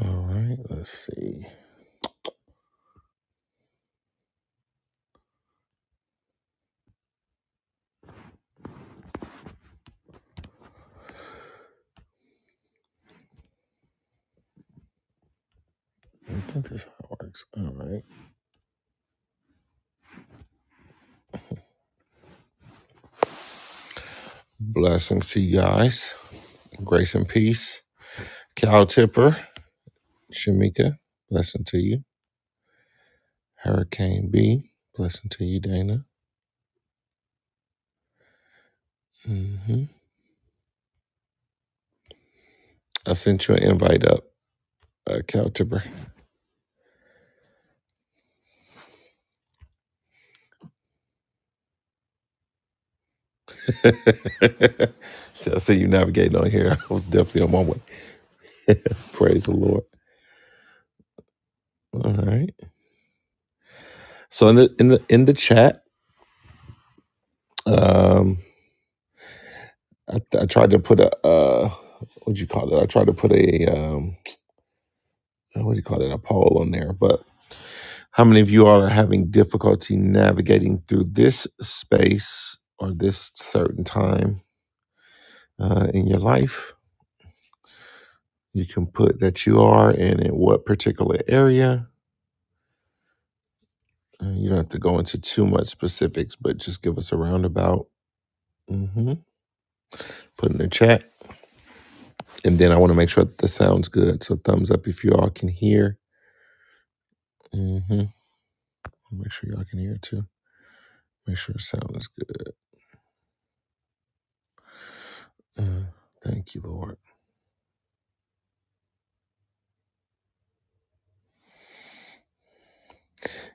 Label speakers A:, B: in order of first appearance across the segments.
A: All right, let's see. I think this is how it works. All right. Blessings to you guys. Grace and peace. Cal Tipper, Shamika, blessing to you. Hurricane B, blessing to you, Dana. hmm I sent you an invite up, uh, Cal Tipper. so I see you navigating on here. I was definitely on my way. Praise the Lord. All right. So in the in the in the chat, um, I, I tried to put a uh, what you call it? I tried to put a um, uh, what do you call it, a poll on there. But how many of you all are having difficulty navigating through this space or this certain time uh, in your life? You can put that you are and in what particular area. Uh, you don't have to go into too much specifics, but just give us a roundabout. hmm Put in the chat. And then I want to make sure that the sound's good. So thumbs up if you all can hear. hmm Make sure y'all can hear too. Make sure the sound is good. Uh, thank you, Lord.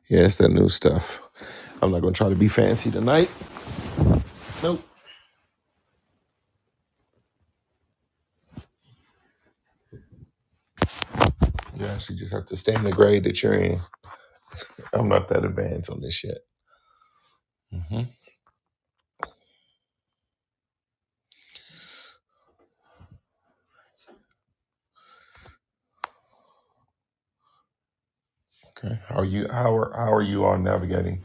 A: Yeah, it's that new stuff. I'm not gonna try to be fancy tonight. Nope. You actually just have to stay in the grade that you're in. I'm not that advanced on this yet. hmm Okay. How are you? How are How are you all navigating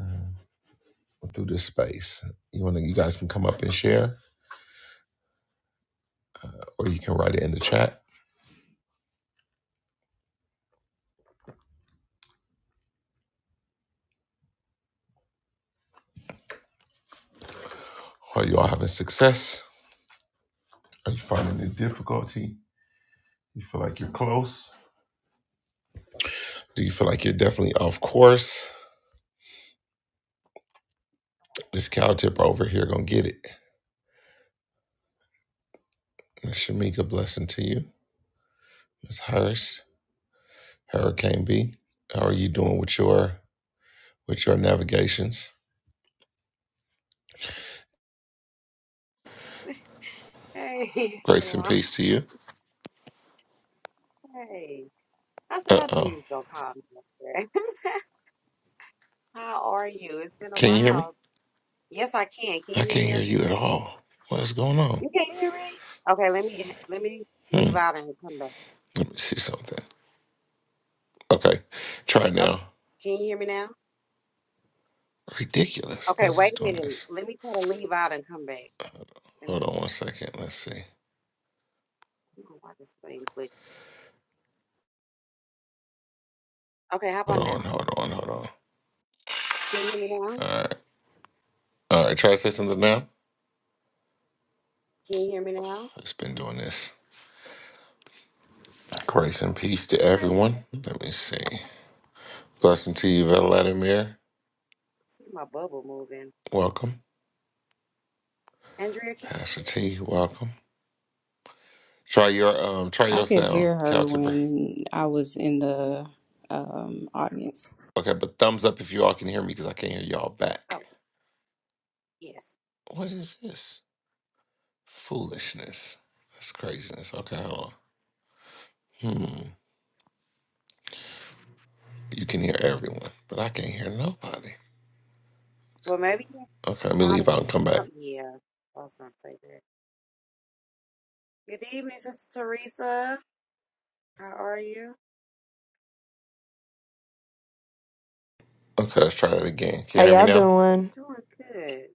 A: uh, through this space? You want to? You guys can come up and share, or you can write it in the chat. Are you all having success? Are you finding the difficulty? You feel like you're close? Do you feel like you're definitely off course? This cow tip over here gonna get it. Miss Shamika, blessing to you. Miss Hurst. Hurricane B. How are you doing with your with your navigations?
B: Hey,
A: Grace and
B: Shalom.
A: peace to you.
B: Hey. I said
A: Uh
B: I knew
A: oh.
B: he was gonna call me up there. How are you? It's been a
A: Can you hear me?
B: while. Yes, I can. Can you
A: I
B: hear
A: can't
B: me
A: hear
B: okay?
A: you at all. What is going on?
B: You can hear me? Okay, let me let me
A: Hmm.
B: leave out and come back.
A: Let me see something. Okay. Try
B: Oh,
A: now.
B: can you hear me now?
A: Ridiculous.
B: Okay,
A: What is this
B: wait a
A: doing
B: minute.
A: this?
B: Let me try to leave out and come back. Let me,
A: Hold on one second. Let's see.
B: I don't know why this thing glitch. Okay, how
A: Hold
B: about now?
A: on, hold on, hold on.
B: Can you hear me now?
A: Alright. Alright, try to say something now.
B: Can you hear me now? I
A: It's been doing this. Grace and peace to everyone. Let me see. Blessing to you, Vladimir.
B: see my bubble moving.
A: Welcome.
B: Andrea, can you hear
A: Pastor
B: me?
A: T, welcome. Try your um try
C: I
A: your
C: could
A: sound,
C: hear
A: Cal
C: her
A: tipper.
C: when I was in the um, audience.
A: Okay, but thumbs up if you all can hear me because I can't hear y'all back.
B: Oh, yes.
A: What is this? Foolishness. That's craziness. Okay, hold on. Hmm. You can hear everyone, but I can't hear nobody.
B: Well, maybe
A: Okay, let me
B: God
A: leave
B: is
A: out and come
B: gonna
A: back.
B: come. Yeah, I was gonna say that. Good evening, Sister Teresa. How are you?
A: Okay, let's try that again. Can
D: How
A: you hear me
D: y'all
A: now?
D: doing?
B: Doing good.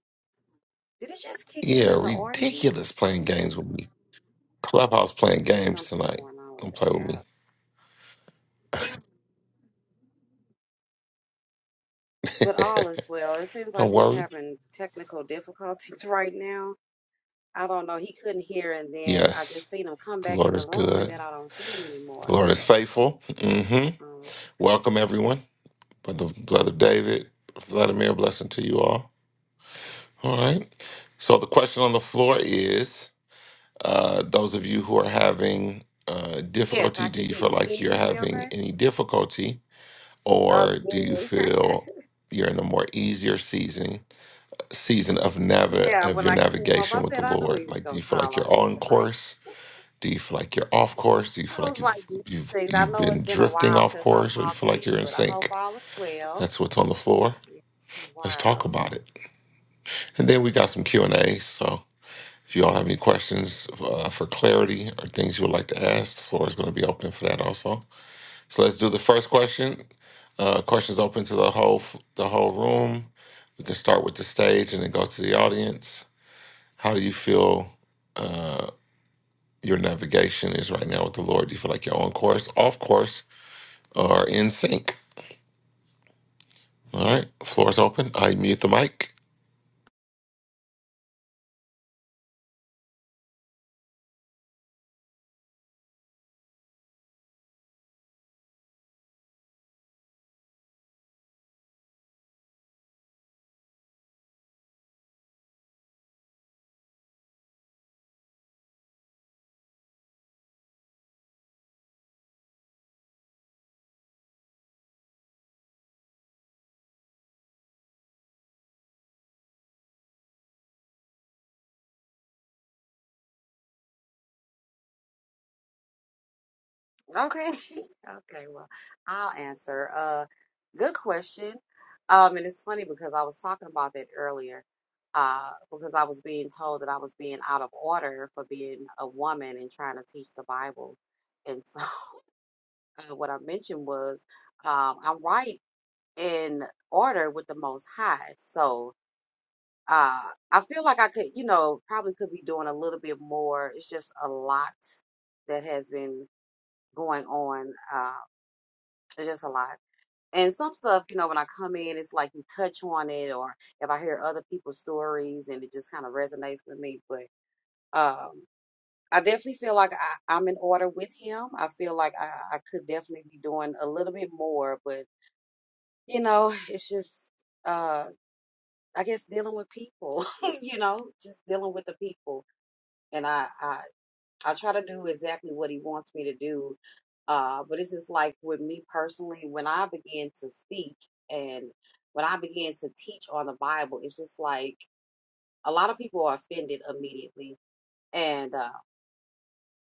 B: Did it just kick him
A: Yeah,
B: in the audience?
A: ridiculous playing games with me. Clubhouse
B: There
A: playing
B: may be
A: games
B: something
A: tonight.
B: going on with
A: Don't play
B: the
A: with
B: app.
A: me.
B: But all is well. It seems like
A: Don't
B: we're
A: worry.
B: having technical difficulties right now. I don't know. He couldn't hear, and then I
A: Yes,
B: just seen him come
A: the
B: back in
A: Lord
B: the
A: is
B: room, and
A: good.
B: then I don't see him
A: The
B: anymore.
A: Lord is faithful. Mm-hmm.
B: Um, it's just kind of
A: Welcome
B: weird.
A: everyone. But brother David, Vladimir, blessing to you all. All right. So the question on the floor is: uh, those of you who are having uh,
B: Yes,
A: difficulty,
B: I
A: do
B: can
A: you
B: hear
A: feel
B: you. Can
A: like
B: you
A: you're
B: hear me
A: having
B: okay?
A: any difficulty,
B: Oh,
A: or do you
B: good.
A: feel you're in a more easier season season of navi-
B: Yeah,
A: of
B: when
A: your
B: I came up,
A: navigation
B: I
A: with the
B: said I knew
A: Lord?
B: he was
A: Like, do
B: gonna
A: you feel
B: call
A: like
B: on
A: you're
B: me
A: on
B: tonight.
A: course? Do you feel like you're off course? Do you
B: I
A: feel like
B: was like,
A: you've you've
B: blessings. I
A: you've
B: know
A: been
B: it's been a
A: drifting
B: while
A: off
B: since I
A: course, or you
B: talked
A: feel
B: to
A: like
B: you,
A: you're in
B: but I hope
A: sync?
B: all is well.
A: That's what's on the floor.
B: Yeah.
A: Let's talk
B: Wow.
A: about it. And then we got some Q&A. So if you all have any questions uh, for clarity or things you would like to ask, the floor is going to be open for that also. So let's do the first question. Uh, questions open to the whole f- the whole room. We can start with the stage and then go to the audience. How do you feel uh, your navigation is right now with the Lord? Do you feel like you're on course, off course, or in sync? All right, floor is open. I mute the mic.
B: Okay. Okay, well, I'll answer. Uh, good question. Um, and it's funny because I was talking about that earlier. Uh, because I was being told that I was being out of order for being a woman and trying to teach the Bible. And so uh, what I mentioned was, um, I'm right in order with the Most High. So, Uh, I feel like I could, you know, probably could be doing a little bit more. It's just a lot that has been going on. Uh, it's just a lot. And some stuff, you know, when I come in, it's like you touch on it, or if I hear other people's stories and it just kind of resonates with me. But um, I definitely feel like I, I'm in order with him. I feel like I, I could definitely be doing a little bit more, but, you know, it's just, uh, I guess dealing with people, you know, just dealing with the people and I, I I try to do exactly what he wants me to do. Uh, but it's just like with me personally, when I began to speak and when I began to teach on the Bible, it's just like a lot of people are offended immediately, and uh,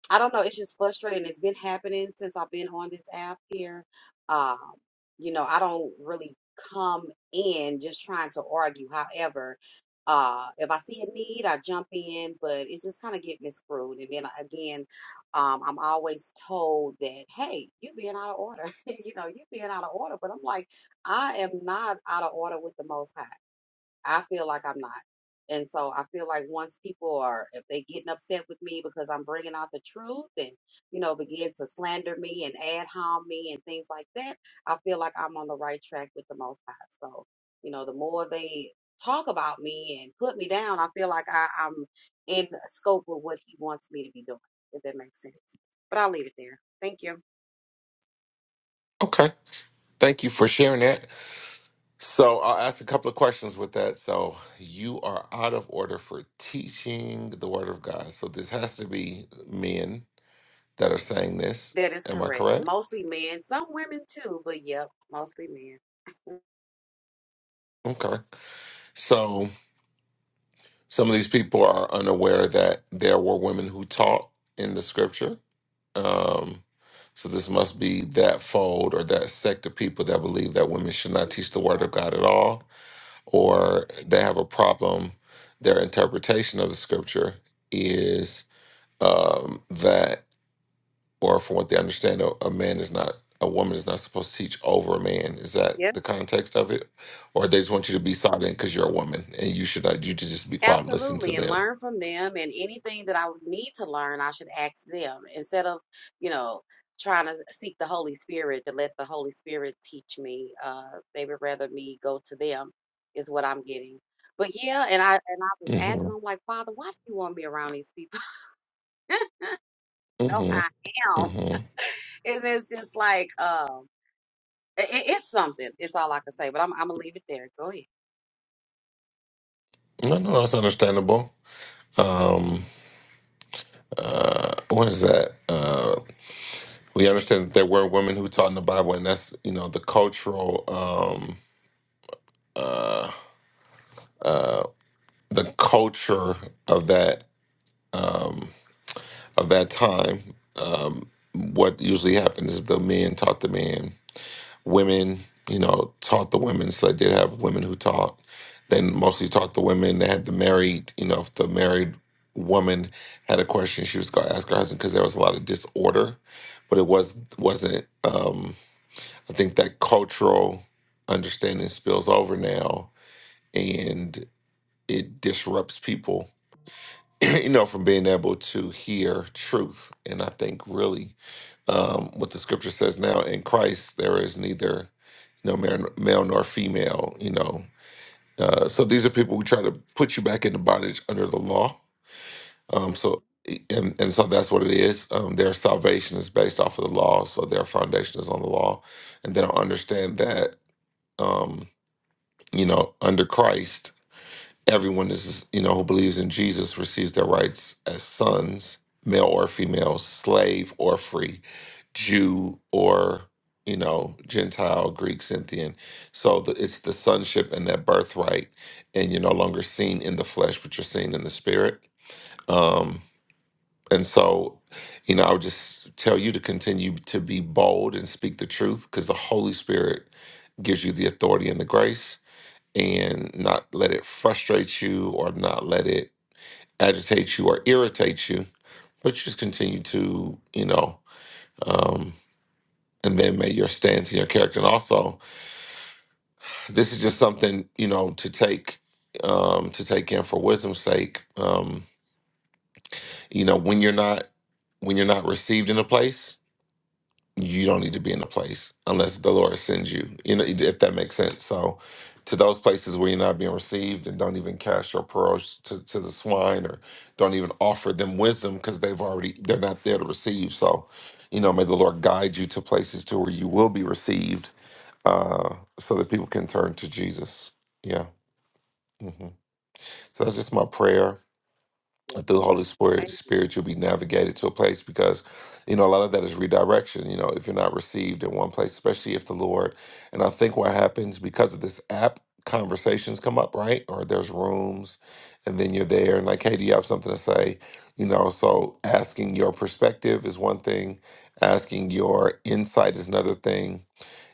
B: I don't know. It's just frustrating. It's been happening since I've been on this app here. Um, you know, I don't really come in just trying to argue. However, uh, if I see a need, I jump in, but it just kind of get miscrewed. And then I- again, um, I'm always told that, hey, you being out of order. you know, you being out of order. But I'm like, I am not out of order with the Most High. I feel like I'm not. And so I feel like once people are, if they getting upset with me because I'm bringing out the truth and, you know, begin to slander me and ad hom me and things like that, I feel like I'm on the right track with the Most High. So, you know, the more they talk about me and put me down, I feel like I, I'm in scope with what He wants me to be doing, if that makes sense. But I'll leave it there. Thank you.
A: Okay, thank you for sharing that. So I'll ask a couple of questions with that. So you are out of order for teaching the word of God. So this has to be men that are saying this.
B: That is
A: Am I
B: correct.
A: correct?
B: Mostly men, some women too, but yep, mostly men.
A: Okay. So some of these people are unaware that there were women who taught in the scripture. Um, so this must be that fold or that sect of people that believe that women should not teach the word of
B: Exactly.
A: God at all, or they have a problem. Their interpretation of the scripture is um, that, or from what they understand, a, a man is not, a woman is not supposed to teach over a man. Is that the context of it, or they just want you to be silent because you're a woman and you should not, you should just be quiet, and listen to
B: Absolutely, and
A: them?
B: learn from them, and anything that I would need to learn, I should ask them instead of, you know, trying to seek the Holy Spirit to let the Holy Spirit teach me. Uh, they would rather me go to them, is what I'm getting. But yeah, and I and I was
A: Mm-hmm.
B: asking, I'm like, Father, why do you want me around these people? no,
A: Mm-hmm.
B: I am,
A: hmm
B: and it's just like, um, i it's something. It's all I can say, but I'm I'm gonna leave it there. Go ahead.
A: No, no, that's understandable. Um, uh, what is that? Uh, we understand that there were women who taught in the Bible, and that's you know the cultural um, uh, uh, the culture of that um, of that time. Um, what usually happened is the men taught the men, women you know taught the women. So they did have women who taught. They mostly taught the women. They had the married you know if the married woman had a question, she was going to ask her husband because there was a lot of disorder, but it was wasn't. Um, I think that cultural understanding spills over now and it disrupts people, you know, from being able to hear truth. And I think really um, what the scripture says now in Christ, there is neither, you know, male, male nor female, you know. Uh, so these are people who try to put you back into bondage under the law. Um, so, e, and, and so that's what it is. Um, their salvation is based off of the law. So their foundation is on the law. And they don't understand that. Um, you know, under Christ, everyone is, you know, who believes in Jesus receives their rights as sons, male or female, slave or free, Jew or, you know, Gentile, Greek, Scythian. So the, it's the sonship and that birthright, and you're no longer seen in the flesh, but you're seen in the spirit. Um, and so, you know, I would just tell you to continue to be bold and speak the truth because the Holy Spirit gives you the authority and the grace and not let it frustrate you or not let it agitate you or irritate you, but just continue to, you know, um, and then make your stance and your character. And also, this is just something, you know, to take um to take in for wisdom's sake um you know when you're not when you're not received in a place you don't need to be in a place unless the Lord sends you. You know, if that makes sense. So, to those places where you're not being received and don't even cast your pearls to, to the swine or don't even offer them wisdom because they've already they're not there to receive. So, you know, may the Lord guide you to places to where you will be received, uh, so that people can turn to Jesus. Yeah. hmm So that's just my prayer and
B: That's
A: through the Holy
B: it.
A: Spirit,
B: Thank you.
A: Spirit, you'll be navigated to a place because, you know, a lot of that is redirection. You know, if you're not received in one place, especially if the Lord, and I think what happens because of this app, conversations come up, right? Or there's rooms, and then you're there, and like, hey, do you have something to say? You know, so asking your perspective is one thing, asking your insight is another thing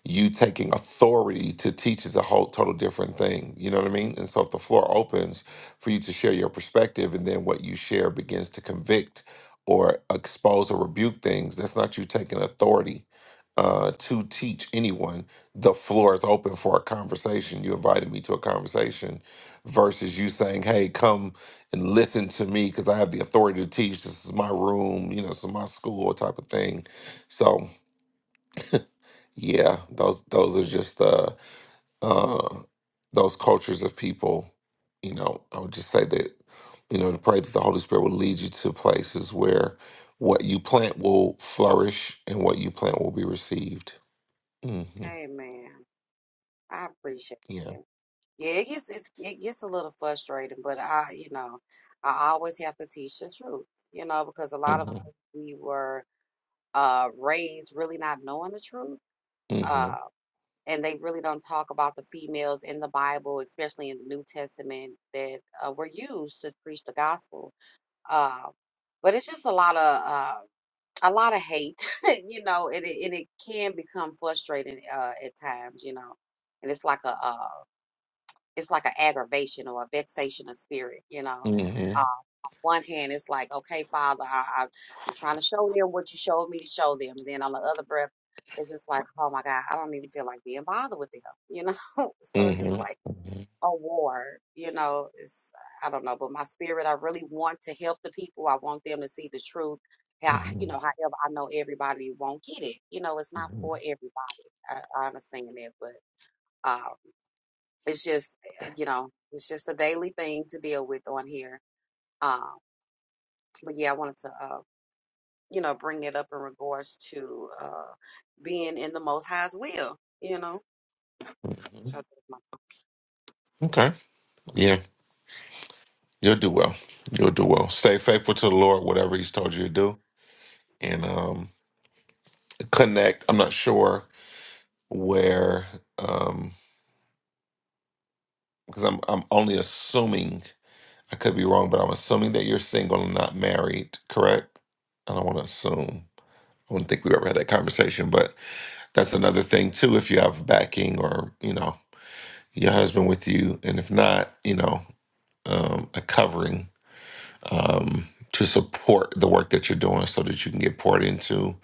A: you taking authority to teach is a whole total different thing. You know what I mean? And so if the floor opens for you to share your perspective and then what you share begins to convict or expose or rebuke things, that's not you taking authority uh, to teach anyone. The floor is open for a conversation. You invited me to a conversation versus you saying, hey, come and listen to me because I have the authority to teach. This is my room, you know, this is my school type of thing. So, yeah, those those are just the uh, those cultures of people. You know, I would just say that you know to pray that the Holy Spirit will lead you to places where what you plant will flourish and what you plant will be received. hmm
B: Amen. I appreciate
A: Yeah.
B: it. Yeah, it gets it's, it gets a little frustrating, but I, you know, I always have to teach the truth, you know, because a lot of
A: hmm
B: us, we were uh, raised really not knowing the truth,
A: hmm
B: uh, and they really don't talk about the females in the Bible, especially in the New Testament, that uh, were used to preach the gospel. Uh, but it's just a lot of uh, a lot of hate, you know, and it, and it can become frustrating uh, at times, you know, and it's like a, a it's like an aggravation or a vexation of spirit, you know.
A: hmm
B: Uh, one hand, it's like, okay, Father, I, I, I'm trying to show them what you showed me to show them. And then on the other breath, it's just like, oh my God, I don't even feel like being bothered with them, you know. so it's just
A: hmm
B: like a war, you know. It's I don't know, but my spirit, I really want to help the people. I want them to see the truth. How, you
A: hmm
B: know, however, I know everybody won't get it. You know, it's not for everybody. I, I understand that, but. Uh, it's just uh, you know it's just a daily thing to deal with on here um but yeah i wanted to uh you know bring it up in regards to uh being in the most high's will you know So
A: Okay. Yeah, you'll do well. You'll do well. Stay faithful to the Lord, whatever He's told you to do, and um, connect. I'm not sure where. Um, because I'm I'm only assuming I could be wrong, but I'm assuming that you're single and not married, correct? I don't want to assume. I wouldn't think we ever had that conversation, but that's another thing too. If you have backing or you know your husband with you, and if not, you know um, a covering um, to support the work that you're doing, so that you can get poured into,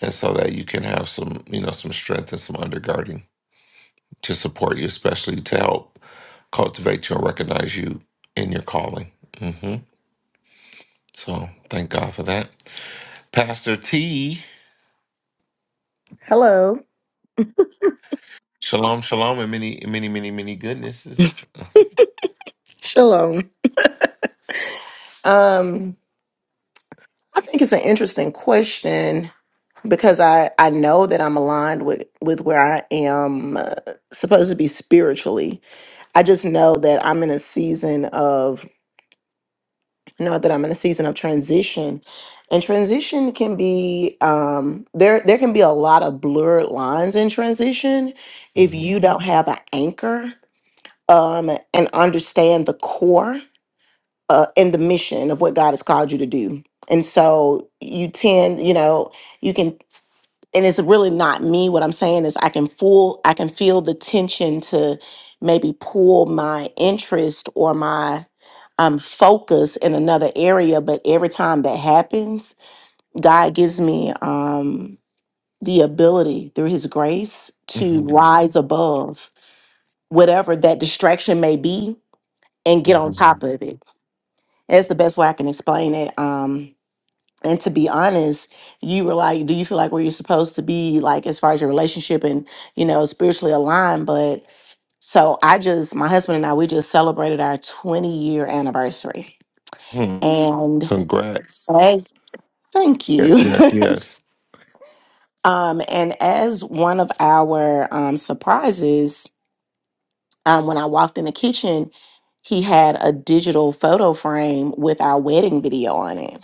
A: and so that you can have some you know some strength and some undergirding to support you, especially to help cultivate you and recognize you in your calling. hmm So thank God for that. Pastor T,
D: Hello.
A: shalom, shalom, and many, many, many, many goodnesses.
D: Shalom. Um, I think it's an interesting question because I I know that I'm aligned with with where I am uh, supposed to be spiritually. I just know that I'm in a season of I know that I'm in a season of transition. And transition can be um there there can be a lot of blurred lines in transition if
A: Mhm.
D: you don't have an anchor um and understand the core uh, in the mission of what God has called you to do. And so you tend, you know, you can, and it's really not me. What I'm saying is I can fool, I can feel the tension to maybe pull my interest or my um, focus in another area. But every time that happens, God gives me um, the ability through his grace to
A: Mhm.
D: rise above whatever that distraction may be and get on top
A: Mhm.
D: of it. That's the best way I can explain it. Um, and to be honest you were like do you feel like where you're supposed to be like as far as your relationship and you know spiritually aligned but so i just my husband and i we just celebrated our 20 year anniversary
A: Mhm.
D: and
A: Congrats.
D: as thank
A: Yes,
D: you
A: yes, yes.
D: um and as one of our um surprises um when i walked in the kitchen he had a digital photo frame with our wedding video on it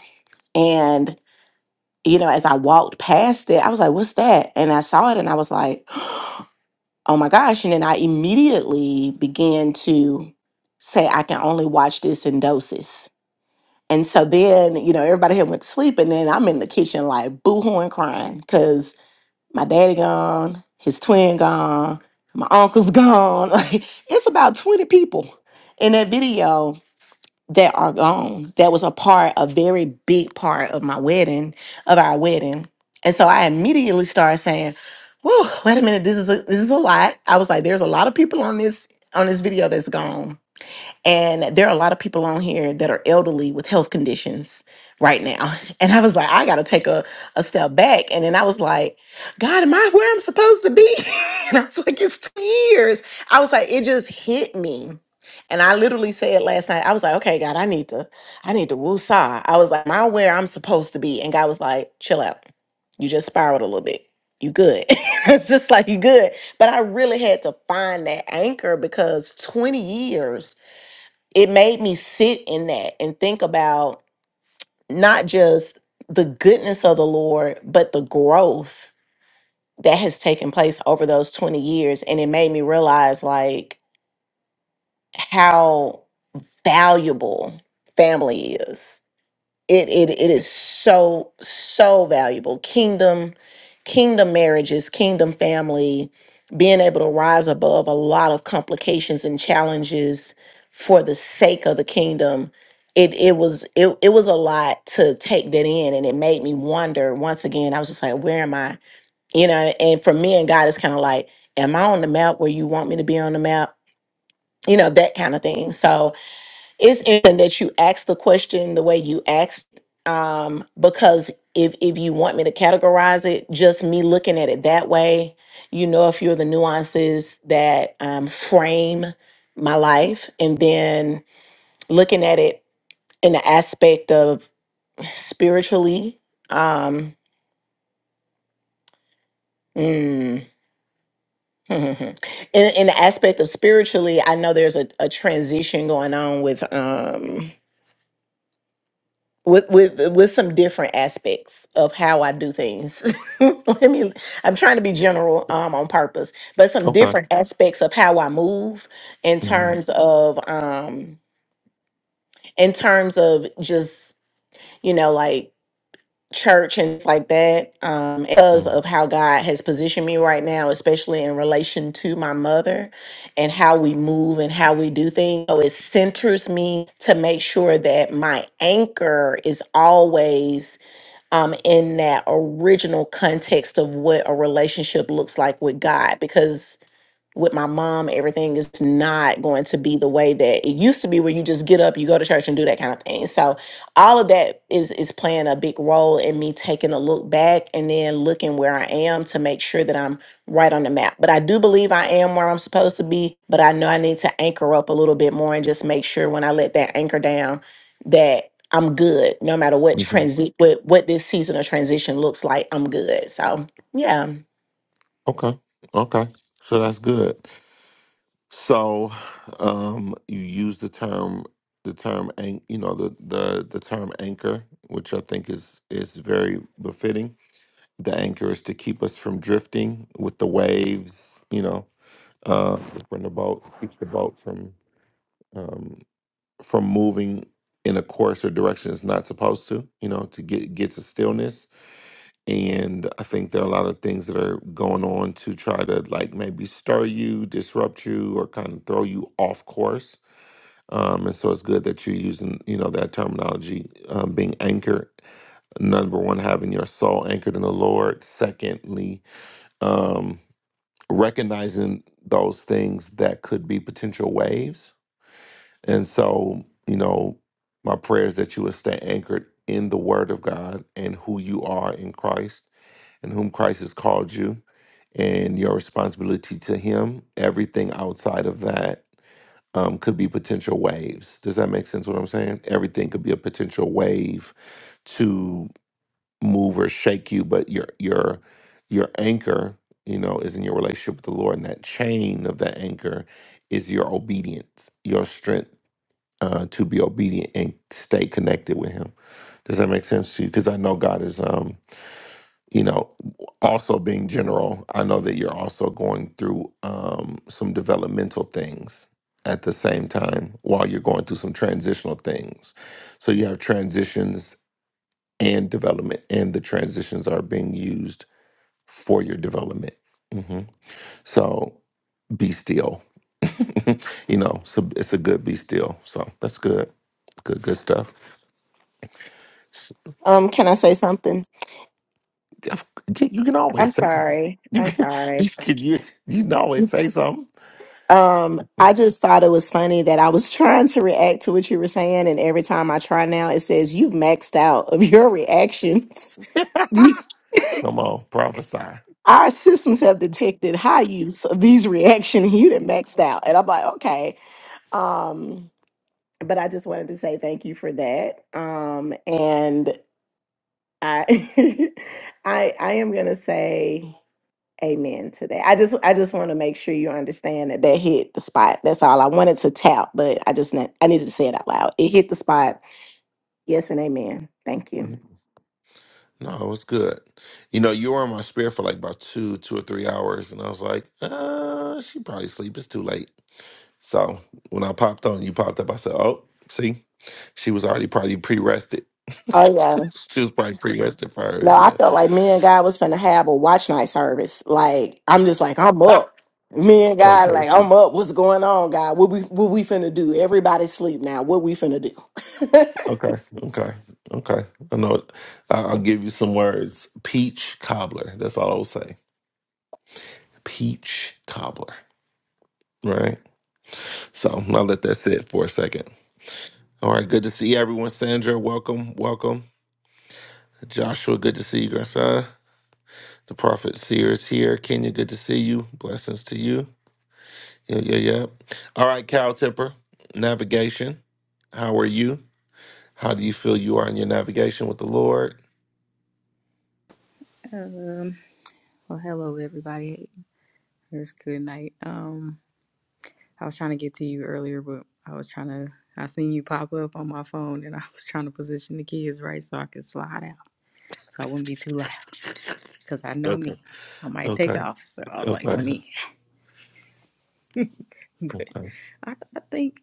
D: and you know, as I walked past it, I was like, what's that? And I saw it and I was like, oh my gosh. And then I immediately began to say, I can only watch this in doses. And so then, you know, everybody had went to sleep. And then I'm in the kitchen like boohooing crying because my daddy gone, his twin gone, my uncle's gone. Like it's about 20 people in that video that are gone that was a part a very big part of my wedding of our wedding and so i immediately started saying whoa wait a minute this is a this is a lot i was like there's a lot of people on this on this video that's gone and there are a lot of people on here that are elderly with health conditions right now. And I was like, I got to take a, a step back. And then I was like, God, am I where I'm supposed to be? and I was like, it's tears. I was like, it just hit me. And I literally said last night, I was like, okay, God, I need to, I need to woosah. I was like, am I where I'm supposed to be? And God was like, chill out. You just spiraled a little bit. You good. it's just like you good. But I really had to find that anchor because 20 years it made me sit in that and think about not just the goodness of the Lord, but the growth that has taken place over those 20 years. And it made me realize like how valuable family is it it it is so so valuable kingdom kingdom marriages kingdom family being able to rise above a lot of complications and challenges for the sake of the kingdom it it was it, it was a lot to take that in and it made me wonder once again i was just like where am i you know and for me and god it's kind of like am i on the map where you want me to be on the map you know that kind of thing so it's important that you ask the question the way you asked um because if if you want me to categorize it just me looking at it that way you know a few of the nuances that um, frame my life and then looking at it in the aspect of spiritually um mm, in, in the aspect of spiritually i know there's a, a transition going on with Um, with with with some different aspects of how I do things. I mean, I'm trying to be general um, on purpose, but some
A: Okay.
D: different aspects of how I move in
A: Mhm.
D: terms of um in terms of just you know like church and stuff like that um because
A: Mhm.
D: of how God has positioned me right now especially in relation to my mother and how we move and how we do things so it centers me to make sure that my anchor is always um, in that original context of what a relationship looks like with God, because with my mom, everything is not going to be the way that it used to be where you just get up, you go to church and do that kind of thing. So all of that is is playing a big role in me taking a look back and then looking where I am to make sure that I'm right on the map. But I do believe I am where I'm supposed to be, but I know I need to anchor up a little bit more and just make sure when I let that anchor down that I'm good no matter what
A: Mhm.
D: transit what what this season of transition looks like, I'm good. So yeah.
A: Okay. Okay. So that's good. So um you use the term the term an- you know the the the term anchor, which I think is is very befitting the anchor is to keep us from drifting with the waves you know uh when the boat keeps the boat from um from moving in a course or direction it's not supposed to you know to get get to stillness and i think there are a lot of things that are going on to try to like maybe stir you disrupt you or kind of throw you off course um and so it's good that you're using you know that terminology um, being anchored number one having your soul anchored in the lord secondly um, recognizing those things that could be potential waves. And so, you know, my prayer is that you would stay anchored in the Word of God and who you are in Christ and whom Christ has called you and your responsibility to Him. Everything outside of that um, could be potential waves. Does that make sense what I'm saying? Everything could be a potential wave To move or shake you, but your your your anchor, you know, is in your relationship with the Lord, and that chain of that anchor is your obedience, your strength uh, to be obedient and stay connected with Him. Does that make sense to you? Because I know God is, um, you know, also being general. I know that you're also going through um, some developmental things at the same time while you're going through some transitional things. So you have transitions and development, and the transitions are being used for your development. hmm So be still. you know, so it's a good be still. So that's good. Good, good stuff. S-
D: Um can I say something?
A: of- You you can
D: I'm
A: always say s-
D: sorry.
A: you
D: I'm
A: can
D: sorry.
A: you can you, you can always say something.
D: Um, I just thought it was funny that I was trying to react to what you were saying, and every time I try now, it says you've maxed out of your reactions.
A: Come on, prophesy.
D: Our systems have detected high use of these reactions. You done maxed out, and I'm like, okay. Um, but I just wanted to say thank you for that. Um, and I, I, I am gonna say. amen to that. I just I just want to make sure you understand that that hit the spot. That's all I wanted to tap, but I just ne- I needed to say it out loud. It hit the spot. Yes and amen. Thank you.
A: Mhm. No, it was good. You know, you were in my spirit for like about two, two or three hours, and I was like, uh, she probably sleep. It's too late. So when I popped on, you popped up. I said, "Oh, see, she was already probably pre-rested.
D: Oh yeah.
A: she was probably pre-rested for
D: No,
A: hers.
D: I
A: Yeah.
D: felt like me and God was finna have a watch night service. Like I'm just like I'm up. Me and God,
A: okay.
D: like
A: See.
D: I'm up. What's going on, God? What we what we finna do? Everybody sleep now. What we finna do?
A: Okay. Okay. Okay. I know. It. I- I'll give you some words. Peach cobbler. That's all I'll say. Peach cobbler. Right. So I'll let that sit for a second. All right. Good to see everyone. Sandra, welcome. Welcome. Joshua, good to see you, grandson. The prophet seer is here. Kenya, good to see you. Blessings to you. Yeah, yeah, yeah. All right, Cal Tipper, navigation. How are you? How do you feel you are in your navigation with the Lord?
C: Um, well, hello everybody. It's good night. Um, I was trying to get to you earlier, but I was trying to. I seen you pop up on my phone, and I was trying to position the kids right so I could slide out, so I wouldn't be too loud. Cause I know
A: Okay.
C: me, I might take
A: Okay.
C: off. So I'm like,
A: Okay.
C: let me. But
A: Okay.
C: I, I think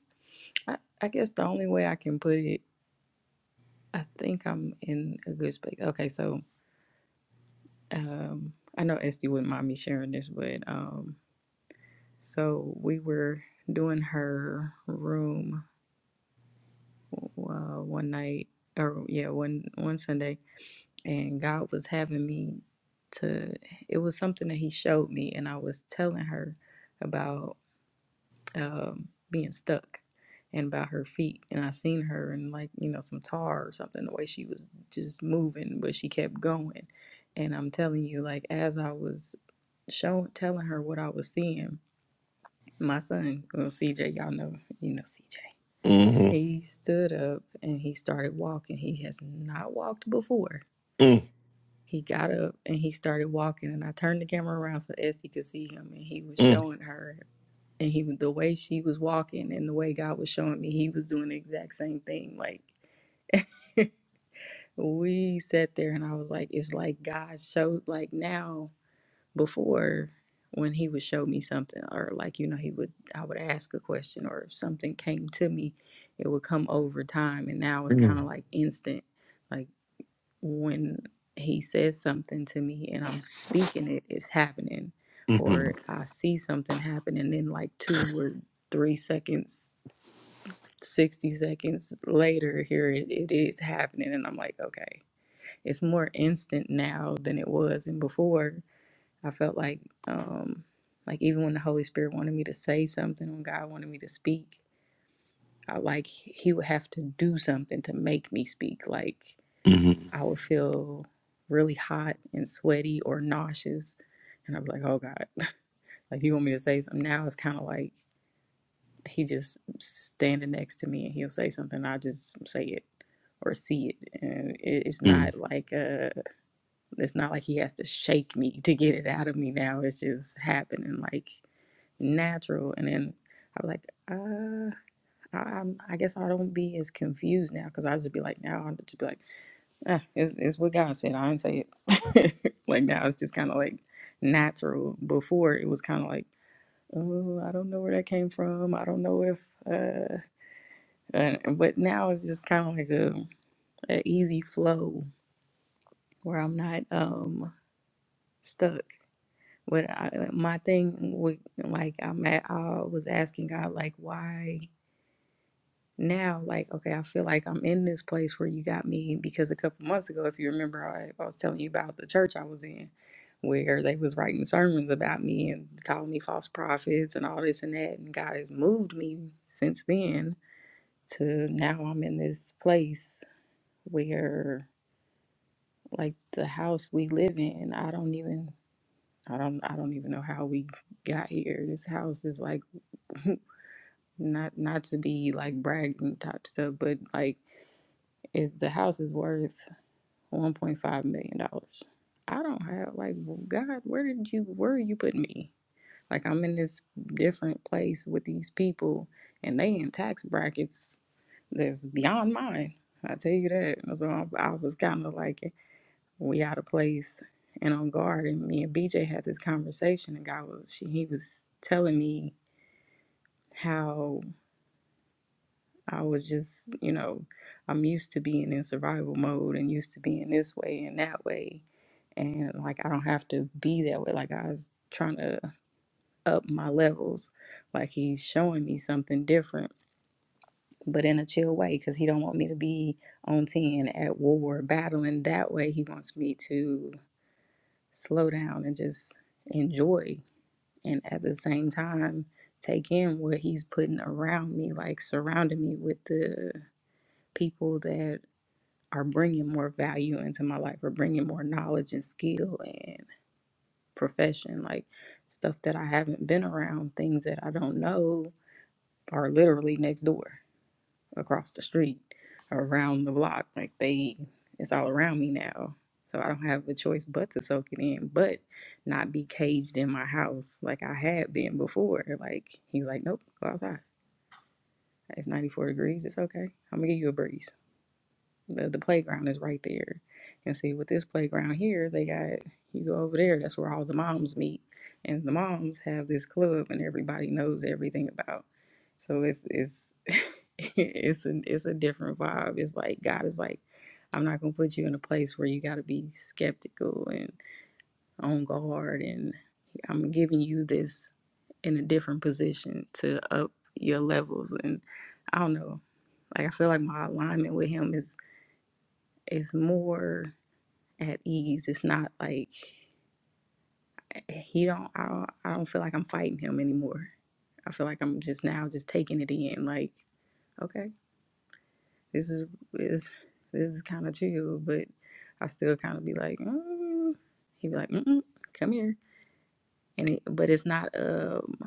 C: I, I guess the only way I can put it, I think I'm in a good space. Okay, so Um, I know Esty wouldn't mind me sharing this, but um, so we were doing her room uh, one night, or yeah, one one Sunday, and God was having me to. It was something that He showed me, and I was telling her about um, being stuck and about her feet, and I seen her in like you know some tar or something. The way she was just moving, but she kept going, and I'm telling you, like as I was. showing telling her what I was seeing. My son, well CJ, y'all know, you know CJ.
A: Mm-hmm.
C: He stood up and he started walking. He has not walked before.
A: Mm,
C: He got up and he started walking and I turned the camera around so Esty could see him and he was
A: mm,
C: showing her and he was the way she was walking and the way God was showing me, he was doing the exact same thing. Like we sat there and I was like, it's like God showed like now before when he would show me something or like you know he would i would ask a question or if something came to me it would come over time and now it's kind
A: mm,
C: of like instant like when he says something to me and i'm speaking it it's happening
A: mm-hmm.
C: or i see something happen and then like two or three seconds 60 seconds later here it, it is happening and i'm like okay it's more instant now than it was and before I felt like um like even when the Holy Spirit wanted me to say something, when God wanted me to speak, I like he would have to do something to make me speak. Like
A: Mm-hmm.
C: I would feel really hot and sweaty or nauseous and I'd be like, Oh God, like you want me to say something now it's kinda like he just standing next to me and he'll say something, I just say it or see it. And it- it's
A: Mm,
C: not like a. It's not like he has to shake me to get it out of me now. It's just happening like natural. And then I was like, uh, I, I'm, I guess I don't be as confused now because I just be like, now I'm just be like, ah, it's, it's what God said. I didn't say it. like now it's just kind of like natural. Before it was kind of like, oh, I don't know where that came from. I don't know if, uh, and, but now it's just kind of like a, a easy flow where I'm not um stuck. What I, uh, my thing with like I'm at, I was asking God like why now like okay I feel like I'm in this place where you got me because a couple months ago if you remember I, I was telling you about the church I was in where they was writing sermons about me and calling me false prophets and all this and that and God has moved me since then to now I'm in this place where like the house we live in I don't even I don't I don't even know how we got here. This house is like not not to be like bragging type stuff, but like if the house is worth one point five million dollars. I don't have like well, God, where did you where are you putting me? Like I'm in this different place with these people and they in tax brackets that's beyond mine. I tell you that. So I, I was kind of like we out of place and on guard. And me and BJ had this conversation and God was she, he was telling me how I was just, you know, I'm used to being in survival mode and used to being this way and that way. And like, I don't have to be that way. Like, I was trying to up my levels. Like, he's showing me something different, but in a chill way because he don't want me to be on 10 at war, battling that way. He wants me to slow down and just enjoy. And at the same time, take in what he's putting around me, like surrounding me with the people that are bringing more value into my life or bringing more knowledge and skill and profession like stuff that i haven't been around things that i don't know are literally next door across the street or around the block like they it's all around me now so i don't have a choice but to soak it in but not be caged in my house like i had been before like he's like nope go outside it's 94 degrees it's okay i'm gonna give you a breeze The, the playground is right there. And see, with this playground here, they got you go over there, that's where all the moms meet. And the moms have this club and everybody knows everything about. So it's it's it's a it's a different vibe. It's like God is like, I'm not gonna put you in a place where you gotta be skeptical and on guard and I'm giving you this in a different position to up your levels and I don't know. Like I feel like my alignment with him is is more at ease. It's not like eh, he don't. I don't. I don't feel like I'm fighting him anymore. I feel like I'm just now just taking it in. Like, okay, this is is this is kind of chill, but I still kind of be like, mm. he be like, Mm-mm, come here, and it, but it's not um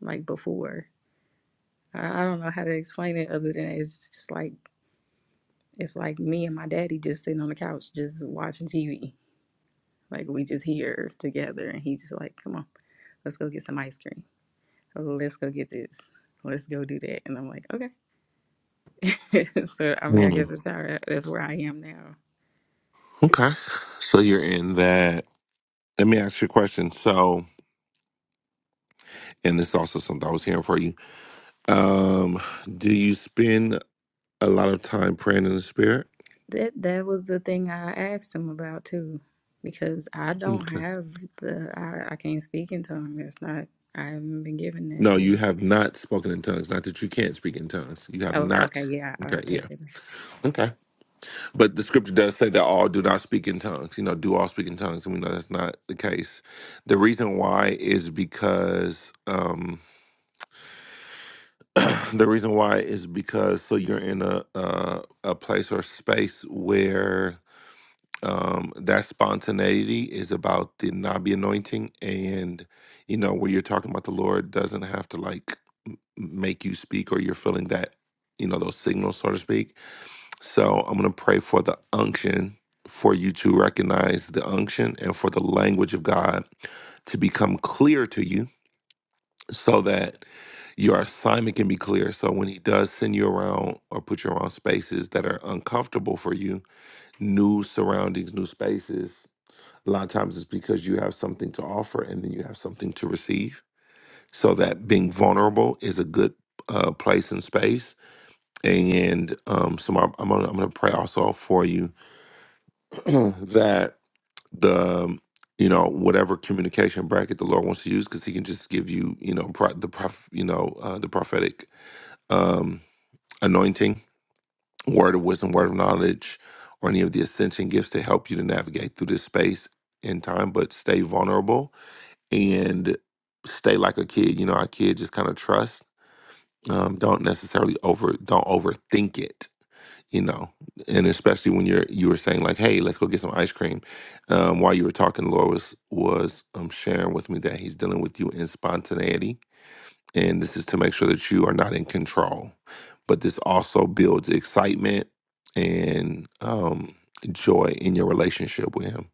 C: like before. I, I don't know how to explain it other than it's just like it's like me and my daddy just sitting on the couch just watching TV Like we just here together and he's just like, Come on, let's go get some ice cream. Let's go get this. Let's go do that. And I'm like, Okay. so I mean I guess
A: mm.
C: that's how that's where I am now.
A: Okay. So you're in that. Let me ask you a question. So, and this is also something I was hearing for you. Um, do you spend a lot of time praying in the spirit?
C: That that was the thing I asked him about too. Because I don't
A: Okay.
C: have the I, I can't speak in tongues. That's not I haven't been given that
A: No, you
C: yet.
A: have not spoken in tongues. Not that you can't speak in tongues. You have
C: Oh,
A: not.
C: okay, yeah, I, I'll
A: Okay, yeah,
C: take that back.
A: okay. But the scripture does say that all do not speak in tongues. You know, do all speak in tongues, and we know that's not the case. The reason why is because um, the reason why is because so you're in a a, a place or space where um, that spontaneity is about the nabi anointing, and you know where you're talking about the Lord doesn't have to like make you speak or you're feeling that, you know, those signals, so to speak. So I'm going to pray for the unction for you to recognize the unction and for the language of God to become clear to you so that your assignment can be clear. So when he does send you around or put you around spaces that are uncomfortable for you, new surroundings, new spaces, a lot of times it's because you have something to offer and then you have something to receive. So that being vulnerable is a good uh, place and space and um, so I'm, I'm gonna I'm gonna pray also for you that the um, you know whatever communication bracket the Lord wants to use, because He can just give you you know pro- the prof- you know uh, the prophetic um, anointing, word of wisdom, word of knowledge, or any of the ascension gifts to help you to navigate through this space and time. But stay vulnerable and stay like a kid. You know, our kids just kind of trust. Um, don't necessarily over don't overthink it you know and especially when you're you were saying like hey let's go get some ice cream um while you were talking the lord was was um sharing with me that he's dealing with you in spontaneity and this is to make sure that you are not in control but this also builds excitement and um joy in your relationship with him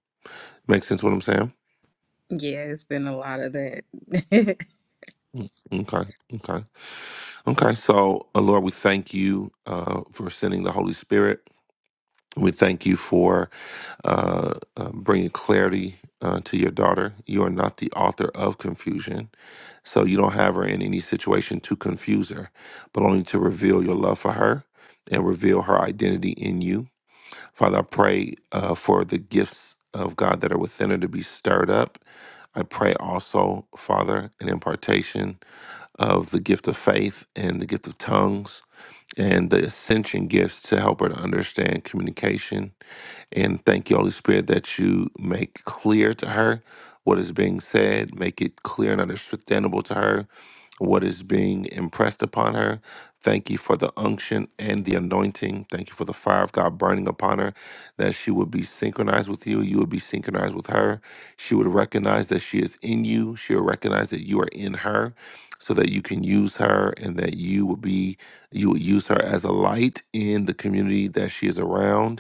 A: make sense what i'm saying
C: Yeah, it's been a lot of that.
A: Mm. okay okay okay so uh, lord we thank you uh for sending the holy spirit we thank you for uh, uh, bringing clarity uh, to your daughter. You are not the author of confusion. So you don't have her in any situation to confuse her, but only to reveal your love for her and reveal her identity in you Father, I pray uh, for the gifts of God that are within her to be stirred up. I pray also, Father, an impartation of the gift of faith and the gift of tongues and the ascension gifts to help her to understand communication. And thank you, Holy Spirit, that you make clear to her what is being said, make it clear and understandable to her what is being impressed upon her. Thank you for the unction and the anointing. Thank you for the fire of God burning upon her, that she would be synchronized with you. You would be synchronized with her. She would recognize that she is in you. She will recognize that you are in her so that you can use her and that you would be, you would use her as a light in the community that she is around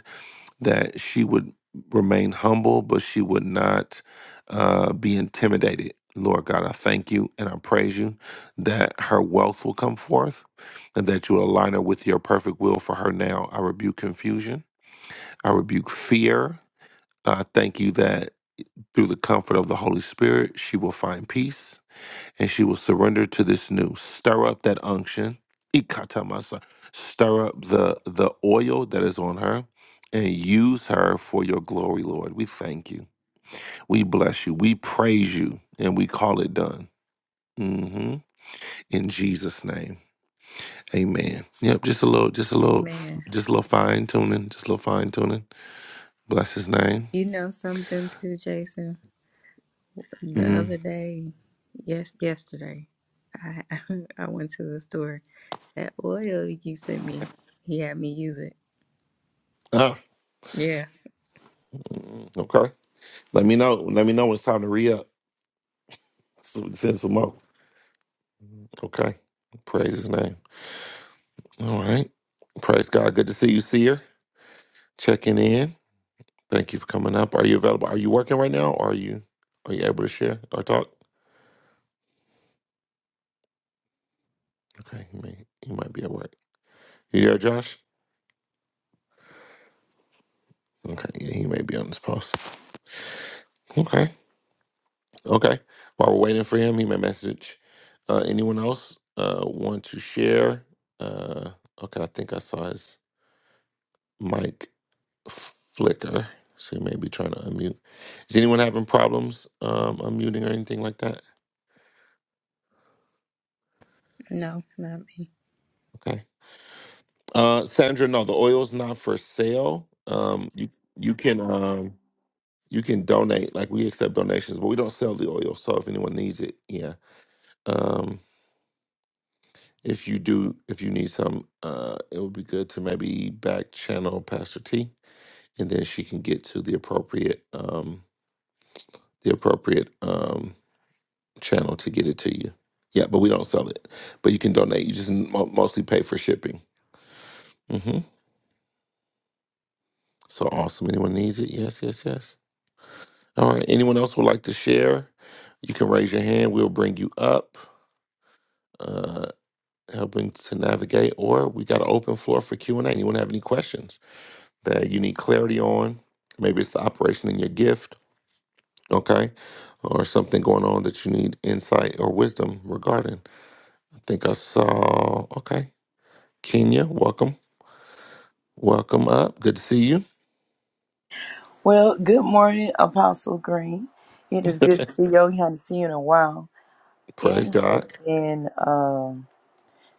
A: that she would remain humble, but she would not uh, be intimidated. Lord God, I thank you and I praise you that her wealth will come forth and that you align her with your perfect will for her now. I rebuke confusion, I rebuke fear. I thank you that through the comfort of the Holy Spirit, she will find peace and she will surrender to this new. Stir up that unction. Ikatamasa. Stir up the the oil that is on her and use her for your glory, Lord. We thank you. We bless you. We praise you and we call it done. hmm In Jesus' name. Amen. Yep, just a little, just a little,
C: Amen.
A: just a little fine tuning, just a little fine tuning. Bless his name.
C: You know something too, Jason? The
A: hmm
C: other day, Yes, yesterday I I went to the store. That oil you sent me, he had me use it.
A: Ah,
C: Yeah,
A: mm, okay. Let me know. Let me know when it's time to re up. Send some more. Okay. Praise his name. All right. Praise God. Good to see you, Seer. Checking in. Thank you for coming up. Are you available? Are you working right now? Or are you are you able to share or talk? Okay, he may he might be at work. You there, Josh? Okay, yeah, he may be on this post. Okay. Okay. While we're waiting for him, he may message uh anyone else uh want to share. Uh okay, I think I saw his mic flicker. So he may be trying to unmute. Is anyone having problems um unmuting or anything like that?
C: no, not me.
A: Okay. Uh, Sandra, no, the oil's not for sale. Um, you you can um you can donate. Like we accept donations, but we don't sell the oil. So if anyone needs it, yeah. Um, if you do, if you need some, uh, it would be good to maybe back channel Pastor T, and then she can get to the appropriate um the appropriate um channel to get it to you. Yeah, but we don't sell it. But you can donate. You just mo- mostly pay for shipping. hmm So awesome. Anyone needs it? Yes, yes, yes. All right. Anyone else would like to share? You can raise your hand. We'll bring you up, uh, helping to navigate. Or we got an open floor for Q and A. Anyone have any questions that you need clarity on? Maybe it's the operation in your gift, okay, or something going on that you need insight or wisdom regarding. I think I saw. Okay, Kenya, welcome, welcome up. Good to see you.
E: Well, good morning, Apostle Green. It is good to see you. We haven't seen you in a while. It
A: Praise
E: has
A: God.
E: been um,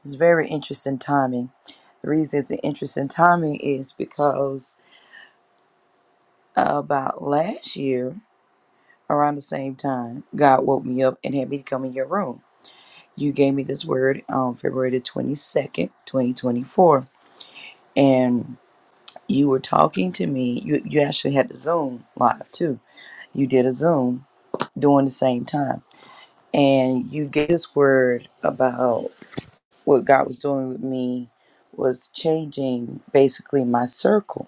E: it's very interesting timing. The reason it's an interesting timing is because uh, about last year, around the same time, God woke me up and had me to come in your room. You gave me this word on February the 22nd, 2024. And you were talking to me. You, you actually had the Zoom live too. You did a Zoom during the same time and you get this word about what God was doing with me was changing basically my circle.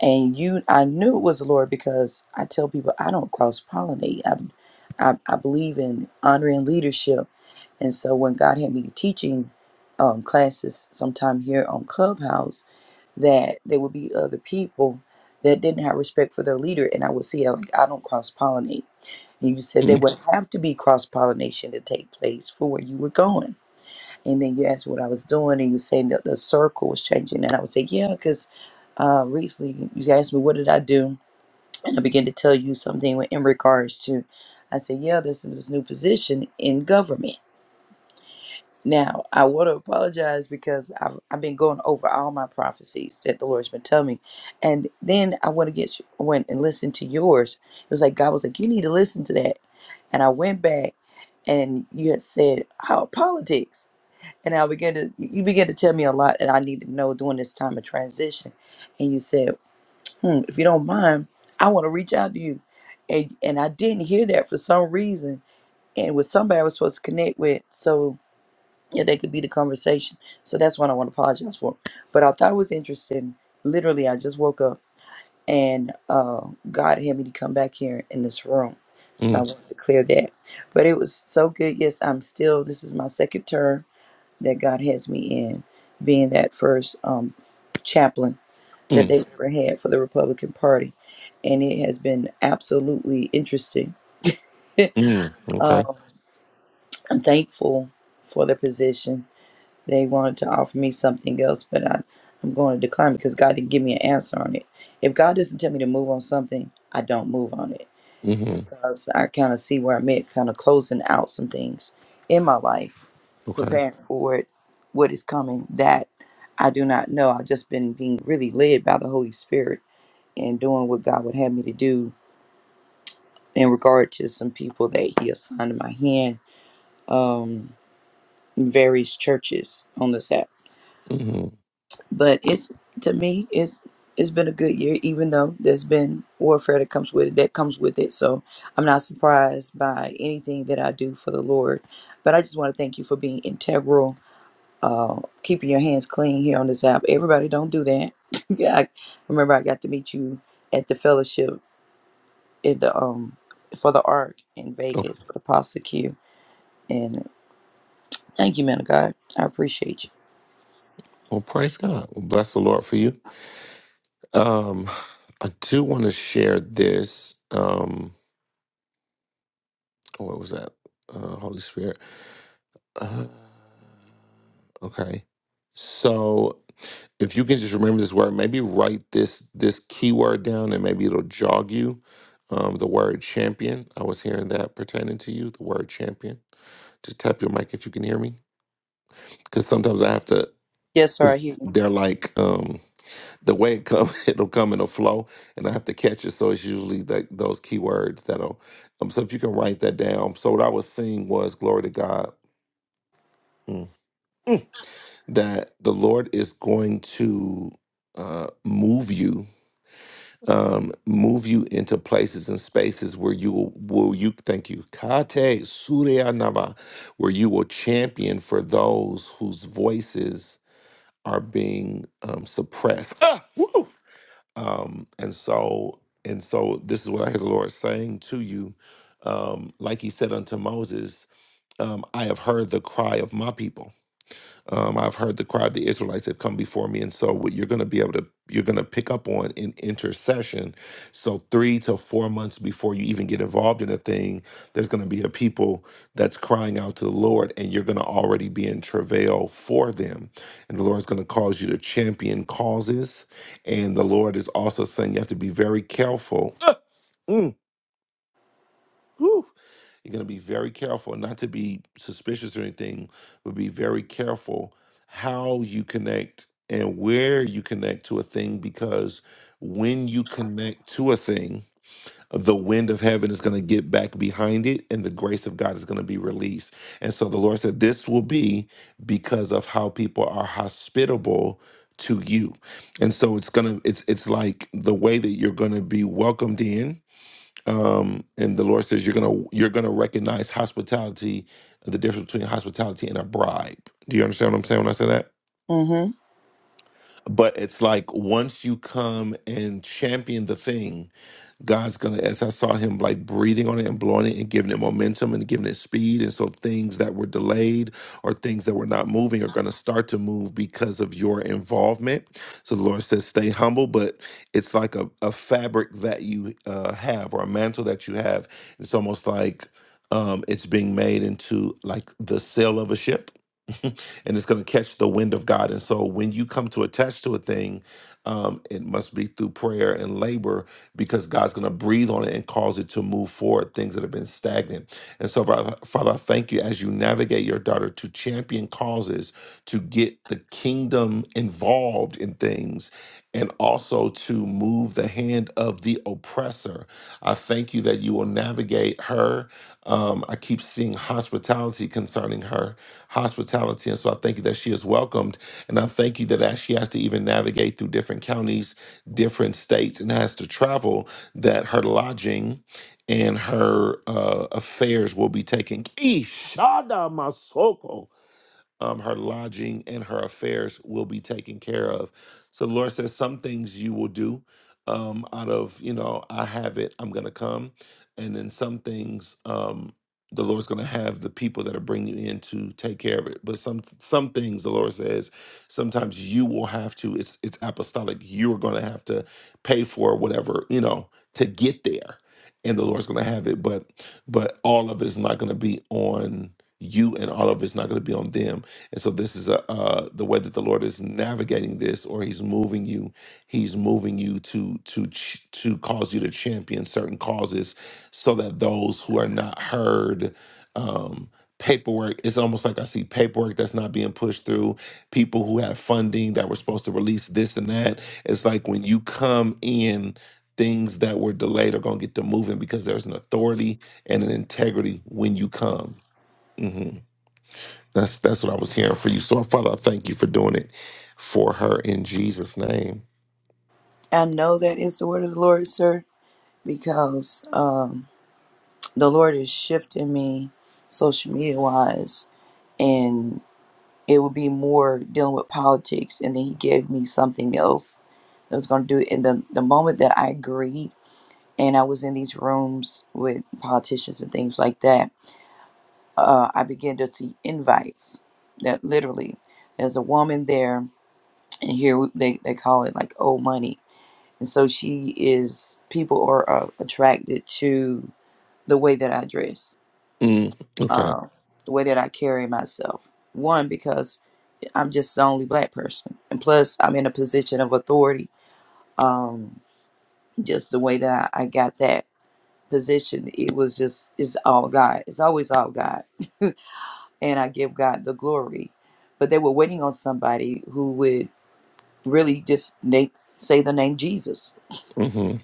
E: And you, I knew it was the Lord because I tell people I don't cross pollinate. I, I, I believe in honoring leadership. And so when God had me teaching um, classes sometime here on Clubhouse, that there would be other people that didn't have respect for their leader. And I would see, it like, I don't cross pollinate. And you said there
A: Mm,
E: would have to be cross pollination to take place for where you were going. And then you asked what I was doing, and you said that the circle was changing. And I would say, yeah, because uh, recently you asked me, what did I do? And I began to tell you something in regards to, I said, yeah, this is this new position in government. Now, I want to apologize because I've, I've been going over all my prophecies that the Lord's been telling me. And then I went to get went and listened to yours. It was like, God was like, you need to listen to that. And I went back and you had said, how politics. And I began to, you began to tell me a lot that I need to know during this time of transition. And you said, hmm, if you don't mind, I want to reach out to you. And, and I didn't hear that for some reason. And with somebody I was supposed to connect with. So, yeah, they could be the conversation. So that's what I want to apologize for. But I thought it was interesting. Literally, I just woke up and uh, God had me to come back here in this room. So I
A: mm,
E: wanted to clear that. But it was so good. Yes, I'm still, this is my second term that God has me in, being that first um, chaplain that
A: mm,
E: they've ever had for the Republican Party. And it has been absolutely interesting.
A: mm. Okay.
E: um, I'm thankful for the position They wanted to offer me something else, but I, I'm going to decline because God didn't give me an answer on it. If God doesn't tell me to move on something, I don't move on it
A: hmm
E: because I kind of see where I'm at, kind of closing out some things in my life,
A: Okay.
E: preparing for it, what is coming that I do not know. I've just been being really led by the Holy Spirit and doing what God would have me to do in regard to some people that He assigned to my hand, um, in various churches on this app
A: hmm
E: But it's to me, it's it's been a good year, even though there's been warfare that comes with it. That comes with it. So I'm not surprised by anything that I do for the Lord. But I just want to thank you for being integral, uh, keeping your hands clean here on this app. Everybody, don't do that. yeah, I remember I got to meet you at the fellowship at the um for the Ark in Vegas, with Apostle Q. And thank you, man of God. I appreciate you.
A: Well, praise God. Well, bless the Lord for you. Um, I do want to share this. Um, oh, what was that? Uh, Holy Spirit. Uh, okay. So, if you can just remember this word, maybe write this this keyword down, and maybe it'll jog you. Um, the word champion. I was hearing that pertaining to you. The word champion. Just tap your mic if you can hear me, because sometimes I have to.
E: Yes, sir. I
A: It's,
E: hear you.
A: they're like um the way it come, it'll come in a flow, and I have to catch it. So it's usually that those keywords that'll. Um, so if you can write that down. So what I was seeing was glory to God mm, Mm. that the Lord is going to uh, move you, um, move you into places and spaces where you will, will you thank you kate Surya suryanava, where you will champion for those whose voices are being um, suppressed. Ah! Woo! Um, and so, and so this is what I hear the Lord saying to you. Um, like he said unto Moses, um, I have heard the cry of my people um, I've heard the cry of the Israelites have come before me, and so what you're going to be able to you're going to pick up on in intercession. So three to four months before you even get involved in a thing, there's going to be a people that's crying out to the Lord, and you're going to already be in travail for them. And the Lord's going to cause you to champion causes, and the Lord is also saying you have to be very careful. Mm. You're going to be very careful not to be suspicious or anything, but be very careful how you connect and where you connect to a thing because when you connect to a thing, the wind of heaven is going to get back behind it and the grace of God is going to be released. And so the Lord said, This will be because of how people are hospitable to you. And so it's gonna it's it's like the way that you're gonna be welcomed in um, and the Lord says you're gonna you're gonna recognize hospitality, the difference between hospitality and a bribe. Do you understand what I'm saying when I say that?
E: Mm-hmm.
A: But it's like once you come and champion the thing, God's gonna, as I saw him like breathing on it and blowing it and giving it momentum and giving it speed. And so things that were delayed or things that were not moving are gonna start to move because of your involvement. So the Lord says, stay humble, but it's like a, a fabric that you uh, have or a mantle that you have. It's almost like um, it's being made into like the sail of a ship. and it's going to catch the wind of God. And so when you come to attach to a thing, um, it must be through prayer and labor because God's going to breathe on it and cause it to move forward, things that have been stagnant. And so, Father, Father, I thank you as you navigate your daughter to champion causes, to get the kingdom involved in things, and also to move the hand of the oppressor. I thank you that you will navigate her. Um, I keep seeing hospitality concerning her, hospitality. And so I thank you that she is welcomed and I thank you that as she has to even navigate through different counties, different states, and has to travel, that her lodging and her uh, affairs will be taken. Eesh um, her lodging and her affairs will be taken care of. So the Lord says, some things you will do um, out of, you know, I have it, I'm going to come. And then some things um, the Lord's going to have the people that are bringing you in to take care of it. But some some things the Lord says, sometimes you will have to, it's, it's apostolic, you're going to have to pay for whatever, you know, to get there. And the Lord's going to have it, but but all of it is not going to be on you, and all of it's not going to be on them and so this is a, uh, the way that the Lord is navigating this, or He's moving you. He's moving you to to ch- to cause you to champion certain causes, so that those who are not heard, um, paperwork. It's almost like I see paperwork that's not being pushed through. People who have funding that were supposed to release this and that. It's like when you come in. Things that were delayed are gonna get to moving because there's an authority and an integrity when you come. Mm-hmm. That's that's what I was hearing for you. So, Father, I thank you for doing it for her in Jesus' name.
E: I know that is the word of the Lord, sir because um, the Lord is shifting me social media wise, and it would be more dealing with politics. And then He gave me something else that was going to do it. And the, the moment that I agreed, and I was in these rooms with politicians and things like that, uh, I began to see invites that literally there's a woman there. And here we- they, they call it like old money. And so she is, people are uh, attracted to the way that I dress,
A: Mm, okay.
E: uh, the way that I carry myself. One, because I'm just the only black person. And plus, I'm in a position of authority. Um, just the way that I, I got that position, it was just, it's all God. It's always all God. and I give God the glory. But they were waiting on somebody who would really just na- say the name Jesus.
A: Mm-hmm.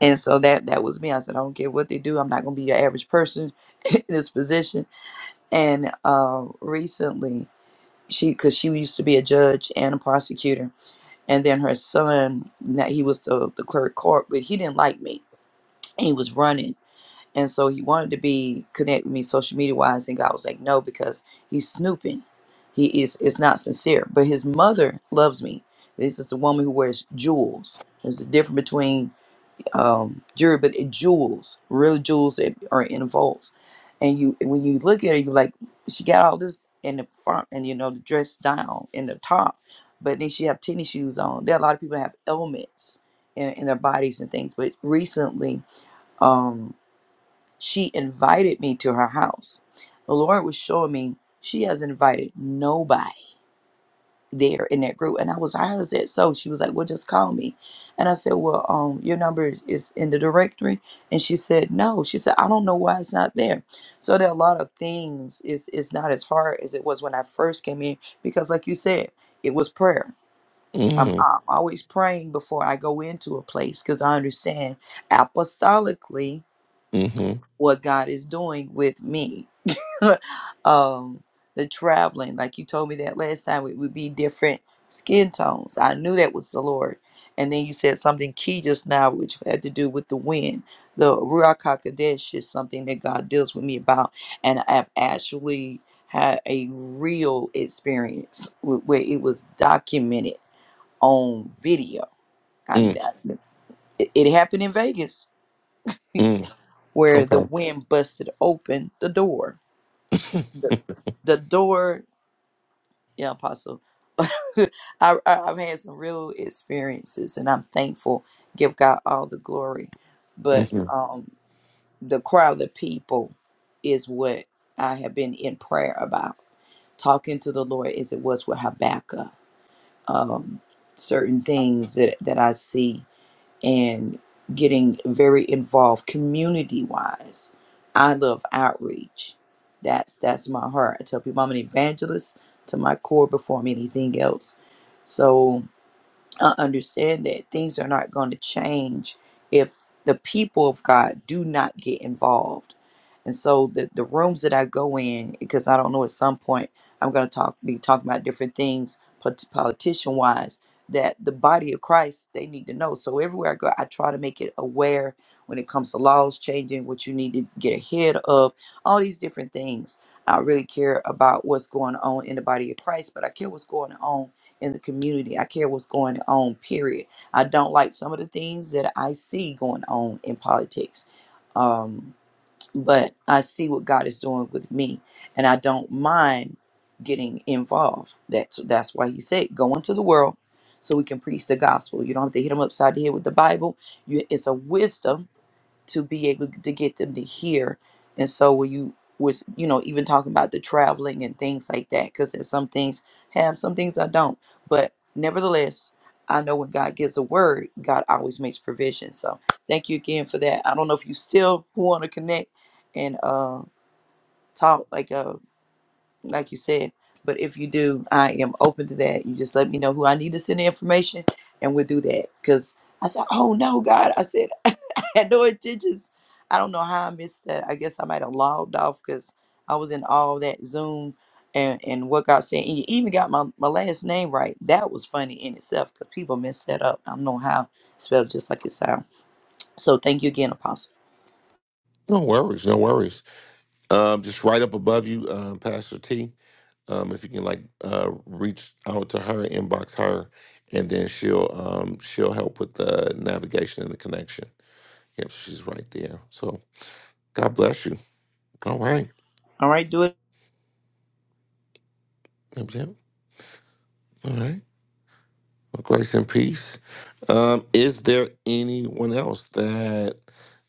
E: And so that that was me. I said, I don't care what they do. I'm not going to be your average person in this position and uh, recently she because she used to be a judge and a prosecutor and then her son now he was the, the clerk court but he didn't like me he was running and so he wanted to be connect with me social media wise and god was like no because he's snooping he is it's not sincere but his mother loves me this is the woman who wears jewels there's a difference between um, jewelry, but it jewels, real jewels that are in vaults. And you, when you look at it, you like, she got all this in the front, and you know, the dress down in the top, but then she have tennis shoes on. There are a lot of people that have ailments in, in their bodies and things. But recently, um, she invited me to her house. The Lord was showing me she has invited nobody there in that group. And I was, how is that so? She was like, well, just call me. And I said, well, um, your number is, is in the directory. And she said, no. She said, I don't know why it's not there. So there are a lot of things. It's, it's not as hard as it was when I first came in because, like you said, it was prayer. I'm,
A: Mm-hmm.
E: I'm always praying before I go into a place because I understand apostolically
A: Mm-hmm.
E: what God is doing with me. um, the traveling, like you told me that last time, it would be different skin tones. I knew that was the Lord. And then you said something key just now, which had to do with the wind. The Ruach HaKodesh is something that God deals with me about. And I've actually had a real experience wh- where it was documented on video. I,
A: Mm,
E: I- it it happened in Vegas
A: mm.
E: where the wind busted open the door. The
A: Okay.
E: the door. yeah, Apostle. I, I- I've had some real experiences, and I'm thankful. Give God all the glory. But
A: hmm
E: um, the crowd of people is what I have been in prayer about. Talking to the Lord as it was with Habakkuk. Um, certain things that, that I see and getting very involved community wise. I love outreach. That's that's my heart. I tell people I'm an evangelist to my core before I'm anything else. So I understand that things are not going to change if the people of God do not get involved. And so the, the rooms that I go in, because I don't know at some point I'm going to talk be talking about different things politician wise that the body of Christ they need to know. So everywhere I go, I try to make it aware when it comes to laws changing, what you need to get ahead of, all these different things. I really care about what's going on in the body of Christ, but I care what's going on in the community. I care what's going on, period. I don't like some of the things that I see going on in politics. Um, but I see what God is doing with me and I don't mind getting involved. That's that's why he said go into the world so we can preach the gospel. You don't have to hit them upside the head with the Bible. You, it's a wisdom to be able to get them to hear. And so when you was you know even talking about the traveling and things like that, because there's some things I have some things I don't. But nevertheless, I know when God gives a word, God always makes provision. So thank you again for that. I don't know if you still want to connect and uh, talk like uh, like you said. But if you do, I am open to that. You just let me know who I need to send the information, and we'll do that. Because I said, oh no, God, I said I had no intentions. I don't know how I missed that. I guess I might have logged off because I was in all that Zoom and and what God said. And you even got my my last name right. That was funny in itself because people mess that up. I don't know how it's spelled just like it sounds. So thank you again, Apostle.
A: No worries. No worries. Um, just right up above you, um, Pastor T. Um, if you can like uh, reach out to her, inbox her, and then she'll um, she'll help with the navigation and the connection. Yep, she's right there. So God bless you. All right.
E: All right, do it.
A: Yep, yep. All right. Grace and peace. Um, is there anyone else that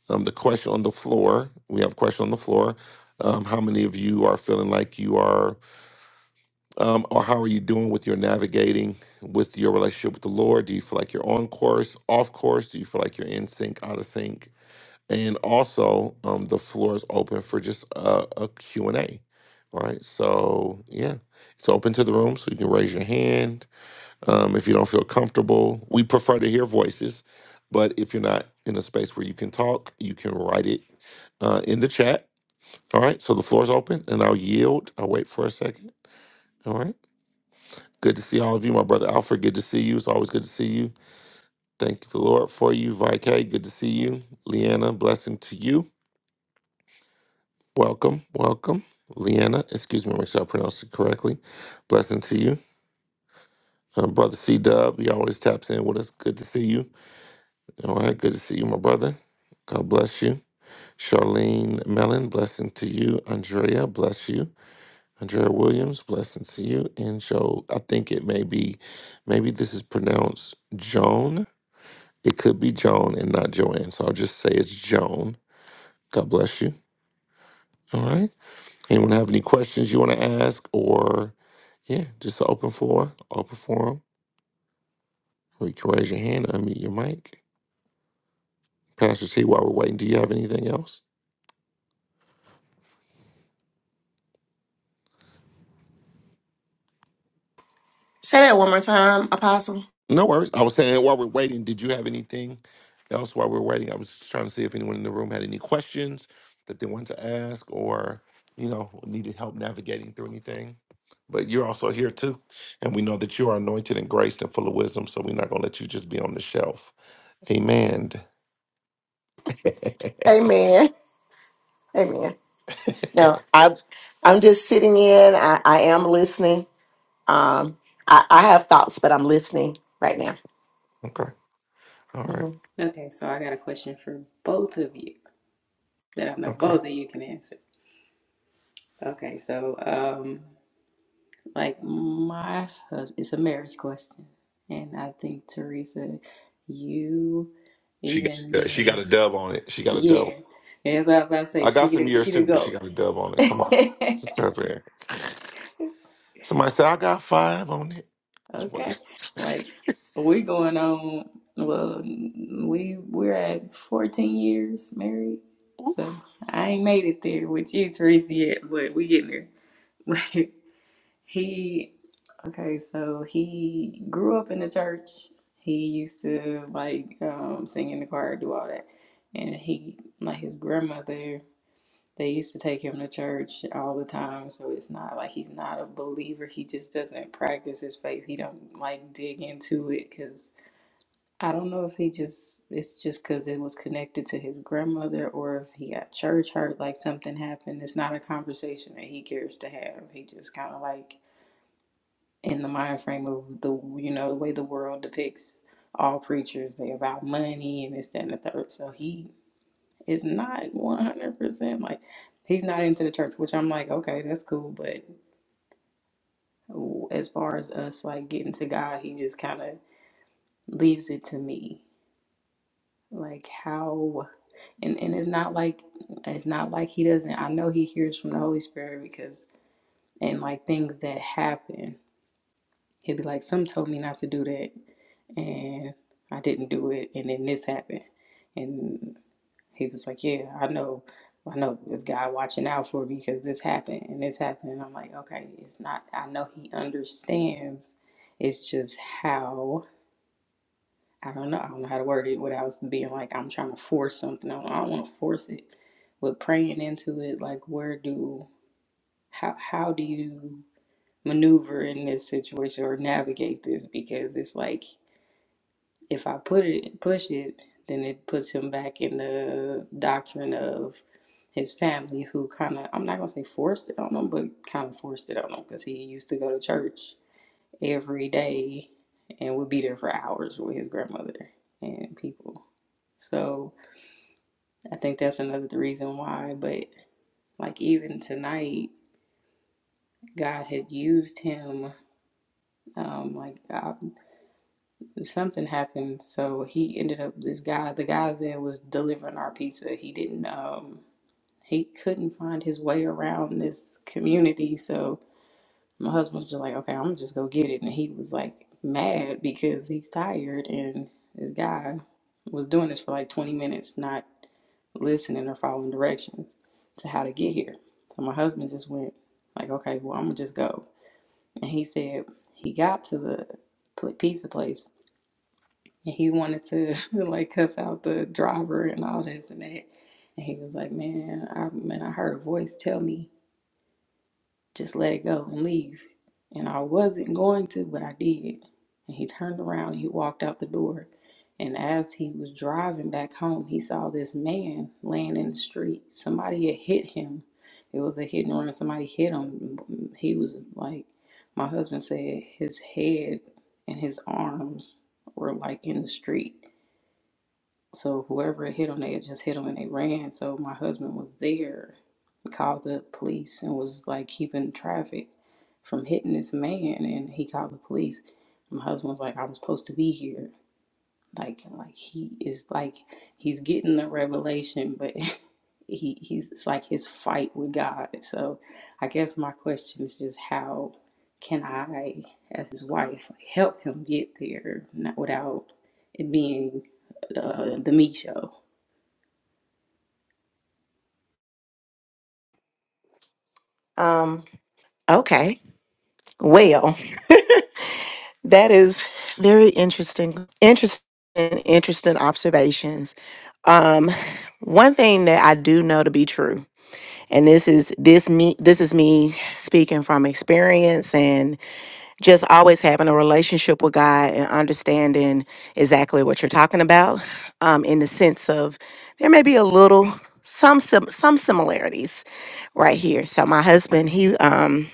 A: um, the question on the floor? We have a question on the floor. Um, how many of you are feeling like you are, um, or how are you doing with your navigating with your relationship with the Lord? Do you feel like you're on course, off course? Do you feel like you're in sync, out of sync? And also, um, the floor is open for just a, a Q and A. All right, so yeah, it's open to the room, so you can raise your hand um, if you don't feel comfortable we prefer to hear voices but if you're not in a space where you can talk you can write it uh, in the chat all right so the floor is open and i'll yield i'll wait for a second all right good to see all of you my brother alfred good to see you it's always good to see you thank the lord for you vik good to see you leanna blessing to you welcome welcome leanna excuse me make sure i pronounced it correctly blessing to you uh, brother c dub he always taps in with us good to see you All right, good to see you, my brother. God bless you. Charlene Mellon, blessing to you. Andrea, bless you. Andrea Williams, blessing to you. And Joe, I think it may be, maybe this is pronounced Joan. It could be Joan and not Joanne. So I'll just say it's Joan. God bless you. All right. Anyone have any questions you want to ask or, yeah, just an open floor, open forum. You can raise your hand, unmute your mic. Pastor T, while we're waiting, do you have anything else?
D: Say that one more time, Apostle.
A: No worries. I was saying while we're waiting, did you have anything else while we're waiting? I was just trying to see if anyone in the room had any questions that they wanted to ask or, you know, needed help navigating through anything. But you're also here too. And we know that you are anointed and graced and full of wisdom. So we're not going to let you just be on the shelf. Amen. okay.
D: Amen. Amen. No, I I'm just sitting in. I, I am listening. Um I, I have thoughts, but I'm listening right now.
A: All right.
D: Mhm.
C: Okay, so I got a question for both of you that I know
A: Okay.
C: both of you can answer. Okay, so um, like my husband, it's a marriage question, and I think Teresa, you
A: She
C: even
A: got, uh, she
C: being
A: got a dub on it. She got a dub.
C: yeah, as I was about to say,
A: I got
C: she
A: some
C: the-
A: years
C: she the
A: too, but she
C: goat.
A: got a dub on it. Come on. Just up there. Somebody said I got five on it. I was playing.
C: Okay. Like we going on well we we're at fourteen years married. So
A: Oof.
C: I ain't made it there with you, Teresa, yet, but we getting there. he okay, so he grew up in the church. He used to like um sing in the choir, do all that. And he like his grandmother they used to take him to church all the time, so it's not like he's not a believer. He just doesn't practice his faith. He don't like dig into it because I don't know if he just it's just because it was connected to his grandmother or if he got church hurt, like something happened. It's not a conversation that he cares to have. He just kind of like in the mind frame of the you know the way the world depicts all preachers. They about money and this that and the third. So he is not 100% like he's not into the church which i'm like okay that's cool but as far as us like getting to god he just kind of leaves it to me like how and and it's not like it's not like he doesn't i know he hears from the holy spirit because and like things that happen He'll be like, Some told me not to do that and I didn't do it and then this happened. And he was like, Yeah, I know I know this guy watching out for me because this happened and this happened and I'm like, Okay, it's not I know he understands. It's just how I don't know. I don't know how to word it without being like I'm trying to force something. I don't, I don't want to force it, but praying into it. Like, where do how how do you maneuver in this situation or navigate this because it's like if I put it push it, then it puts him back in the doctrine of his family who kind of I'm not gonna say forced it on him, but kind of forced it on him because he used to go to church every day and would be there for hours with his grandmother and people. So I think that's another reason why. But like even tonight, God had used him um, like God something happened so he ended up this guy the guy that was delivering our pizza he didn't um he couldn't find his way around this community so my husband was just like okay i'm gonna just go get it and he was like mad because he's tired and this guy was doing this for like 20 minutes not listening or following directions to how to get here so my husband just went like okay well i'm gonna just go and he said he got to the pizza place and he wanted to like cuss out the driver and all this and that. And he was like, "Man, I man, I heard a voice tell me just let it go and leave." And I wasn't going to, but I did. And he turned around and he walked out the door. And as he was driving back home, he saw this man laying in the street. Somebody had hit him. It was a hit and run. Somebody hit him. He was like, my husband said, his head and his arms were like in the street so whoever it hit them, they had just hit them and they ran. So my husband was there, called the police and was like keeping traffic from hitting this man, and he called the police. My husband was like, "I was supposed to be here," like like he is like he's getting the revelation but he he's it's like his fight with God so I guess my question is just how can I as his wife like, help him get there not without it being uh, the me show
D: Um okay. Well, that is very interesting. Interesting interesting observations. Um one thing that I do know to be true, and this is this me this is me speaking from experience and. just always having a relationship with God and understanding exactly what you're talking about, um, in the sense of there may be a little some sim- some similarities right here. So my husband, he um,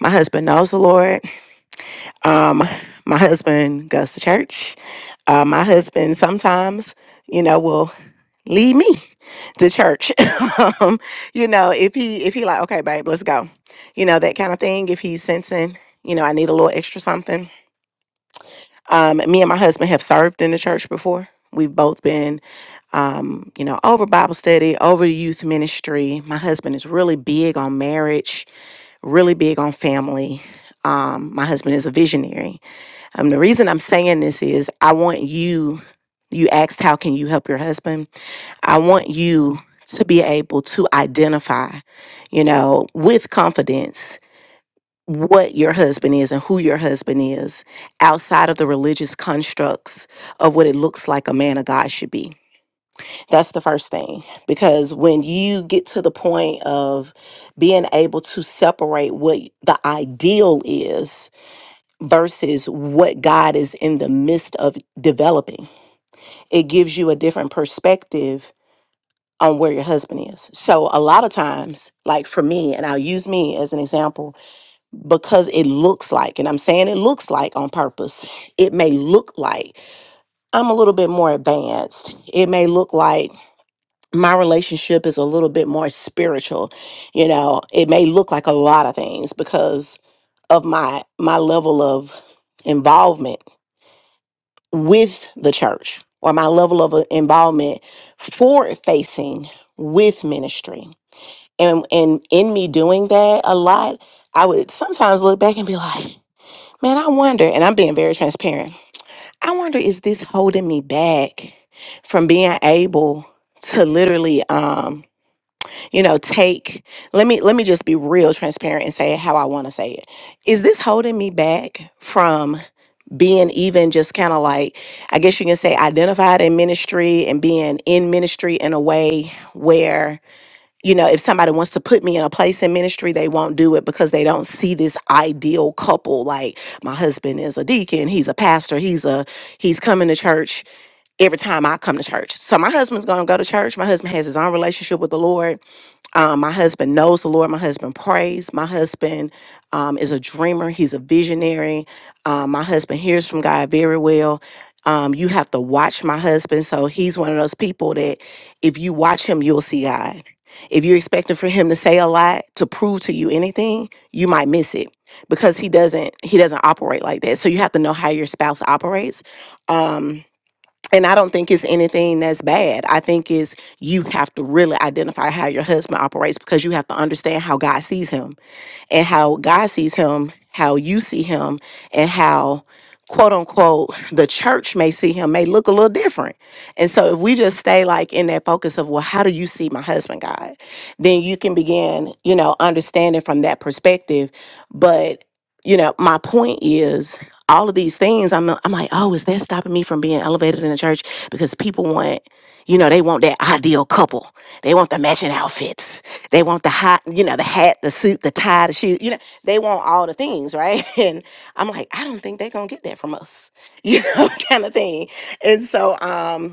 D: my husband knows the Lord. Um, my husband goes to church. Uh, my husband sometimes, you know, will lead me to church. um, you know, if he if he like, okay, babe, let's go. You know that kind of thing. If he's sensing, you know, I need a little extra something um, me and my husband have served in the church before. We've both been, um, you know, over Bible study, over the youth ministry. My husband is really big on marriage, really big on family. Um, my husband is a visionary. Um, the reason I'm saying this is I want you, you asked, how can you help your husband? I want you to be able to identify, you know, with confidence what your husband is and who your husband is outside of the religious constructs of what it looks like a man of God should be. That's the first thing. Because when you get to the point of being able to separate what the ideal is versus what God is in the midst of developing, it gives you a different perspective on where your husband is. So a lot of times, like for me, and I'll use me as an example, because it looks like, and I'm saying it looks like on purpose, it may look like I'm a little bit more advanced. It may look like my relationship is a little bit more spiritual. You know, it may look like a lot of things because of my my level of involvement with the church or my level of uh, involvement forward facing with ministry. And and in me doing that a lot, I would sometimes look back and be like, Man, I wonder, and I'm being very transparent. I wonder is this holding me back from being able to literally um, you know, take let me let me just be real transparent and say it how I want to say it. Is this holding me back from being even just kind of like I guess you can say identified in ministry and being in ministry in a way where you know, if somebody wants to put me in a place in ministry, they won't do it because they don't see this ideal couple. Like my husband is a deacon, he's a pastor, he's a he's coming to church every time I come to church. So my husband's gonna go to church. My husband has his own relationship with the Lord um, my husband knows the Lord. My husband prays. My husband um, is a dreamer. He's a visionary. Um, my husband hears from God very well. Um, you have to watch my husband. So he's one of those people that if you watch him, you'll see God. If you're expecting for him to say a lot to prove to you anything, you might miss it because he doesn't he doesn't operate like that. So you have to know how your spouse operates. Um, and I don't think it's anything that's bad. I think is you have to really identify how your husband operates because you have to understand how God sees him and how God sees him, how you see him, and how quote unquote the church may see him may look a little different. And so if we just stay like in that focus of well, how do you see my husband, God? Then you can begin, you know, understanding from that perspective. But, you know, my point is all of these things, I'm I'm like, oh, is that stopping me from being elevated in the church? Because people want you know, they want that ideal couple. They want the matching outfits. They want the hot, you know, the hat, the suit, the tie, the shoe. You know, they want all the things, right? And I'm like, I don't think they're gonna get that from us, you know, kind of thing. And so, um,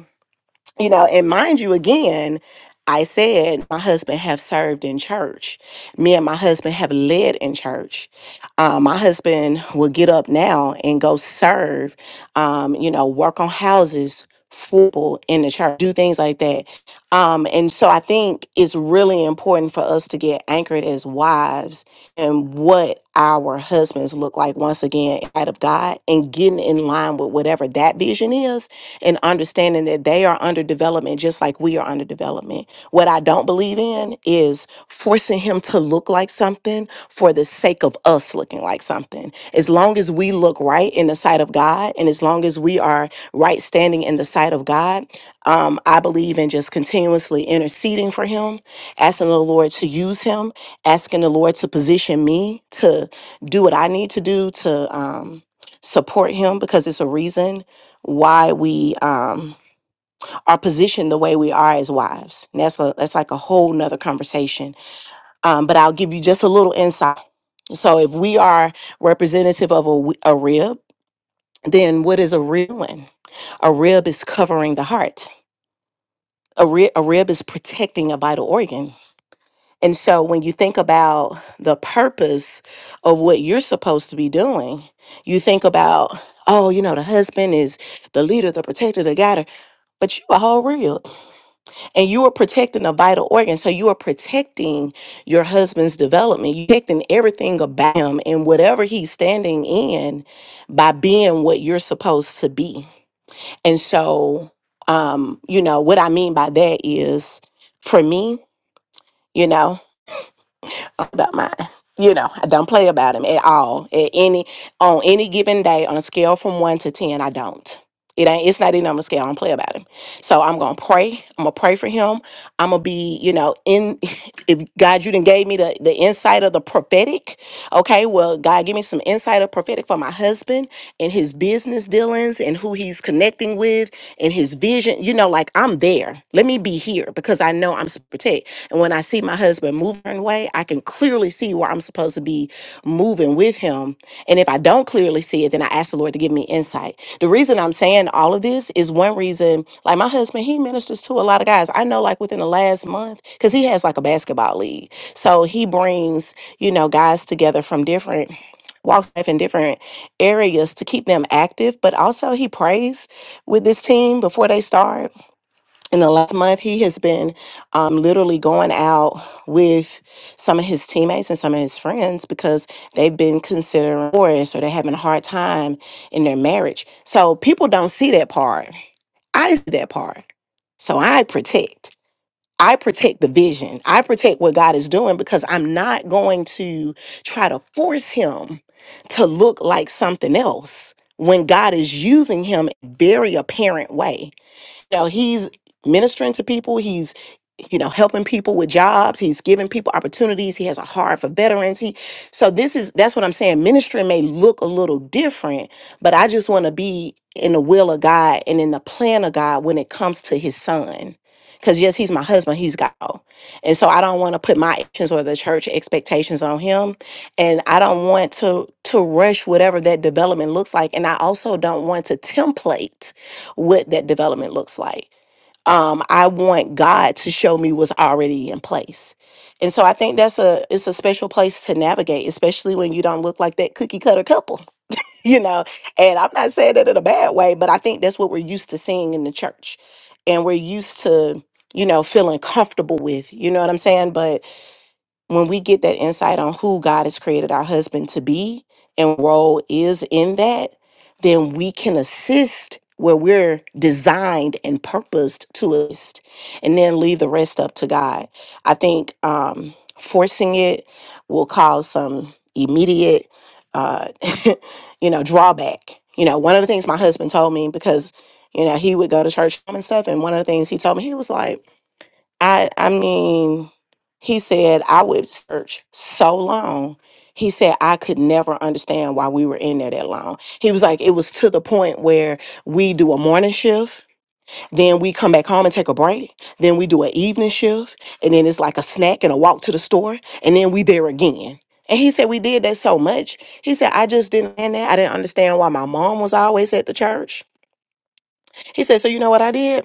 D: you know and mind you again i said my husband have served in church me and my husband have led in church um, my husband will get up now and go serve um, you know work on houses football in the church do things like that um, and so I think it's really important for us to get anchored as wives and what our husbands look like once again in light of God and getting in line with whatever that vision is and understanding that they are under development just like we are under development. What I don't believe it in is forcing him to look like something for the sake of us looking like something. As long as we look right in the sight of God and as long as we are right standing in the sight of God, um, I believe in just continuously interceding for him, asking the Lord to use him, asking the Lord to position me to do what I need to do to um, support him because it's a reason why we. Um, are positioned the way we are as wives. And that's a that's like a whole nother conversation. Um, but I'll give you just a little insight. So if we are representative of a, w- a rib, then what is a rib doing? A rib is covering the heart. A, ri- a rib is protecting a vital organ. And so when you think about the purpose of what you're supposed to be doing, you think about, oh, you know, the husband is the leader, the protector, the guider, but you a whole rib. and you are protecting a vital organ. So you are protecting your husband's development. You're protecting everything about him and whatever he's standing in by being what you're supposed to be. And so, um, you know, what I mean by that is for me, you know about mine. You know, I don't play about him at all. At any on any given day, on a scale from one to ten, I don't. It ain't. It's not even on the scale. I don't play about him. So I'm gonna pray. I'm gonna pray for him. I'm gonna be, you know, in. If God, you didn't gave me the the insight of the prophetic. Okay, well, God, give me some insight of prophetic for my husband and his business dealings and who he's connecting with and his vision. You know, like I'm there. Let me be here because I know I'm supposed to protect. And when I see my husband moving away, I can clearly see where I'm supposed to be moving with him. And if I don't clearly see it, then I ask the Lord to give me insight. The reason I'm saying all of this is one reason, like my husband, he ministers to a lot of guys. I know, like within the last month, because he has like a basketball league. So he brings, you know, guys together from different walks of life and different areas to keep them active, but also he prays with this team before they start. In the last month, he has been um, literally going out with some of his teammates and some of his friends because they've been considering divorce or they're having a hard time in their marriage. So people don't see that part. I see that part. So I protect. I protect the vision. I protect what God is doing because I'm not going to try to force him to look like something else when God is using him in a very apparent way know he's ministering to people he's you know helping people with jobs he's giving people opportunities he has a heart for veterans he so this is that's what i'm saying ministry may look a little different but i just want to be in the will of god and in the plan of god when it comes to his son because yes he's my husband he's god and so i don't want to put my actions or the church expectations on him and i don't want to to rush whatever that development looks like and i also don't want to template what that development looks like. Um, I want God to show me what's already in place. And so I think that's a it's a special place to navigate, especially when you don't look like that cookie cutter couple, you know. And I'm not saying that in a bad way, but I think that's what we're used to seeing in the church. And we're used to, you know, feeling comfortable with, you know what I'm saying? but when we get that insight on who God has created our husband to be and role is in that, then we can assist where we're designed and purposed to assist, and then leave the rest up to God. I think um, forcing it will cause some immediate, uh, you know, drawback. You know, one of the things my husband told me because, you know, he would go to church and stuff, and one of the things he told me, he was like, I I mean, he said I would search so long. He said I could never understand why we were in there that long. He was like, it was to the point where we do a morning shift, then we come back home and take a break, then we do an evening shift, and then it's like a snack and a walk to the store, and then we there again. And he said we did that so much. He said I just didn't understand that. I didn't understand why my mom was always at the church. He said, so you know what I did?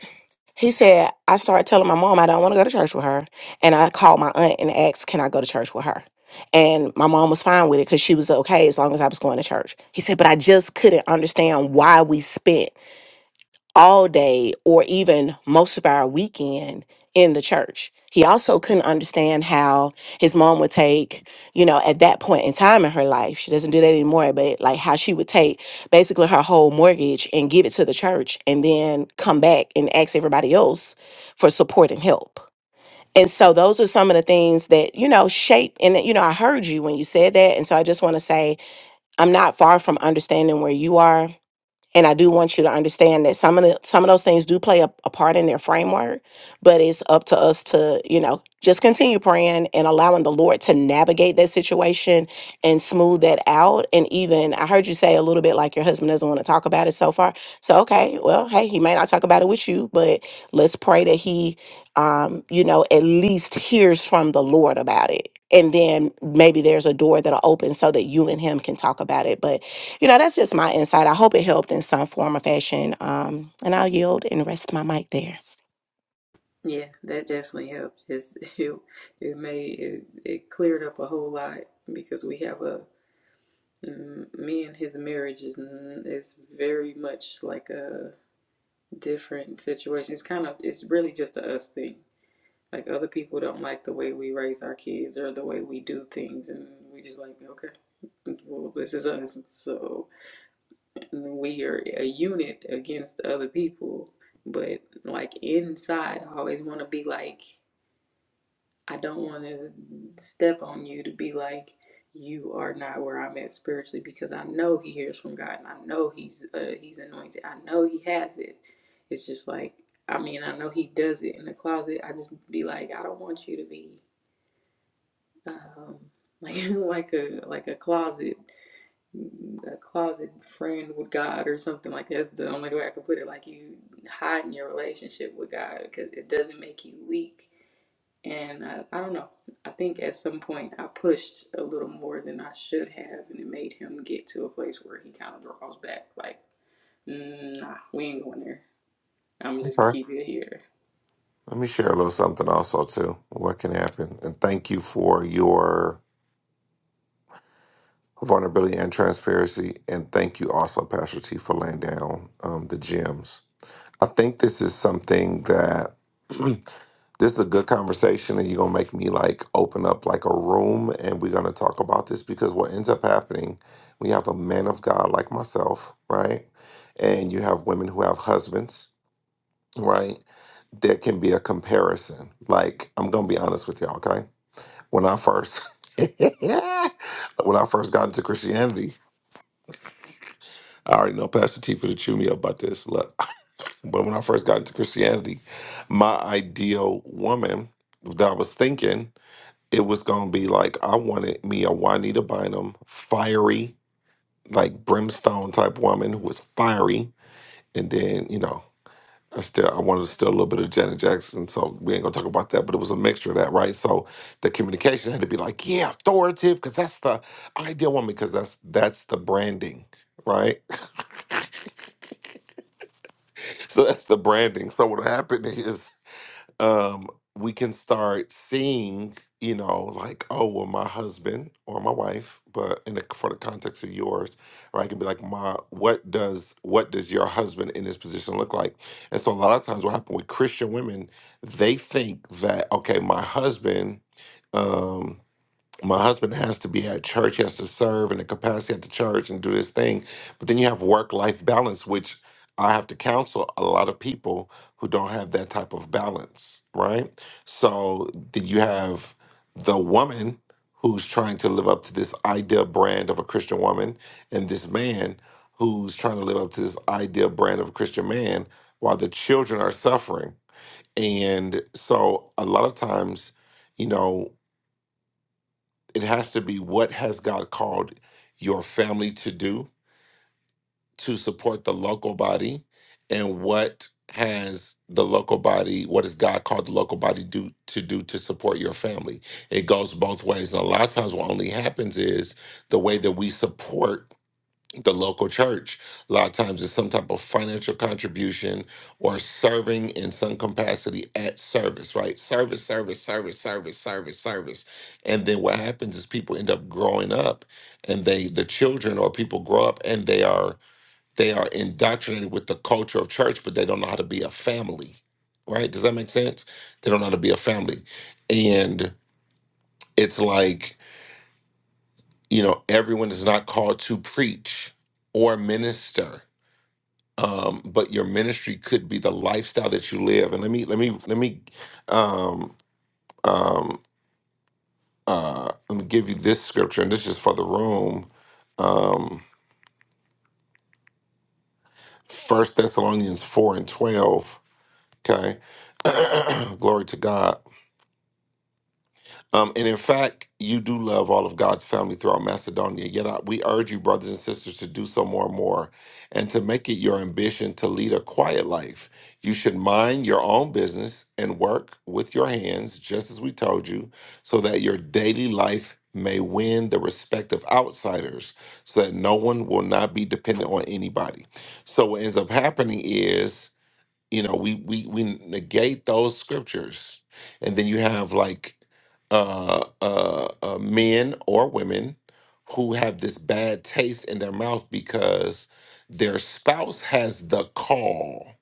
D: He said, I started telling my mom I don't want to go to church with her. And I called my aunt and asked, Can I go to church with her? And my mom was fine with it because she was okay as long as I was going to church. He said, But I just couldn't understand why we spent all day or even most of our weekend in the church. He also couldn't understand how his mom would take, you know, at that point in time in her life, she doesn't do that anymore, but like how she would take basically her whole mortgage and give it to the church and then come back and ask everybody else for support and help. And so those are some of the things that, you know, shape and you know, I heard you when you said that. And so I just want to say I'm not far from understanding where you are and I do want you to understand that some of the some of those things do play a, a part in their framework, but it's up to us to you know just continue praying and allowing the Lord to navigate that situation and smooth that out. And even I heard you say a little bit like your husband doesn't want to talk about it so far. So okay, well hey, he may not talk about it with you, but let's pray that he, um, you know, at least hears from the Lord about it. And then maybe there's a door that'll open so that you and him can talk about it. But you know, that's just my insight. I hope it helped in some form or fashion. Um, and I'll yield and rest my mic there.
C: yeah that definitely helped It's- it, it made it, it cleared up a whole lot because we have a mm, me and his marriage is n- is very much like a. different situations. It's kind of it's really just a us thing. Like other people don't like the way we raise our kids or the way we do things, and we just like okay, well this is us. So we are a unit against other people, but like inside, I always want to be like I don't want to step on you to be like you are not where I'm at spiritually because I know he hears from God and I know he's uh, he's anointed. I know he has it. It's just like I mean I know he does it in the closet. I just be like I don't want you to be um, like like a like a closet a closet friend with God or something like that. that's the only way I could put it. Like you hide in your relationship with God because it doesn't make you weak and I, I don't know. I think at some point I pushed a little more than I should have, and it made him get to a place where he kind of draws back, like, "Mm, nah, we ain't going there. I'm just
A: Okay.
C: keep it here.
A: Let me share a little something also too. What can happen? And thank you for your vulnerability and transparency. And thank you also, Pastor T, for laying down um, the gems. I think this is something that This is a good conversation, and you're gonna make me like open up like a room, and we're gonna talk about this because what ends up happening, we have a man of God like myself, right? And you have women who have husbands, right? There can be a comparison. Like I'm gonna be honest with y'all, okay? When I first, when I first got into Christianity, I already know Pastor T for to chew me up about this. Look, but when I first got into Christianity, my ideal woman that I was thinking. it was gonna be like I wanted me a Juanita Bynum, fiery, like brimstone type woman who was fiery, and then you know I still I wanted still a little bit of Janet Jackson, so we ain't gonna talk about that. But it was a mixture of that, right? So the communication had to be like, yeah, authoritative, because that's the ideal woman, because that's that's the branding, right? So that's the branding. So what happened is um, we can start seeing, you know, like, oh, well, my husband or my wife, but in the, for the context of yours, or I can be like, my, what does what does your husband in this position look like? And so a lot of times, what happens with Christian women, they think that okay, my husband. Um, my husband has to be at church he has to serve in the capacity at the church and do his thing but then you have work life balance which i have to counsel a lot of people who don't have that type of balance right so then you have the woman who's trying to live up to this ideal brand of a christian woman and this man who's trying to live up to this ideal brand of a christian man while the children are suffering and so a lot of times you know it has to be what has God called your family to do to support the local body and what has the local body what has God called the local body do to do to support your family. It goes both ways. And a lot of times what only happens is the way that we support the local church. A lot of times it's some type of financial contribution or serving in some capacity at service, right? Service, service, service, service, service, service. And then what happens is people end up growing up and they the children or people grow up and they are they are indoctrinated with the culture of church, but they don't know how to be a family. Right? Does that make sense? They don't know how to be a family. And it's like, you know, everyone is not called to preach or minister um, but your ministry could be the lifestyle that you live. And let me let me let me um, um, uh, let me give you this scripture, and this is for the room. Um, First Thessalonians four and twelve. Okay, glory to God. Um, and in fact, you do love all of God's family throughout Macedonia. Yet I, we urge you, brothers and sisters, to do so more and more and to make it your ambition to lead a quiet life. You should mind your own business and work with your hands, just as we told you, so that your daily life may win the respect of outsiders, so that no one will not be dependent on anybody. So, what ends up happening is you know we we we negate those scriptures and then you have like uh uh, uh men or women who have this bad taste in their mouth because their spouse has the call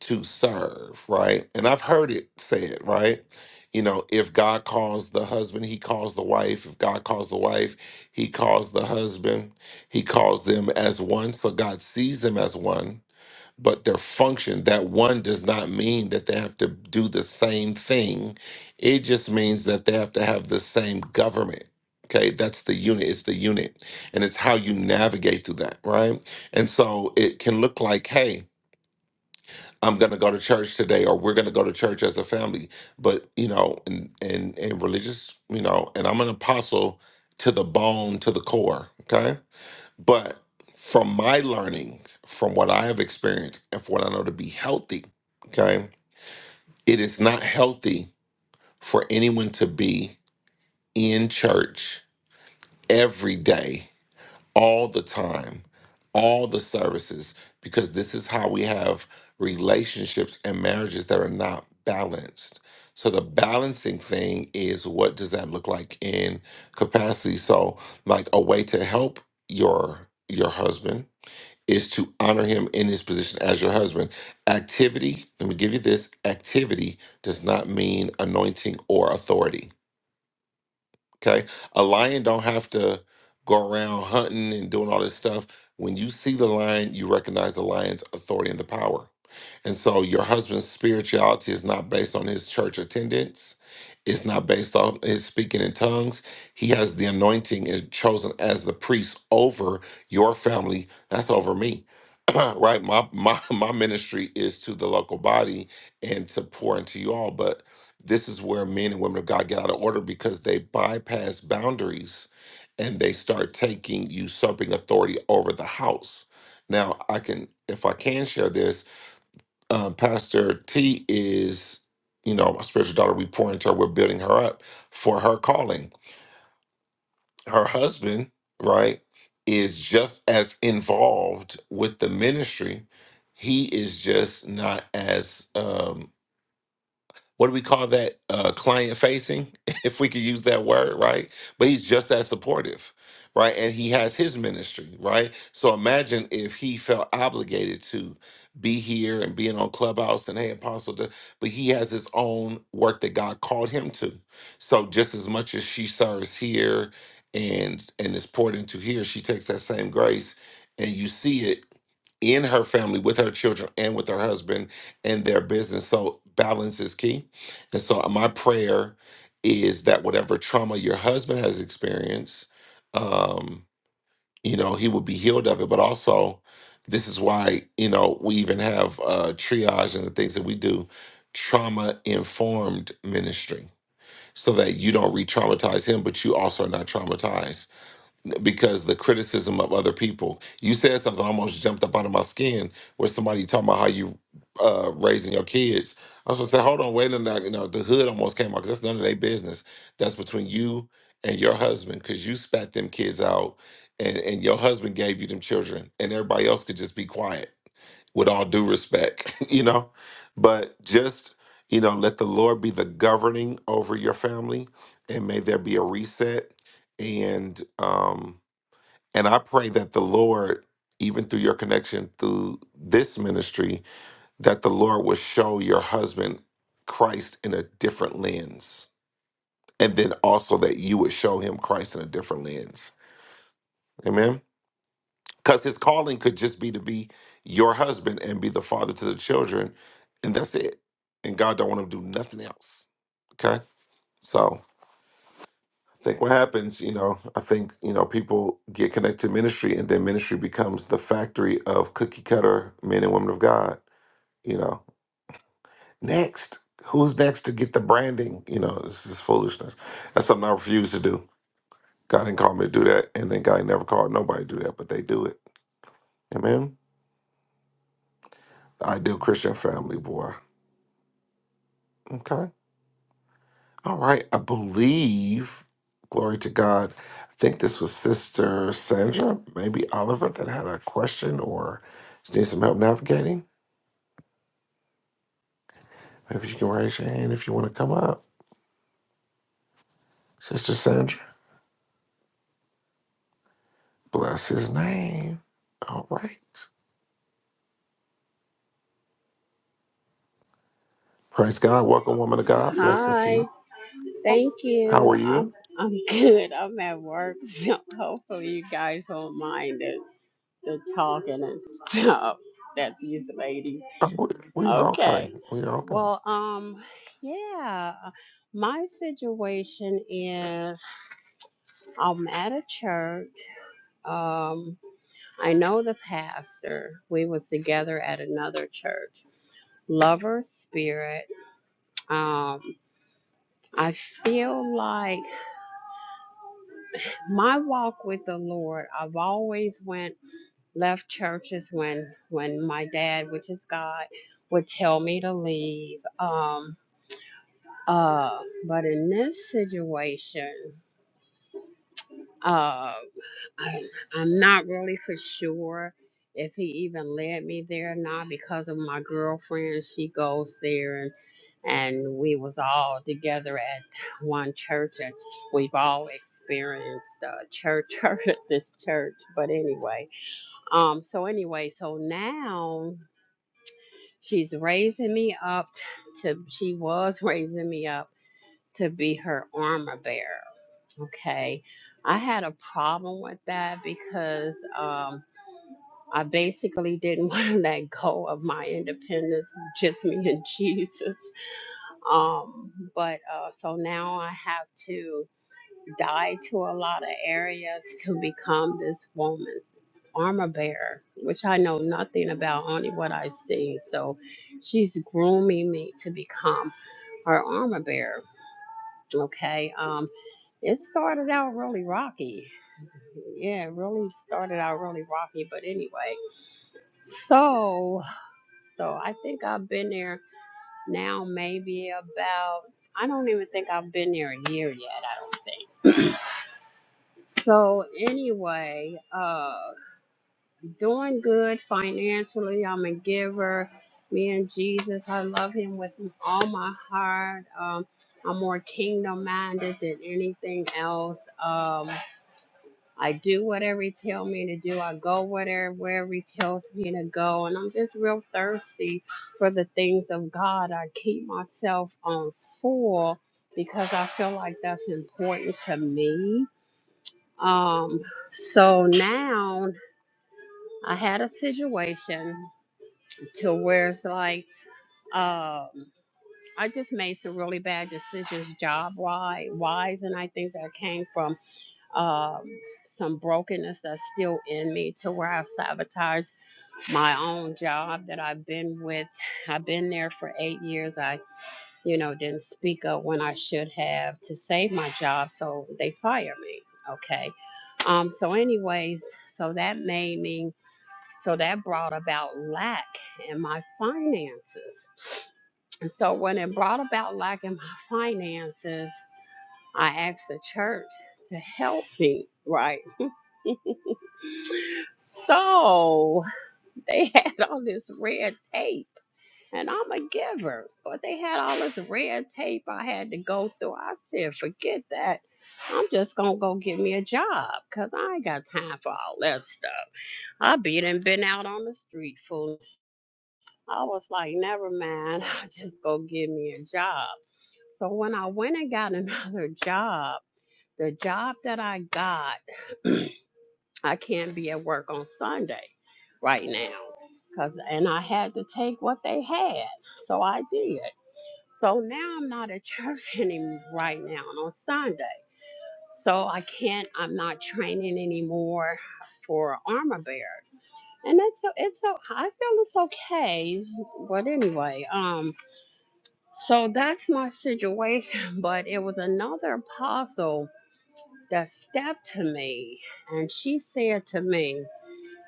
A: to serve right and i've heard it said right you know if god calls the husband he calls the wife if god calls the wife he calls the husband he calls them as one so god sees them as one but their function that one does not mean that they have to do the same thing it just means that they have to have the same government okay that's the unit it's the unit and it's how you navigate through that right and so it can look like hey i'm going to go to church today or we're going to go to church as a family but you know and and, and religious you know and i'm an apostle to the bone to the core okay but from my learning, from what I have experienced, and from what I know to be healthy, okay, it is not healthy for anyone to be in church every day, all the time, all the services, because this is how we have relationships and marriages that are not balanced. So the balancing thing is what does that look like in capacity? So like a way to help your your husband is to honor him in his position as your husband. Activity, let me give you this activity does not mean anointing or authority. Okay, a lion don't have to go around hunting and doing all this stuff. When you see the lion, you recognize the lion's authority and the power. And so your husband's spirituality is not based on his church attendance. It's not based on his speaking in tongues. He has the anointing and chosen as the priest over your family. That's over me. right? My my my ministry is to the local body and to pour into you all. But this is where men and women of God get out of order because they bypass boundaries and they start taking usurping authority over the house. Now, I can, if I can share this, um, Pastor T is, you know, my spiritual daughter. We pour into her, we're building her up for her calling. Her husband, right, is just as involved with the ministry. He is just not as um, what do we call that uh, client facing if we could use that word right but he's just as supportive right and he has his ministry right so imagine if he felt obligated to be here and being on clubhouse and hey apostle Da-" but he has his own work that god called him to so just as much as she serves here and and is poured into here she takes that same grace and you see it in her family with her children and with her husband and their business so balance is key and so uh, my prayer is that whatever trauma your husband has experienced, um, you know, he will be healed of it. But also, this is why, you know, we even have uh triage and the things that we do, trauma informed ministry, so that you don't re traumatize him, but you also are not traumatized because the criticism of other people. You said something I almost jumped up out of my skin where somebody talking about how you uh raising your kids. I was gonna say, hold on, wait a minute. You know, the hood almost came out because that's none of their business. That's between you and your husband because you spat them kids out and, and your husband gave you them children and everybody else could just be quiet with all due respect, you know? But just, you know, let the Lord be the governing over your family and may there be a reset and um and I pray that the Lord, even through your connection through this ministry, that the Lord will show your husband Christ in a different lens. And then also that you would show him Christ in a different lens. Amen. Because his calling could just be to be your husband and be the father to the children. And that's it. And God don't want him to do nothing else. Okay. So I think what happens, you know, I think, you know, people get connected to ministry and then ministry becomes the factory of cookie cutter men and women of God, you know. Next, who's next to get the branding? You know, this is foolishness. That's something I refuse to do. God didn't call me to do that, and then God ain't never called nobody to do that, but they do it. Amen. ideal Christian family, boy. Okay. All right. I believe, glory to God, I think this was Sister Sandra, maybe Oliver, that had a question or needs some help navigating. Maybe you can raise your hand if you want to come up. Sister Sandra, bless his name. All right. Praise God. Welcome, woman of God. Blessings to
F: Hi,
A: you.
F: thank
A: How
F: you.
A: are
F: I'm
A: you?
F: I'm good. I'm at work, so hopefully you guys won't mind the, the talking and stuff that these ladies.
A: Oh, we, we are
F: Okay.
A: okay. We are okay.
F: Well, um, yeah. My situation is I'm at a church. Um, I know the pastor. We was together at another church. Lover spirit. Um, I feel like my walk with the lord i've always went left churches when when my dad which is god would tell me to leave um uh but in this situation uh, I, I'm not really for sure if he even led me there or not because of my girlfriend. She goes there and and we was all together at one church and we've all experienced uh, church hurt at this church. But anyway, um, so anyway, so now she's raising me up t- to she was raising me up to be her armor bearer. Okay. I had a problem with that because um, I basically didn't want to let go of my independence, just me and Jesus. Um, but uh, so now I have to die to a lot of areas to become this woman's armor bearer, which I know nothing about, only what I see. So she's grooming me to become her armor bearer. Okay. Um, it started out really rocky. yeah, it really started out really rocky, but anyway. So, so I think I've been there now maybe about I don't even think I've been there a year yet, I don't think. So anyway, uh doing good financially. I'm a giver. Me and Jesus, I love him with all my heart. Um I'm more kingdom minded than anything else. Um I do whatever he tells me to do. I go whatever wherever he tells me to go. And I'm just real thirsty for the things of God. I keep myself on full because I feel like that's important to me. Um, so now I had a situation to where it's like um I just made some really bad decisions job wise wise and I think that came from um, some brokenness that's still in me to where I sabotage my own job that I've been with. I've been there for eight years. I, you know, didn't speak up when I should have to save my job, so they fired me. Okay. Um, so, anyways, so that made me, so that brought about lack in my finances. And so when it brought about lack in my finances, I asked the church to help me, right? So they had all this red tape, and I'm a giver, but they had all this red tape I had to go through. I said, forget that. I'm just gonna go get me a job because I ain't got time for all that stuff. I be done been out on the street fool. I was like, never mind, I'll just go get me a job. So when I went and got another job, the job that I got I can't be at work on Sunday right now. Cause and I had to take what they had. So I did. So now I'm not at church anymore right now on Sunday. So I can't I'm not training anymore for armor bear. And it's so it's so I feel it's okay. But anyway, um so that's my situation. But it was another apostle that stepped to me and she said to me,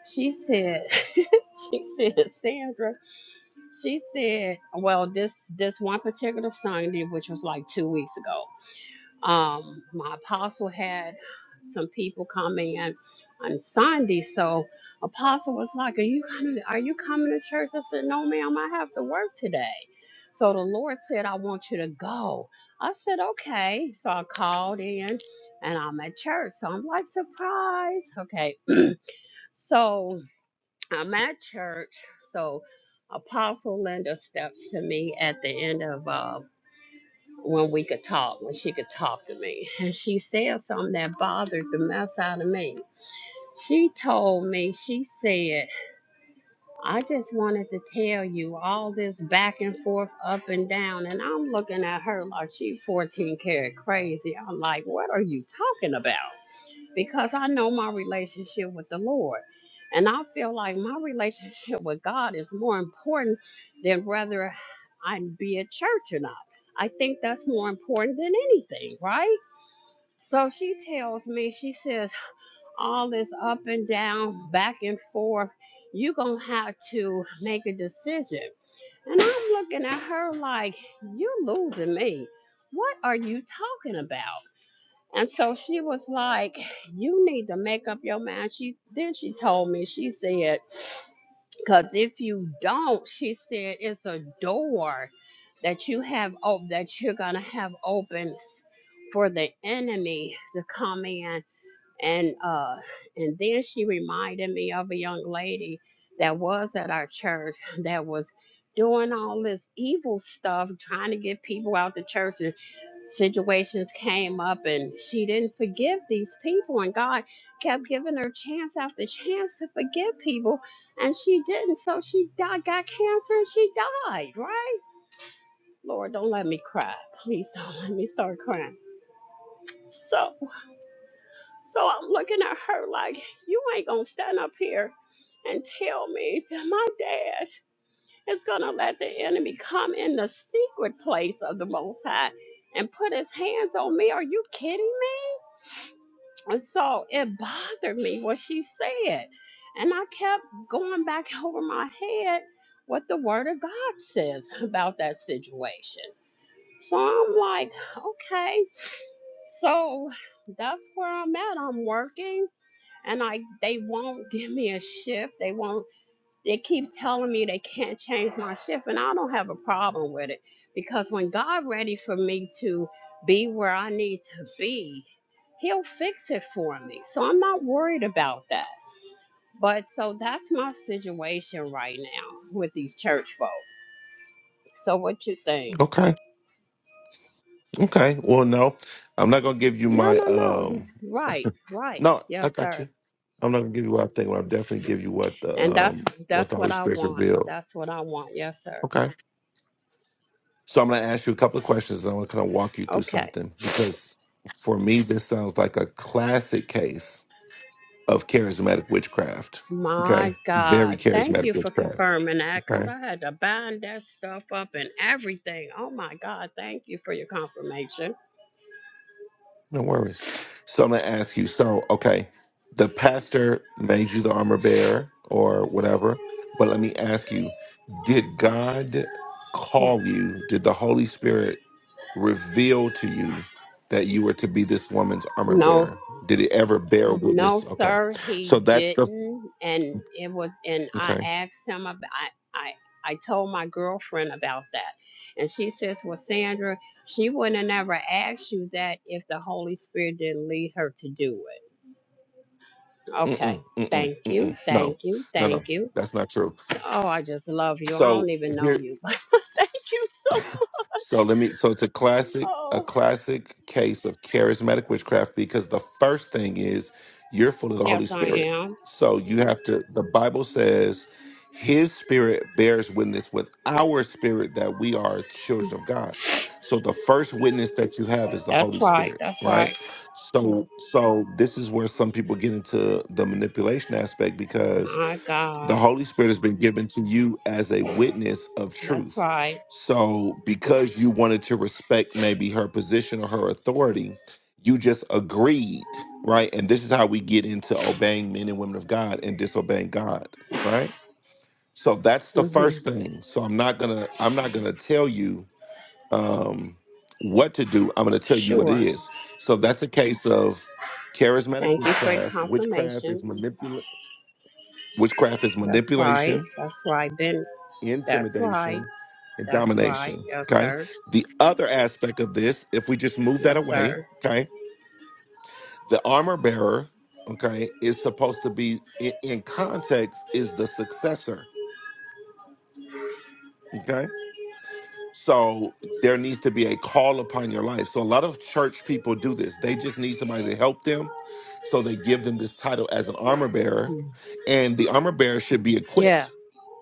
F: she said, she said, Sandra, she said, well, this this one particular Sunday, which was like two weeks ago, um, my apostle had some people come in on Sunday. So apostle was like, Are you coming are you coming to church? I said, No, ma'am, I have to work today. So the Lord said, I want you to go. I said, Okay. So I called in and I'm at church. So I'm like, surprise. Okay. So I'm at church, so Apostle Linda steps to me at the end of uh, when we could talk, when she could talk to me. And she said something that bothered the mess out of me. She told me, she said, I just wanted to tell you all this back and forth, up and down. And I'm looking at her like she 14 karat crazy. I'm like, what are you talking about? because I know my relationship with the Lord. And I feel like my relationship with God is more important than whether I be at church or not. I think that's more important than anything, right? So she tells me, she says, all this up and down, back and forth, you're going to have to make a decision. And I'm looking at her like, you're losing me. What are you talking about? And so she was like, You need to make up your mind. She then she told me, she said, because if you don't, she said it's a door that you have op- that you're gonna have open for the enemy to come in and uh and then she reminded me of a young lady that was at our church that was doing all this evil stuff trying to get people out the church situations came up and she didn't forgive these people and God kept giving her chance after chance to forgive people and she didn't so she died, got cancer and she died right Lord don't let me cry please don't let me start crying so so I'm looking at her like you ain't gonna stand up here and tell me that my dad is gonna let the enemy come in the secret place of the most high and put his hands on me are you kidding me And so it bothered me what she said. And I kept going back over my head what the Word of God says about that situation. So I'm like, okay. So that's where I'm at. I'm working and I they won't give me a shift. They won't they keep telling me they can't change my shift, and I don't have a problem with it because when God ready for me to be where I need to be, He'll fix it for me. So I'm not worried about that. But so that's my situation right now with these church folk. So what you think?
A: Okay. Okay. Well, no, I'm not gonna give you
F: No,
A: my
F: no, no.
A: um.
F: Right, right.
A: No, I
F: Yes,
A: got you.
F: sir.
A: I'm not gonna give you what I think, but I'll definitely give you what the
F: And that's
A: um what
F: that's
A: the
F: what
A: Holy
F: I
A: Spirit
F: want.
A: revealed.
F: That's what I want. Yes, sir.
A: Okay. So I'm gonna ask you a couple of questions and I'm gonna kind of walk you through
F: Okay.
A: something because for me this sounds like a classic case of charismatic witchcraft.
F: My
A: Okay. Very
F: God, thank you
A: charismatic
F: for
A: witchcraft.
F: confirming that because
A: Okay.
F: I had to bind that stuff up and everything. Oh my God, thank you for your confirmation.
A: No worries. So I'm gonna ask you, so okay, the pastor made you the armor bearer or whatever, but let me ask you, did God
F: Hmm.
A: call you? Did the Holy Spirit reveal to you that you were to be this woman's armor
F: No,
A: bearer? Did it ever bear
F: No,
A: witness? Okay,
F: sir,
A: so
F: he
A: that's the
F: didn't. And it was, and I
A: okay.
F: asked him about, I, I, I told my girlfriend about that. And she says, well, Sandra, she would not have never asked you that if the Holy Spirit didn't lead her to do it. Okay.
A: Mm-mm, mm-mm,
F: Thank you.
A: mm-mm. No,
F: Thank you.
A: no,
F: Thank
A: no,
F: you.
A: that's not true.
F: Oh, I just love you. I don't
A: So
F: even know
A: here.
F: you. thank you so much.
A: So let me. So it's a classic, a
F: Oh,
A: classic case of charismatic witchcraft because the first thing is you're full of the Holy
F: yes, I
A: Spirit.
F: am.
A: So you have to. The Bible says His Spirit bears witness with our spirit that we are children of God. So the first witness that you have is the
F: That's
A: Holy
F: right.
A: Spirit,
F: That's
A: right?
F: right.
A: So, so this is where some people get into the manipulation aspect because
F: My
A: the
F: God.
A: Holy Spirit has been given to you as a witness of
F: That's
A: truth.
F: right.
A: So, because you wanted to respect maybe her position or her authority, you just agreed, right? And this is how we get into obeying men and women of God and disobeying God, right? So that's the
F: hmm
A: first thing. So I'm not gonna I'm not gonna tell you um, what to do. I'm gonna tell you what
F: Sure.
A: it is. So that's a case of charismatic
F: Thank you for your
A: witchcraft. Witchcraft
F: confirmation.
A: is manipula- Witchcraft is
F: That's right.
A: manipulation
F: That's right. Then that's right.
A: intimidation, and
F: That's right.
A: domination.
F: Yes,
A: Okay.
F: sir.
A: The other aspect of this, if we just move that
F: Yes,
A: away,
F: sir.
A: okay, the armor bearer, okay, is supposed to be in, in context, is the successor. Okay. So there needs to be a call upon your life. So a lot of church people do this. They just need somebody to help them. So they give them this title as an armor bearer.
F: Mm.
A: And the armor bearer should be
F: Yeah.
A: equipped.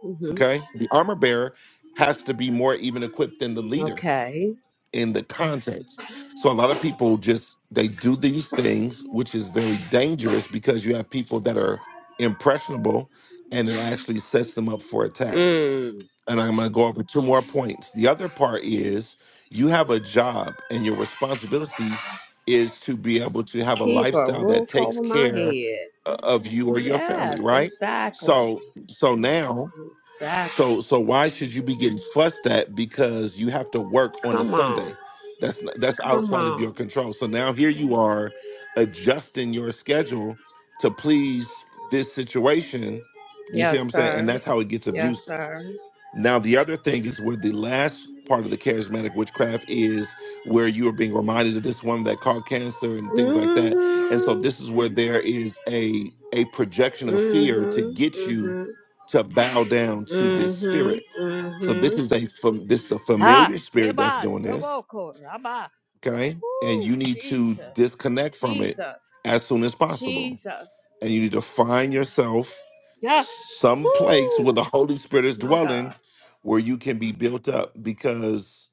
F: hmm
A: Okay. The armor bearer has to be more even equipped than the leader
F: Okay.
A: in the context. So a lot of people just they do these things, which is very dangerous because you have people that are impressionable, and it actually sets them up for attacks.
F: Mm.
A: And I'm going to go over two more points. The other part is you have a job, and your responsibility is to be able to have a
F: Keep a
A: lifestyle that
F: roof
A: takes
F: over my
A: care
F: head.
A: uh, of you or your family,
F: Yes,
A: right?
F: exactly.
A: So, so now
F: Exactly.
A: so so why should you be getting fussed at because you have to work on a
F: Come on.
A: Sunday? That's not, that's
F: Come
A: outside of
F: on.
A: your control. So now here you are adjusting your schedule to please this situation. You see
F: Yes,
A: what I'm saying? And
F: sir.
A: that's how it gets
F: Yes,
A: abusive.
F: sir.
A: Now, the other thing is where the last part of the charismatic witchcraft is where you are being reminded of this woman that caught cancer and things like that. And so
F: Mm-hmm.
A: this is where there is a a projection of fear to
F: Mm-hmm.
A: get you
F: Mm-hmm.
A: to bow down to this spirit.
F: Mm-hmm.
A: So
F: Mm-hmm.
A: this is a fam- this is a
F: Ha,
A: familiar spirit that's
F: Heban,
A: doing this,
F: Doboko, Rabba.
A: okay? And
F: Woo,
A: you need to
F: Jesus,
A: disconnect from it
F: Jesus,
A: as soon as possible
F: Jesus.
A: and you need to find yourself
F: Yeah.
A: some place where
F: Woo,
A: the Holy Spirit is
F: my
A: dwelling,
F: God.
A: where you can be built up because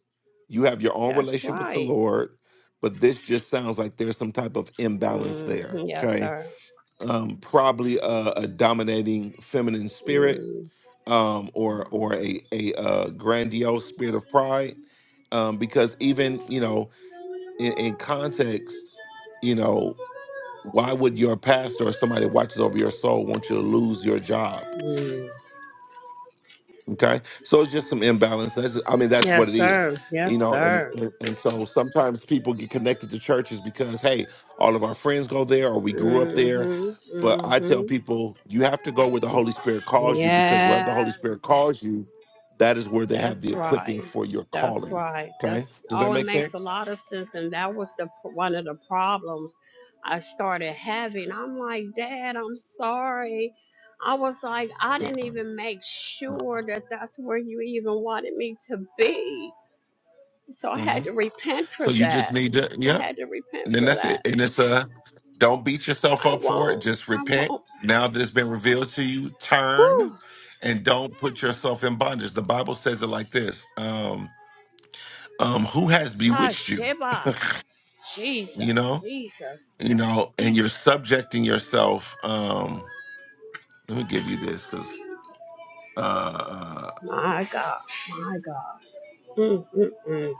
A: you have your own
F: That's
A: relationship with the
F: right.
A: Lord. But this just sounds like there's some type of imbalance there.
F: Mm, yes,
A: Okay,
F: sir.
A: um, probably a, a dominating feminine spirit,
F: Mm.
A: um, or or a a, uh grandiose spirit of pride, um, because even you know in, in context, you know why would your pastor or somebody that watches over your soul want you to lose your job?
F: Mm.
A: Okay, so it's just some imbalance. That's I mean that's what it
F: Yes,
A: is,
F: sir. Yes,
A: you know. And
F: sir.
A: and so sometimes people get connected to churches because hey, all of our friends go there or we grew up there.
F: Mm-hmm.
A: But I
F: Mm-hmm.
A: tell people you have to go where the Holy Spirit calls you because wherever the Holy
F: Yes,
A: Spirit calls you, that is where they have the
F: that's right.
A: equipping for your
F: That's
A: calling.
F: right. That's
A: Okay, does that
F: oh, it
A: make
F: makes a
A: sense?
F: lot of sense, and that was the one of the problems I started having. I'm like, Dad, I'm sorry. I was like, I didn't even make sure that that's where you even wanted me to be. So I had
A: Mm-hmm.
F: to repent for
A: So you just
F: that.
A: need to,
F: I
A: yeah.
F: had to repent
A: And then
F: for
A: that's
F: that.
A: it. And it's uh don't beat yourself
F: I
A: up for it.
F: won't.
A: Just
F: I
A: repent.
F: won't.
A: Now that it's been revealed to you, turn
F: Whew.
A: and don't put yourself in bondage. The Bible says it like this. Um, um, who has
F: Ah,
A: bewitched you?
F: Sheba. Jesus.
A: You know,
F: Jesus.
A: you know, and you're subjecting yourself. Um, let me give you this because uh, uh
F: My God. My God. Mm, mm, mm.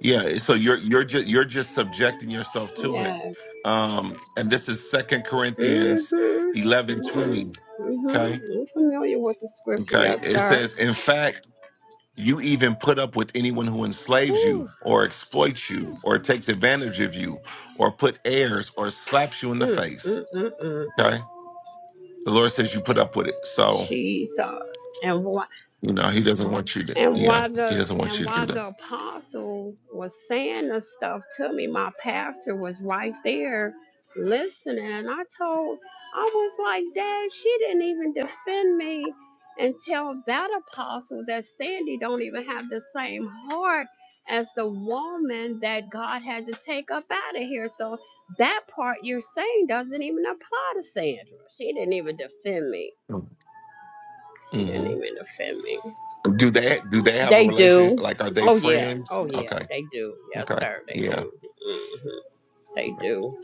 A: yeah, so you're you're just you're just subjecting yourself to it.
F: Yes.
A: Um, and this is second Corinthians
F: Mm-hmm.
A: eleven twenty.
F: Mm-hmm. Mm-hmm.
A: okay?
F: I'm familiar with the scripture,
A: Okay.
F: yes,
A: It
F: sir.
A: says, in fact, you even put up with anyone who enslaves you
F: Whew.
A: or exploits you or takes advantage of you or put airs or slaps you in the
F: Mm,
A: face.
F: mm, mm, mm.
A: Okay. The Lord says you put up with it. So,
F: Jesus. And
A: you know, he doesn't want you to,
F: And
A: yeah,
F: while
A: he
F: the
A: doesn't want you
F: and
A: to do
F: while
A: that.
F: the apostle was saying the stuff to me, my pastor was right there listening. And I told, I was like, Dad, she didn't even defend me and tell that apostle that Sandy don't even have the same heart as the woman that God had to take up out of here. So that part you're saying doesn't even apply to Sandra. She didn't even defend me. She didn't
A: hmm
F: even defend me.
A: Do they do they have a
F: They
A: relationship?
F: do.
A: Like, are they
F: Oh yeah.
A: friends?
F: Oh yeah.
A: Okay,
F: They do. Yes,
A: okay,
F: sir. They
A: yeah.
F: do. Mhm. They do.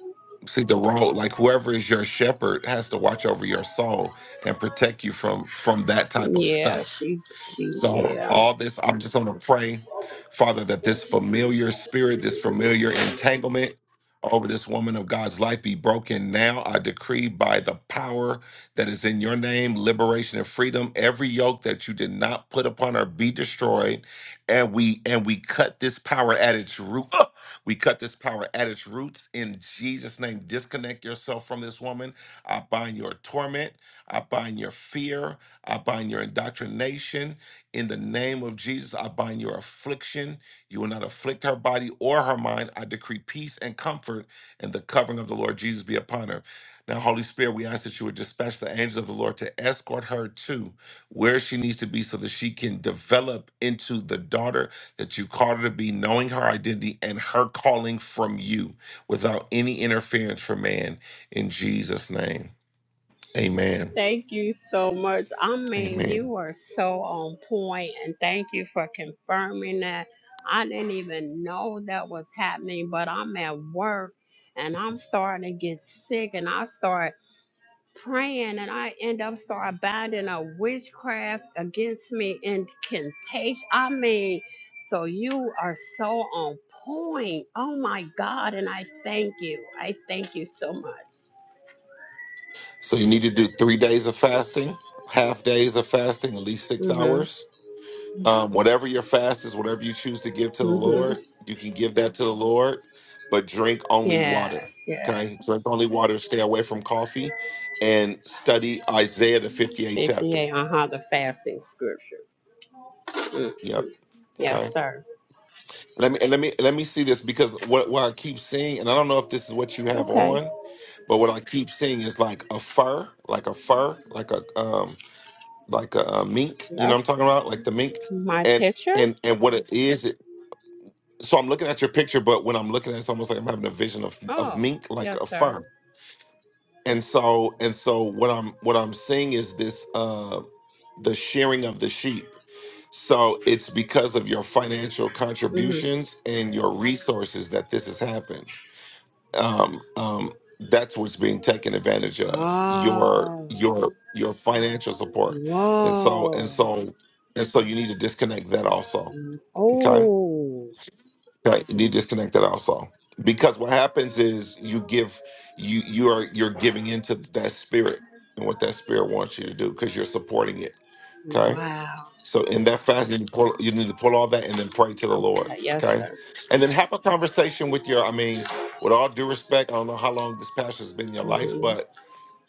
A: See, the role, like whoever is your shepherd, has to watch over your soul and protect you from from that type of
F: Yeah.
A: stuff
F: She. She.
A: So,
F: Yeah.
A: all this, I'm just going to pray, Father, that this familiar spirit, this familiar entanglement over this woman of God's life be broken now. I decree by the power that is in your name, liberation and freedom. Every yoke that you did not put upon her be destroyed. And we and we cut this power at its root. Ah! We cut this power at its roots in Jesus' name. Disconnect yourself from this woman. I bind your torment. I bind your fear. I bind your indoctrination. In the name of Jesus, I bind your affliction. You will not afflict her body or her mind. I decree peace and comfort, and the covering of the Lord Jesus be upon her. Now, Holy Spirit, we ask that you would dispatch the angels of the Lord to escort her to where she needs to be so that she can develop into the daughter that you called her to be, knowing her identity and her calling from you without any interference from man. In Jesus' name, amen.
F: Thank you so much. I mean,
A: Amen.
F: you are so on point, and thank you for confirming that. I didn't even know that was happening, but I'm at work and I'm starting to get sick, and I start praying and I end up start binding a witchcraft against me incantation. I mean, so you are so on point. Oh my God. And I thank you. I thank you so much.
A: So you need to do three days of fasting, half days of fasting, at least six
F: Mm-hmm.
A: hours. Um, whatever your fast is, whatever you choose to give to the
F: Mm-hmm.
A: Lord, you can give that to the Lord, but drink only
F: Yes,
A: water.
F: yes.
A: Okay, drink only water. Stay away from coffee, and study Isaiah the fifty-eight chapter.
F: 58 on how the fasting scripture. Mm.
A: Yep.
F: Yes,
A: Okay.
F: sir.
A: Let me and let me let me see this because what what I keep seeing, and I don't know if this is what you have
F: Okay.
A: on, but what I keep seeing is like a fur, like a fur, like a um like a, a mink. You know what I'm
F: That's
A: talking about? Like the mink,
F: my
A: and
F: picture.
A: and and what it is. It, so I'm looking at your picture, but when I'm looking at it, it's almost like I'm having a vision of of
F: Oh,
A: mink, like
F: yes,
A: a
F: sir.
A: fur. And so and so what I'm what I'm seeing is this uh the shearing of the sheep. So it's because of your financial
F: Mm-hmm.
A: contributions and your resources that this has happened um, um, that's what's being taken advantage of your
F: Oh.
A: your your financial support and so and
F: Whoa.
A: so and so you need to disconnect that also
F: Mm.
A: okay
F: Oh,
A: okay you need to disconnect that also because what happens is you give you you are you're giving into that spirit and what that spirit wants you to do because you're supporting it okay
F: wow.
A: so in that fast, you need, to pull, you need to pull all that and then pray to the Lord.
F: Okay, yes,
A: Okay.
F: sir.
A: And then have a conversation with your, I mean, with all due respect, I don't know how long this pastor's been in your life,
F: hmm
A: but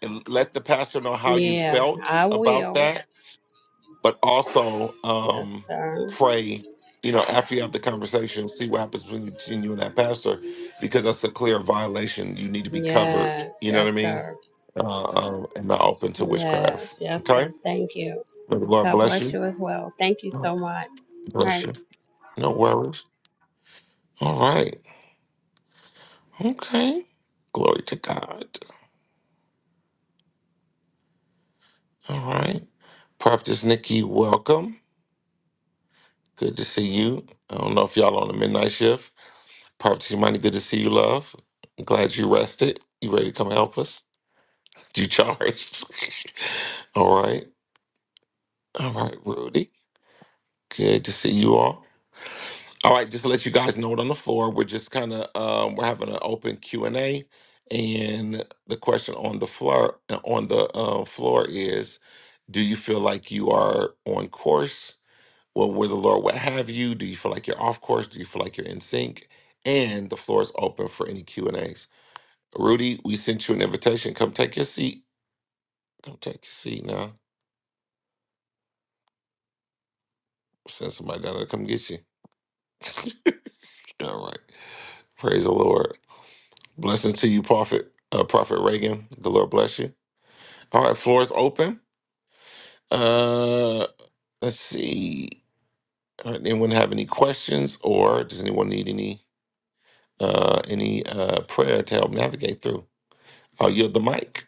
A: it- let the pastor know how you
F: Yeah,
A: felt
F: I
A: about
F: will.
A: that, but also
F: Yes,
A: um,
F: sir.
A: pray, you know, after you have the conversation, see what happens between you between you and that pastor, because that's a clear violation. You need to be covered,
F: Yes,
A: you know
F: yes,
A: what I mean?
F: sir.
A: Uh, um, and not open to
F: Yes,
A: witchcraft.
F: yes,
A: Okay.
F: sir. Thank you.
A: May the Lord
F: God
A: bless
F: bless
A: you.
F: you as well. Thank you so much. All
A: Bless
F: right.
A: you. No worries. All right. Okay. Glory to God. All right. Prophetess Nikki, welcome. Good to see you. I don't know if y'all on the midnight shift. Prophetess Imani, good to see you, love. I'm glad you rested. You ready to come help us? You charged. all right. All right, Rudy. Good to see you all. All right, just to let you guys know it on the floor, we're just kind of um, we're having an open Q and A, and the question on the floor on the uh, floor is, do you feel like you are on course? Well, where the Lord what have you? Do you feel like you're off course? Do you feel like you're in sync? And the floor is open for any Q and As. Rudy, we sent you an invitation. Come take your seat. Come take your seat now. Send somebody down there to come get you. All right. Praise the Lord. Blessings to you, Prophet. Uh, Prophet Reagan. The Lord bless you. All right, floor is open. Uh, let's see. All right, anyone have any questions, or does anyone need any uh, any uh, prayer to help navigate through? I'll yield the mic.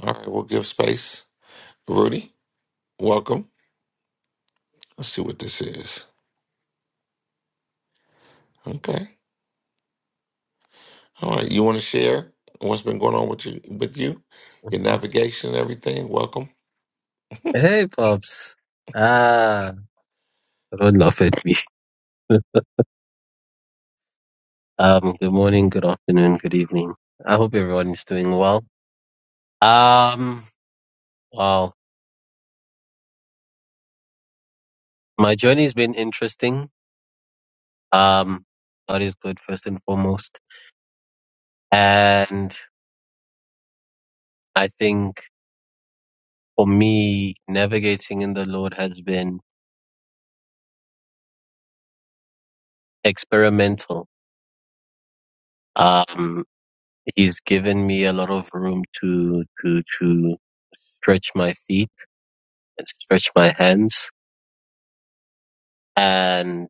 A: All right, we'll give space. Rudy, welcome. Let's see what this is. Okay. All right, you want to share what's been going on with you with you, your navigation and everything. Welcome.
G: Hey, Pops. Ah, Ron laugh at me. Um, good morning, good afternoon, good evening. I hope everyone is doing well. Um, wow. My journey has been interesting. Um, God is good first and foremost. And I think for me, navigating in the Lord has been experimental. Um, he's given me a lot of room to, to, to stretch my feet, stretch my hands And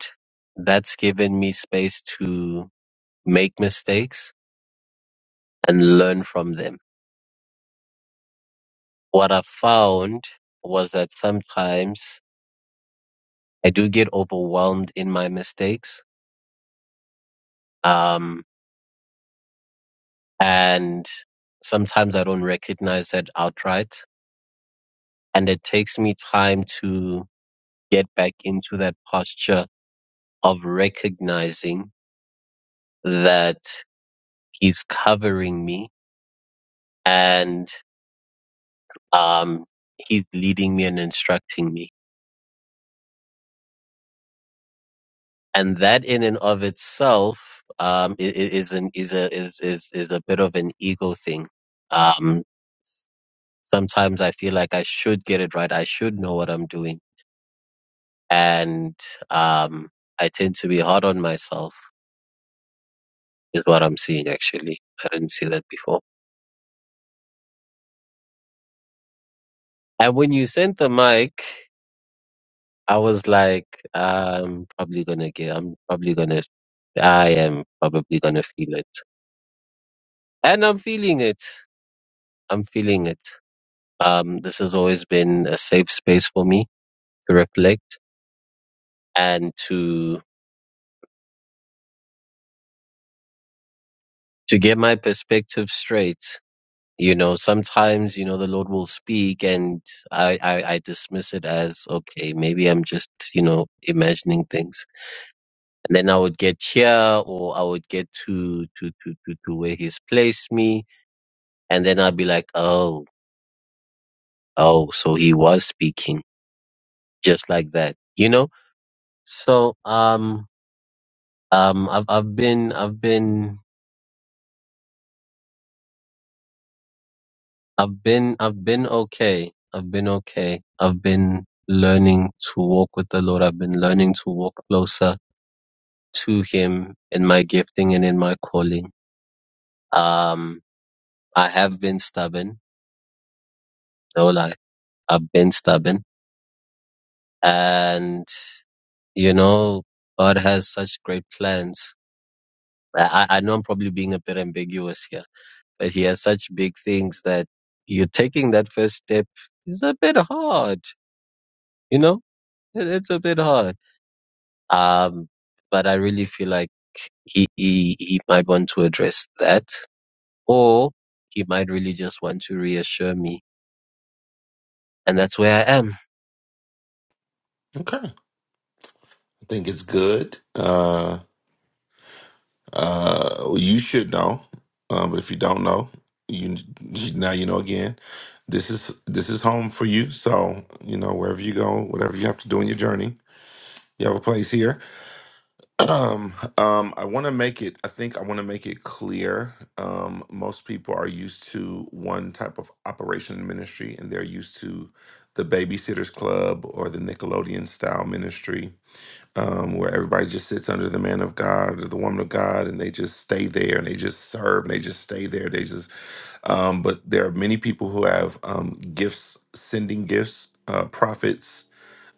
G: that's given me space to make mistakes and learn from them. What I found was that sometimes I do get overwhelmed in my mistakes. Um, and sometimes I don't recognize that outright. And it takes me time to get back into that posture of recognizing that he's covering me and, um, he's leading me and instructing me and that in and of itself um, i- is an is a is is is a bit of an ego thing. Um, sometimes I feel like I should get it right. I should know what I'm doing, and um, I tend to be hard on myself. Is what I'm seeing actually. I didn't see that before. And when you sent the mic, I was like, I'm probably gonna get. I'm probably gonna. I am probably gonna feel it, and I'm feeling it. I'm feeling it. Um, this has always been a safe space for me to reflect and to to get my perspective straight. You know, sometimes you know the Lord will speak, and I, I I dismiss it as okay, maybe I'm just you know imagining things, and then I would get here or I would get to to to to, to where He's placed me, and then I'd be like, oh oh, so He was speaking just like that, you know. So um um I've I've been I've been I've been I've been okay. I've been okay. I've been learning to walk with the Lord. I've been learning to walk closer to him in my gifting and in my calling. Um I have been stubborn, no lie. I've been stubborn. And you know, God has such great plans. I, I I know I'm probably being a bit ambiguous here, but he has such big things that you taking that first step is a bit hard, you know? It- It's a bit hard Um, but I really feel like he, he, he might want to address that or he might really just want to reassure me. And that's where I am.
A: Okay. I think it's good. Uh, Uh, you should know, um, but if you don't know, you now you know again. This is this is home for you. So you know wherever you go, whatever you have to do in your journey, you have a place here. Um, um, I want to make it. I think I want to make it clear. Um, most people are used to one type of operation in ministry, and they're used to the Babysitters Club or the Nickelodeon style ministry um, where everybody just sits under the man of God or the woman of God, and they just stay there and they just serve and they just stay there. They just, um, but there are many people who have um, gifts, sending gifts, uh, prophets,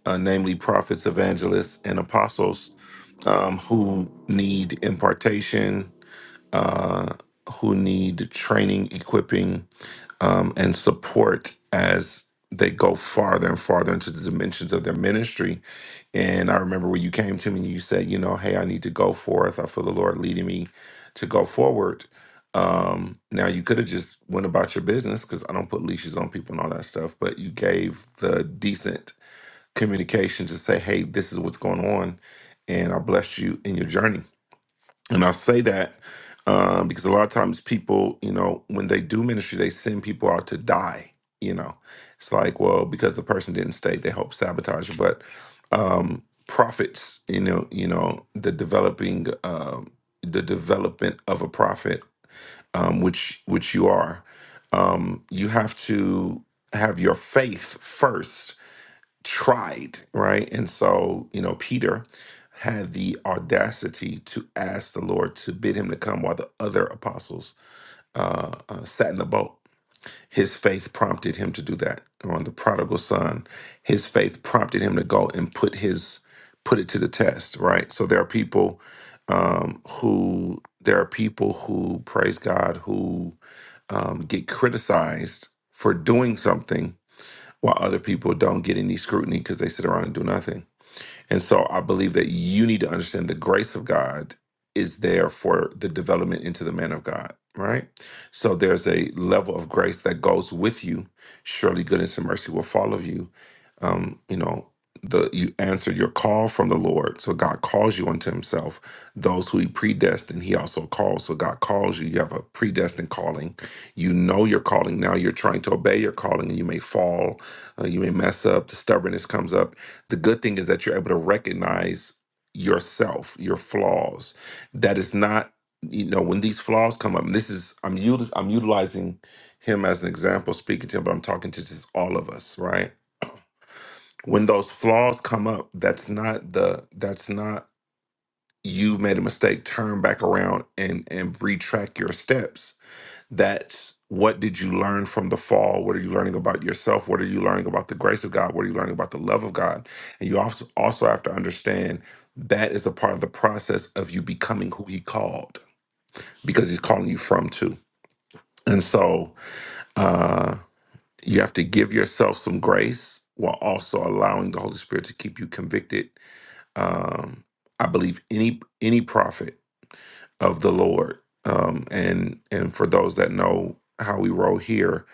A: uh, namely prophets, evangelists, and apostles, um, who need impartation uh, who need training, equipping, um, and support as they go farther and farther into the dimensions of their ministry. And I remember when you came to me and you said, you know, hey, I need to go forth. I feel the Lord leading me to go forward. Um, now you could have just went about your business because I don't put leashes on people and all that stuff, but you gave the decent communication to say, hey, this is what's going on. And I blessed you in your journey and I say that um, because a lot of times people, you know, when they do ministry, they send people out to die. You know, it's like, well, because the person didn't stay, they help sabotage. But um, prophets, you know, you know, the developing, um, the development of a prophet, um, which which you are, um, you have to have your faith first tried, right? And so, you know, Peter had the audacity to ask the Lord to bid him to come while the other apostles uh, uh, sat in the boat. His faith prompted him to do that. Or on the prodigal son, his faith prompted him to go and put his put it to the test, right? So there are people um, who there are people who praise God who um, get criticized for doing something while other people don't get any scrutiny because they sit around and do nothing. And so I believe that you need to understand the grace of God is there for the development into the man of God, right? So there's a level of grace that goes with you. Surely goodness and mercy will follow you. Um, you know, the you answered your call from the Lord. So God calls you unto himself. Those who he predestined, he also calls. So God calls you. You have a predestined calling. You know your calling. Now you're trying to obey your calling and you may fall, uh, you may mess up, the stubbornness comes up the good thing is that you're able to recognize yourself your flaws that is not you know when these flaws come up and this is i'm util- i'm utilizing him as an example speaking to him but i'm talking to just all of us right when those flaws come up that's not the that's not you made a mistake turn back around and and retrack your steps that's what did you learn from the fall? What are you learning about yourself? What are you learning about the grace of God? What are you learning about the love of God? And you also also have to understand that is a part of the process of you becoming who He called because He's calling you from too. And so uh, you have to give yourself some grace while also allowing the Holy Spirit to keep you convicted. Um, I believe any any prophet of the Lord, um, and and for those that know how we roll here,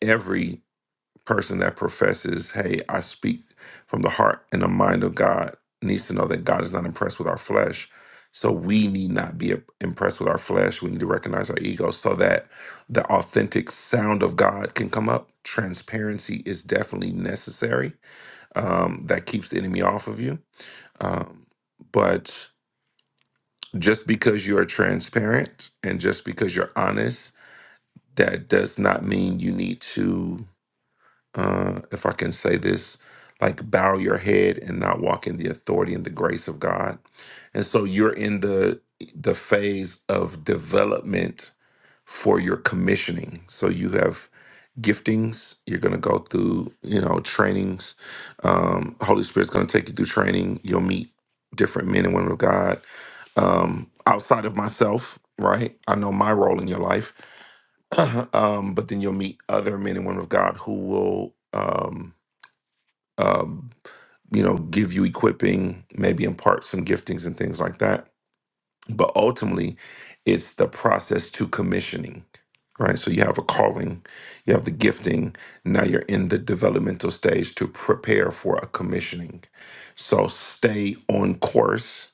A: every person that professes, hey, I speak from the heart and the mind of God needs to know that God is not impressed with our flesh. So we need not be impressed with our flesh. We need to recognize our ego so that the authentic sound of God can come up. Transparency is definitely necessary. Um, that keeps the enemy off of you. Um, but just because you're transparent and just because you're honest, that does not mean you need to uh, if I can say this, like bow your head and not walk in the authority and the grace of God. And so you're in the the phase of development for your commissioning. So you have giftings. You're going to go through, you know, trainings. Um, Holy Spirit's going to take you through training. You'll meet different men and women of God um, outside of myself. Right, I know my role in your life, um, but then you'll meet other men and women of God who will um, um, you know, give you equipping, maybe impart some giftings and things like that. But ultimately, it's the process to commissioning, right? So you have a calling, you have the gifting. Now you're in the developmental stage to prepare for a commissioning. So stay on course.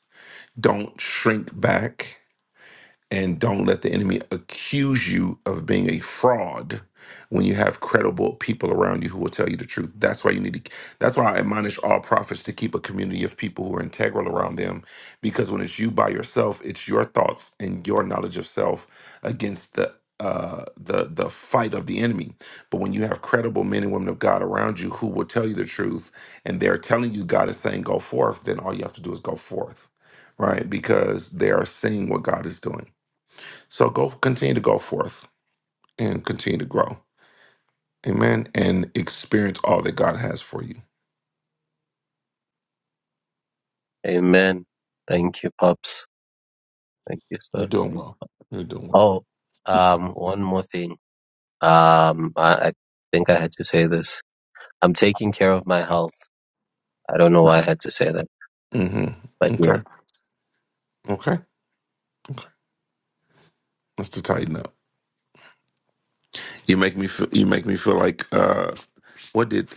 A: Don't shrink back and don't let the enemy accuse you of being a fraud when you have credible people around you who will tell you the truth that's why you need to that's why i admonish all prophets to keep a community of people who are integral around them because when it's you by yourself it's your thoughts and your knowledge of self against the uh, the the fight of the enemy but when you have credible men and women of god around you who will tell you the truth and they're telling you god is saying go forth then all you have to do is go forth right because they are seeing what god is doing so go continue to go forth and continue to grow. Amen. And experience all that God has for you.
G: Amen. Thank you, Pops. Thank you,
A: You're
G: sir.
A: doing well. You're doing well.
G: Oh, um, one more thing. Um, I, I think I had to say this. I'm taking care of my health. I don't know why I had to say that,
A: hmm
G: but
A: Okay.
G: yes.
A: Okay. Let's to tighten up. You make me feel you make me feel like uh what did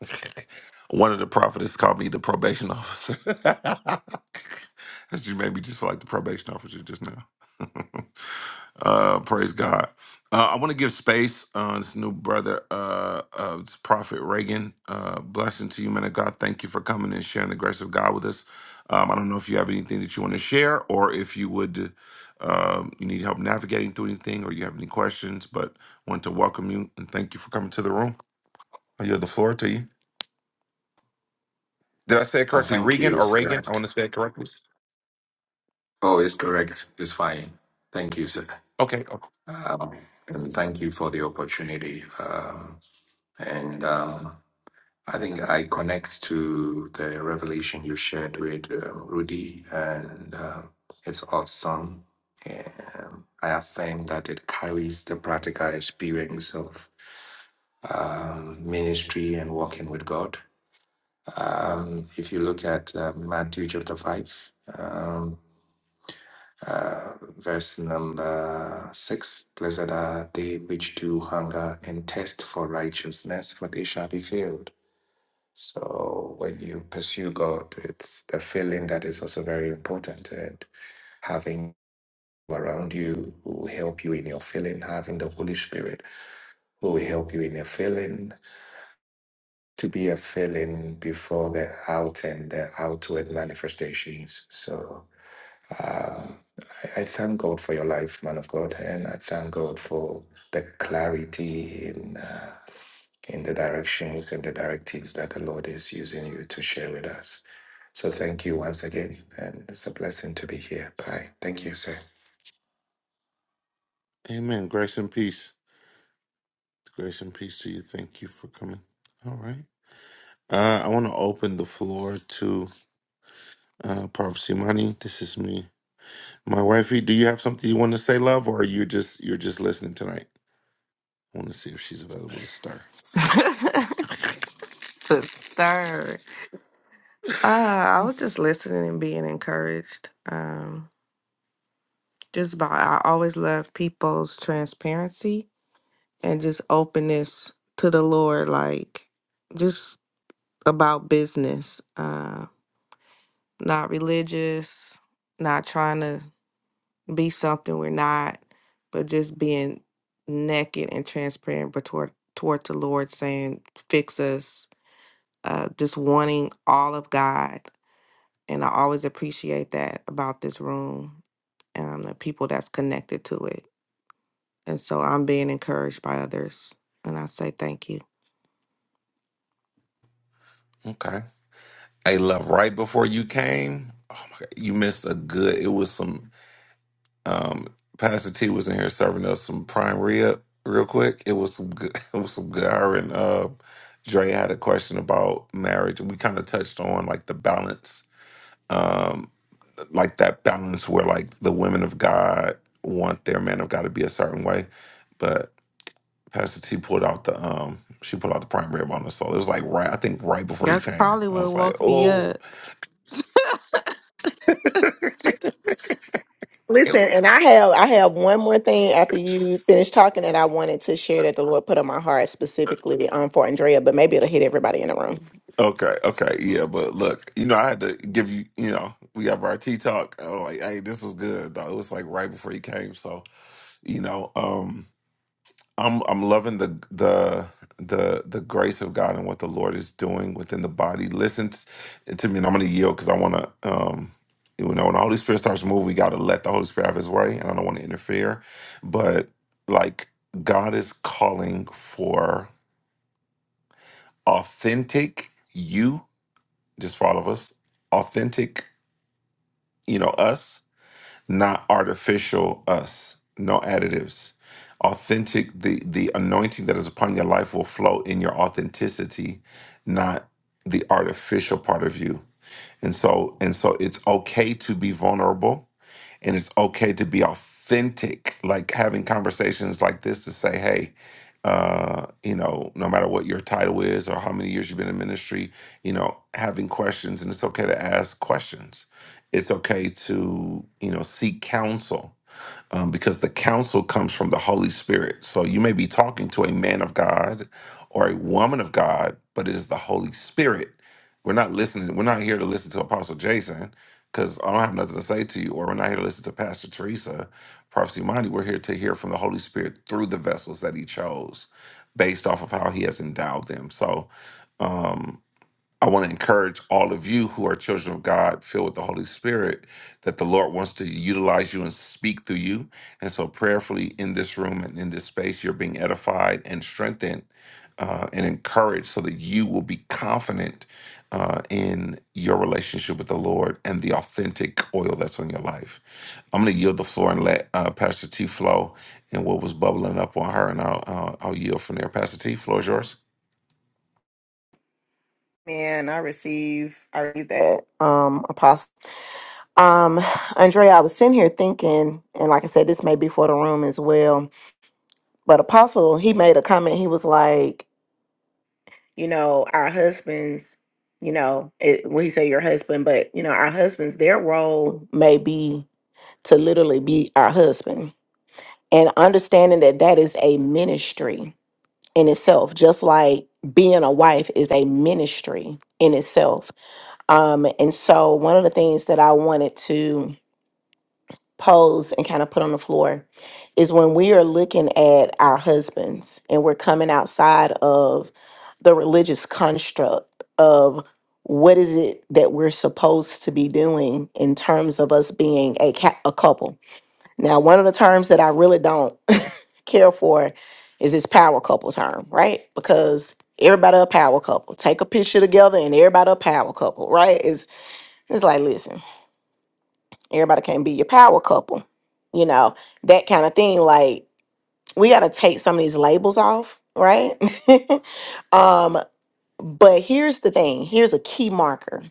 A: one of the prophets called me the probation officer. you made me just feel like the probation officer just now. Uh, praise God. Uh, I want to give space uh, this new brother, uh, uh, this prophet Reagan. Uh, blessing to you, man of God. Thank you for coming and sharing the grace of God with us. Um, I don't know if you have anything that you want to share, or if you would, um, you need help navigating through anything, or you have any questions. But want to welcome you and thank you for coming to the room. I yield the floor to you. Did I say it
H: Uh,
A: correctly,
H: thank
A: Regan
H: you,
A: or Reagan?
H: sir.
A: I want to say it correctly.
H: Oh, it's correct. It's fine. Thank you, sir.
A: Okay. okay.
H: Um, and thank you for the opportunity. Um, and um, I think I connect to the revelation you shared with um, Rudy, and uh, it's awesome. Um, I affirm that it carries the practical experience of um, ministry and walking with God. Um, if you look at uh, Matthew chapter 5, um, uh, verse number six Blessed are they which do hunger and thirst for righteousness, for they shall be filled. So, when you pursue God, it's the filling that is also very important, and having around you who will help you in your filling, having the Holy Spirit who will help you in your filling, to be a filling before the out and the outward manifestations. So, Um, I thank God for your life, man of God, and I thank God for the clarity in uh, in the directions and the directives that the Lord is using you to share with us. So thank you once again, and it's a blessing to be here. Bye. Thank you, sir.
A: Amen. Grace and peace. Grace and peace to you. Thank you for coming. All right. Uh, I want to open the floor to uh, Prof. Simani. This is me. My wifey, do you have something you want to say, love, or you just you're just listening tonight? I want to see if she's available to stir.
I: to stir. Uh, I was just listening and being encouraged. Um, just by I always love people's transparency and just openness to the Lord, like just about business. Uh, not religious, not trying to be something we're not, but just being naked and transparent but toward toward the Lord, saying, "Fix us." Uh, just wanting all of God And I always appreciate that about this room and the people that's connected to it. And so I'm being encouraged by others. And I say thank you.
A: Okay. Hey, love. Right before you came, oh my God, you missed a good. It was some. Um, Pastor T was in here serving us some prime rib real quick. It was some good. It was some good. Her and uh, Dre had a question about marriage, and we kind of touched on like the balance. um, like that balance where like the women of God want their man of God to be a certain way, but Pastor T pulled out the um she pulled out the prime rib on the soul. It was like right I think right before he
I: That's
A: came.
I: probably
A: I
I: what
A: was like,
I: woke me
A: oh,
I: up.
D: Listen, and I have I have one more thing after you finish talking that I wanted to share that the Lord put on my heart specifically um, for Andrea, but maybe it'll hit everybody in the room.
A: okay, okay, yeah. But look, you know, I had to give you, you know, we have our tea talk. I was like, hey, this was good. Though. It was like right before he came, so you know, um. I'm I'm loving the the the the grace of God and what the Lord is doing within the body. Listen t- to me, and I'm gonna yield because I wanna um you know when the Holy Spirit starts moving, we gotta let the Holy Spirit have His way, and I don't want to interfere. But like God is calling for authentic you, just for all of us, authentic you know us not artificial us, no additives. Authentic, the the anointing that is upon your life will flow in your authenticity, not the artificial part of you. And so, and so it's okay to be vulnerable and it's okay to be authentic like having conversations like this to say hey uh you know no matter what your title is or how many years you've been in ministry you know having questions and it's okay to ask questions it's okay to you know seek counsel um, because the counsel comes from the Holy Spirit. So you may be talking to a man of God or a woman of God, but it is the Holy Spirit. We're not listening. We're not here to listen to Apostle Jason because I don't have nothing to say to you, or we're not here to listen to Pastor Teresa, Prophecy Mindy. We're here to hear from the Holy Spirit through the vessels that he chose based off of how he has endowed them. So, um, I want to encourage all of you who are children of God, filled with the Holy Spirit, that the Lord wants to utilize you and speak through you. And so, prayerfully, in this room and in this space, you're being edified and strengthened uh, and encouraged so that you will be confident uh, in your relationship with the Lord and the authentic oil that's on your life. I'm going to yield the floor and let uh, Pastor T flow and what was bubbling up on her, and I'll, I'll, I'll yield from there. Pastor T, floor is yours.
D: Man, I receive I read that um apostle. Um Andrea, I was sitting here thinking, and like I said, this may be for the room as well. But Apostle, he made a comment, he was like, you know, our husbands, you know, it, well, he said your husband, but you know, our husbands, their role may be to literally be our husband. And understanding that that is a ministry in itself, just like being a wife is a ministry in itself Um, and so, one of the things that I wanted to pose and kind of put on the floor is when we are looking at our husbands and we're coming outside of the religious construct of what is it that we're supposed to be doing in terms of us being a, ca- a couple. Now, one of the terms that I really don't care for is this power couple term, right? Because everybody a power couple. Take a picture together and everybody a power couple, right? It's it's like, listen. Everybody can't be your power couple, you know, that kind of thing. Like, we got to take some of these labels off, right? um, but here's the thing here's a key marker.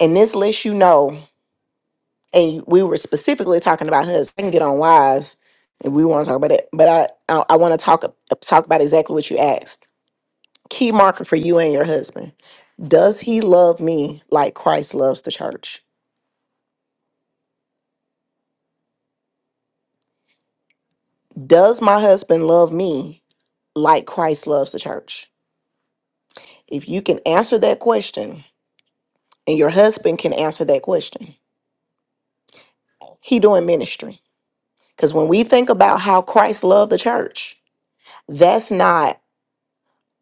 D: And this lets you know, and we were specifically talking about husbands. I can get on wives if we want to talk about it, but I, I, I want to talk, talk about exactly what you asked. Key marker for you and your husband. Does he love me like Christ loves the church? Does my husband love me like Christ loves the church? If you can answer that question and your husband can answer that question, he doing ministry. Because when we think about how Christ loved the church, that's not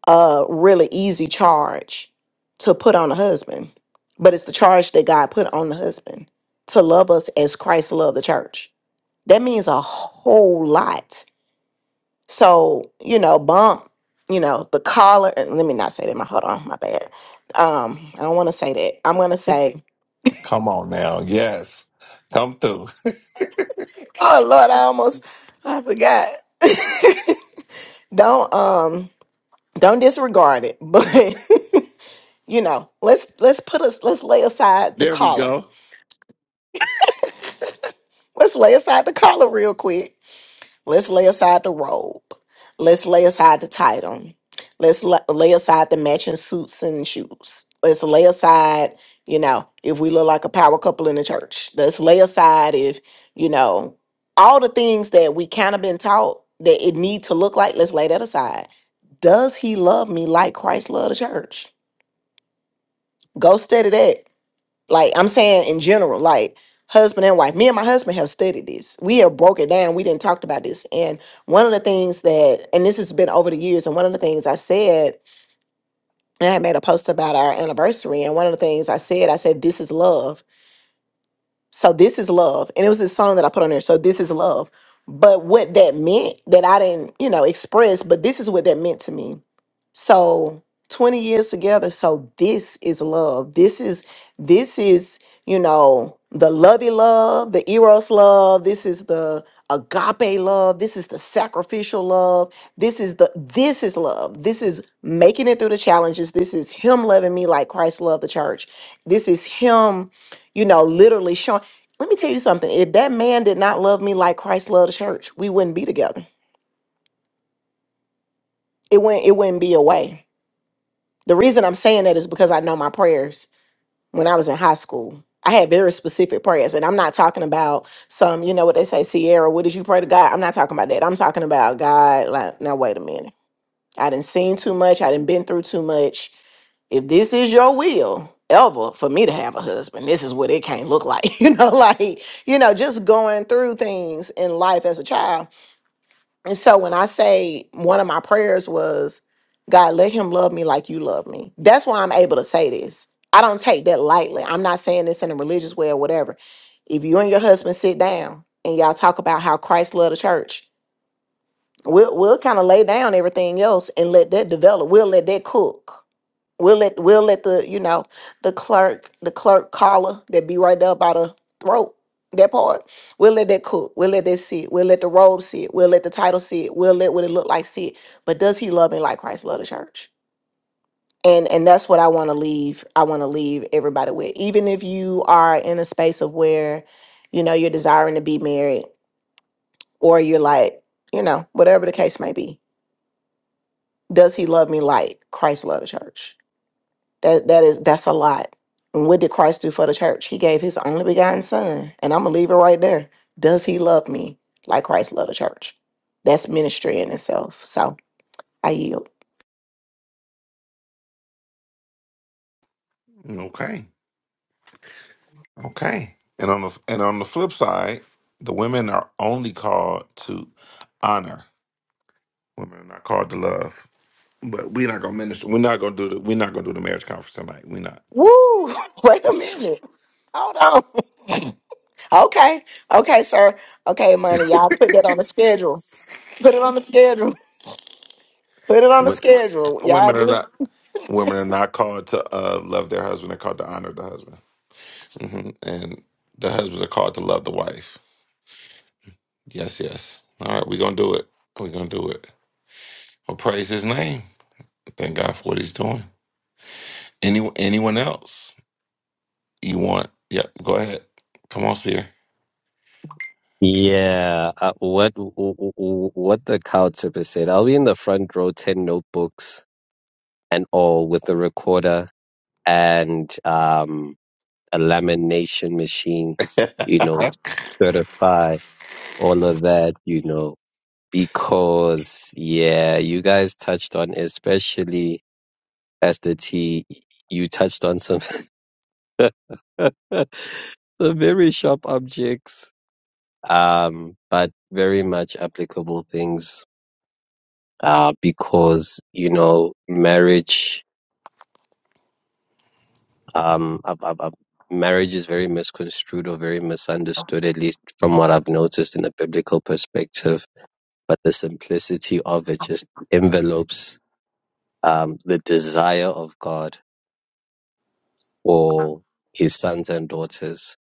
D: a really easy charge to put on a husband, but it's the charge that God put on the husband to love us as Christ loved the church. That means a whole lot. So, you know, bump, you know, the collar, uh, let me not say that, my, hold on, my bad. Um, I don't want to say that. I'm going to say
A: Come on now. Yes. Come through.
D: Oh Lord, I almost I forgot. don't um don't disregard it, but you know, let's let's put us let's lay aside the
A: There we
D: collar.
A: go.
D: Let's lay aside the collar real quick. Let's lay aside the robe. Let's lay aside the title. Let's la- lay aside the matching suits and shoes. Let's lay aside, you know, if we look like a power couple in the church. Let's lay aside if, you know, all the things that we kind of been taught that it need to look like. Let's lay that aside. Does he love me like Christ loved the church? Go study that. Like I'm saying in general, like husband and wife. Me and my husband have studied this. We have broke it down. We didn't talk about this. And one of the things that, and this has been over the years, and one of the things I said, and I had made a post about our anniversary, and one of the things I said, I said, this is love so this is love. And it was this song that I put on there. So this is love. But what that meant that I didn't, you know, express, but this is what that meant to me. So 20 years together. So this is love. This is this is, you know, the lovey love, the eros love. This is the agape love. This is the sacrificial love. This is the this is love. This is making it through the challenges. This is him loving me like Christ loved the church. This is him you know, literally showing. Let me tell you something. If that man did not love me like Christ loved the church, we wouldn't be together. It wouldn't it wouldn't be a way. The reason I'm saying that is because I know my prayers when I was in high school. I had very specific prayers. And I'm not talking about some, you know what they say, Sierra, what did you pray to God? I'm not talking about that. I'm talking about God, like, now wait a minute. I didn't seen too much. I didn't been through too much. If this is your will, ever for me to have a husband, this is what it can't look like. You know, like, you know, just going through things in life as a child And so when I say one of my prayers was, God, let him love me like you love me. That's why I'm able to say this. I don't take that lightly. I'm not saying this in a religious way or whatever. If you and your husband sit down and y'all talk about how Christ loved the church, we'll, we'll kind of lay down everything else and let that develop. We'll let that cook. We'll let we'll let the you know the clerk the clerk collar that be right there by the throat that part. We'll let that cook. We'll let that sit. We'll let the robe sit. We'll let the title sit. We'll let what it look like sit. But does he love me like Christ loved the church? And and that's what I want to leave. I want to leave everybody with. Even if you are in a space of where, you know, you're desiring to be married, or you're like, you know, whatever the case may be. Does he love me like Christ loved the church? That that is that's a lot. And what did Christ do for the church? He gave his only begotten son. And I'm gonna leave it right there. Does he love me like Christ loved the church? That's ministry in itself. So I yield.
A: Okay. Okay. And on the and on the flip side, the women are only called to honor. Women are not called to love. But we're not gonna minister. We're not gonna do the we're not gonna do the marriage conference tonight. We're not.
D: Woo! Wait a minute. Hold on. okay. Okay, sir. Okay, money. Y'all put that on the schedule. Put it on the schedule. Put it on the
A: Wo-
D: schedule. Y'all
A: Women are
D: do it
A: not women are not called to uh, love their husband. They're called to honor the husband. hmm And the husbands are called to love the wife. Yes, yes. All right, we're gonna do it. We're gonna do it. Well, praise his name. Thank God for what he's doing. Any anyone else? You want? Yep. Go ahead. Come on, Seer.
G: Yeah, uh, what w- w- w- what the cow tipper said. I'll be in the front row, ten notebooks and all, with a recorder and um, a lamination machine, you know, to certify all of that, you know, because yeah, you guys touched on, especially as T, you touched on some some very sharp objects, um, but very much applicable things, uh, because you know, marriage um, uh, uh, uh, marriage is very misconstrued or very misunderstood, at least from what I've noticed in the biblical perspective. But the simplicity of it just envelopes um, the desire of God for his sons and daughters.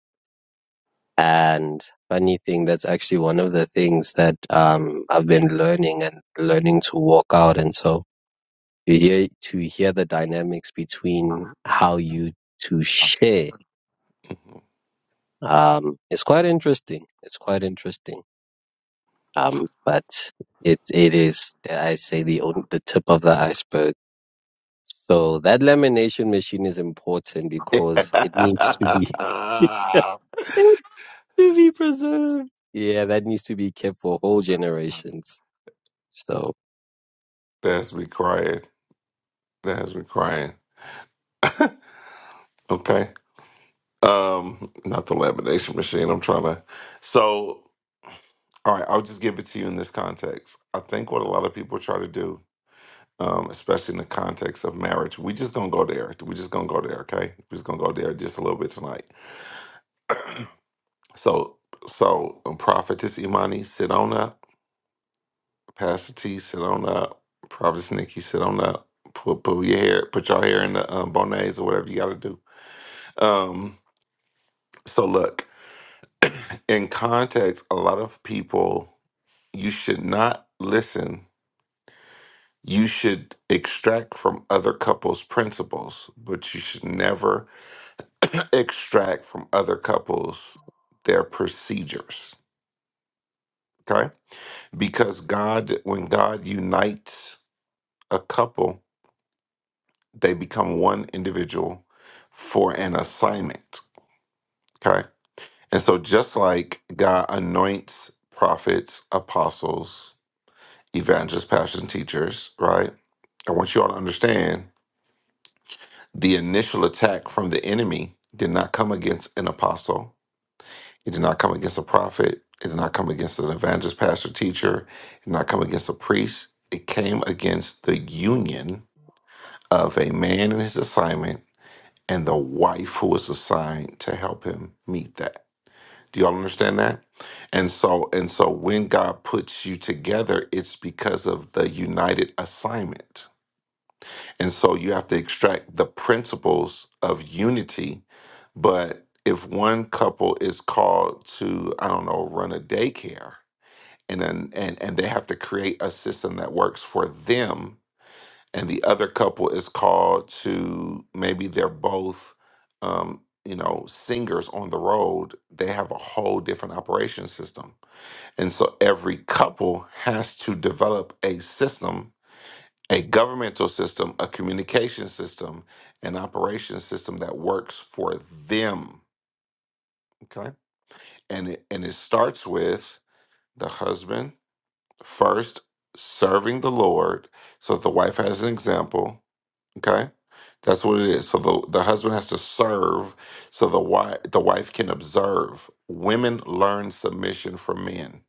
G: And funny thing, that's actually one of the things that um, I've been learning and learning to walk out. And so to hear to hear the dynamics between how you to share Um, it's quite interesting. It's quite interesting. Um, but it it is dare I say the on- the tip of the iceberg. So that lamination machine is important
A: that
G: because it needs to be to be preserved. Yeah, that needs to be kept for whole generations. So.
A: has me crying. That has me crying. Okay. Um, not the lamination machine. I'm trying to. So, all right. I'll just give it to you in this context. I think what a lot of people try to do, um, especially in the context of marriage, we just gonna go there. We just gonna go there. Okay. We're just gonna go there just a little bit tonight. So, so um, prophetess Imani Sidona. Pastor T, sit on up. Prophet Nikki, sit on up. Put put your hair, put your hair in the um, bonnets or whatever you got to do. Um, so look, in context, a lot of people you should not listen. You should extract from other couples' principles, but you should never extract from other couples their procedures. Okay, because God, when God unites a couple, they become one individual for an assignment. Okay. And so, just like God anoints prophets, apostles, evangelists, pastors, and teachers, right? I want you all to understand the initial attack from the enemy did not come against an apostle, it did not come against a prophet, it did not come against an evangelist, pastor, teacher, it did not come against a priest. It came against the union of a man and his assignment and the wife who was assigned to help him meet that. Do y'all understand that? And so and so when God puts you together, it's because of the united assignment. And so you have to extract the principles of unity, but if one couple is called to, I don't know, run a daycare and then and, and they have to create a system that works for them and the other couple is called to maybe they're both um you know singers on the road they have a whole different operation system and so every couple has to develop a system a governmental system a communication system an operation system that works for them okay and it and it starts with the husband first serving the lord so that the wife has an example Okay, that's what it is. So the the husband has to serve, so the wife the wife can observe. Women learn submission from men.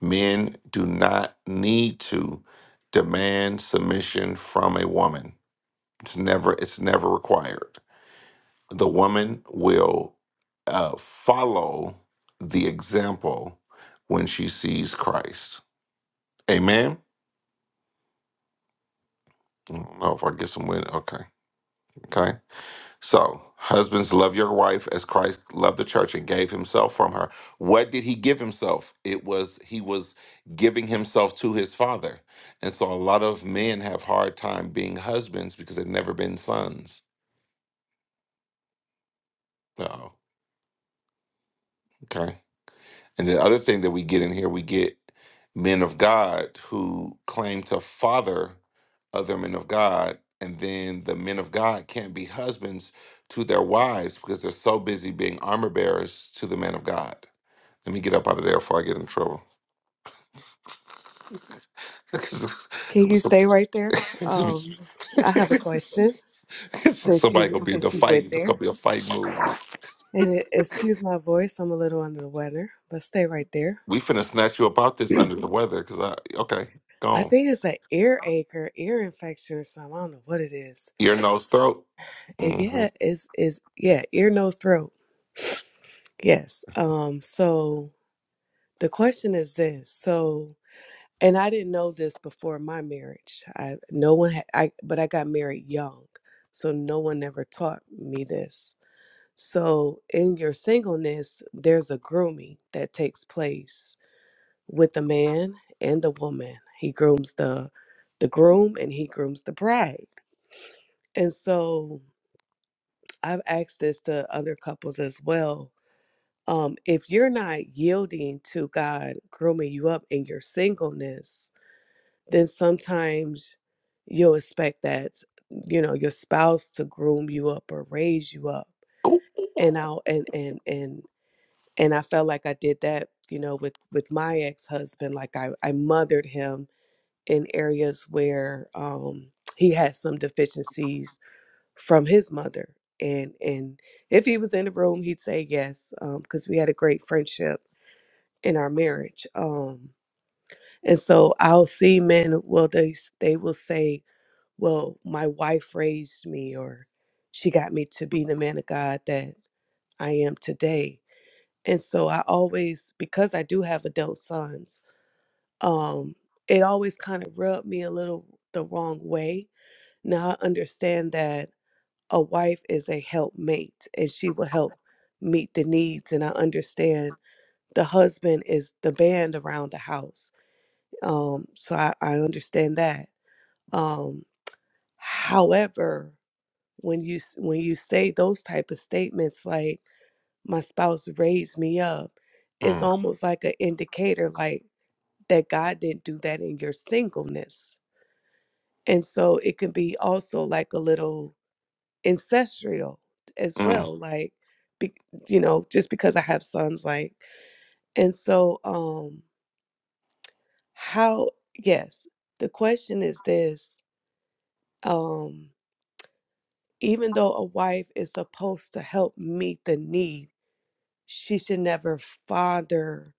A: Men do not need to demand submission from a woman. It's never it's never required. The woman will uh, follow the example when she sees Christ. Amen. I don't know if I get some win. Okay. Okay. So, husbands, love your wife as Christ loved the church and gave himself from her. What did he give himself? It was he was giving himself to his father. And so a lot of men have hard time being husbands because they've never been sons. No. Okay. And the other thing that we get in here, we get men of God who claim to father other men of God, and then the men of God can't be husbands to their wives because they're so busy being armor bearers to the men of God. Let me get up out of there before I get in trouble. 'Cause
J: Can you stay right there? Um, I have a question since
A: Somebody
J: you
A: gonna be in the
J: since you
A: fight.
J: went
A: It's
J: there.
A: gonna be a fight move.
J: And it, excuse my voice, I'm a little under the weather, but stay right there.
A: We finna snatch you about this under the weather. Cause I okay,
J: I
A: gone.
J: think it's an ear ache or ear infection or something. I don't know what it is.
A: Ear, nose, throat.
J: It,
A: Mm-hmm.
J: yeah, is is yeah, ear, nose, throat. Yes. Um. So the question is this. So, and I didn't know this before my marriage. I no one had. I but I got married young, so no one ever taught me this So, in your singleness, there's a grooming that takes place with the man and the woman. He grooms the the groom and he grooms the bride. And so, I've asked this to other couples as well. Um, if you're not yielding to God grooming you up in your singleness, then sometimes you'll expect that you know your spouse to groom you up or raise you up and I'll and and and and I felt like I did that, you know, with with my ex husband. Like I I mothered him in areas where um, he had some deficiencies from his mother, and and if he was in the room, he'd say yes because we had a great friendship in our marriage. Um, and so I'll see men. Well, they s- they will say, "Well, my wife raised me," or "She got me to be the man of God that I am today." And so I always, because I do have adult sons, um, it always kind of rubbed me a little the wrong way. Now I understand that a wife is a helpmate and she will help meet the needs. And I understand the husband is the band around the house. Um, so I, I understand that. Um, however, when you s- when you say those type of statements like my spouse raised me up, it's
A: Mm,
J: almost like an indicator like that God didn't do that in your singleness. And so it can be also like a little ancestral as
A: mm,
J: well, like, be, you know, just because I have sons, like, and so, um, how, yes, the question is this, um, even though a wife is supposed to help meet the need, she should never father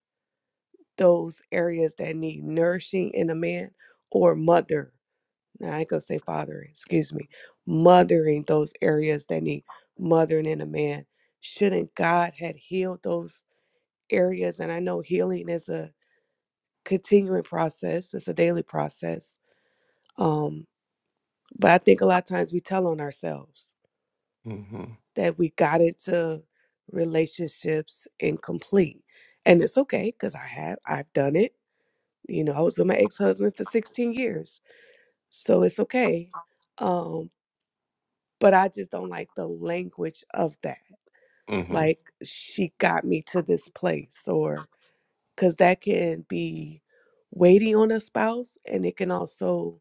J: those areas that need nourishing in a man or mother Now I ain't gonna say fathering, excuse me, mothering those areas that need mothering in a man. Shouldn't God had healed those areas? And I know healing is a continuing process, it's a daily process. Um, but I think a lot of times we tell on ourselves
A: mm-hmm.
J: that we got into relationships incomplete. And it's okay because I have I've done it. You know, I was with my ex-husband for 16 years. So it's okay. Um. but I just don't like the language of that.
A: Mm-hmm.
J: Like she got me to this place or cuz that can be weighty on a spouse and it can also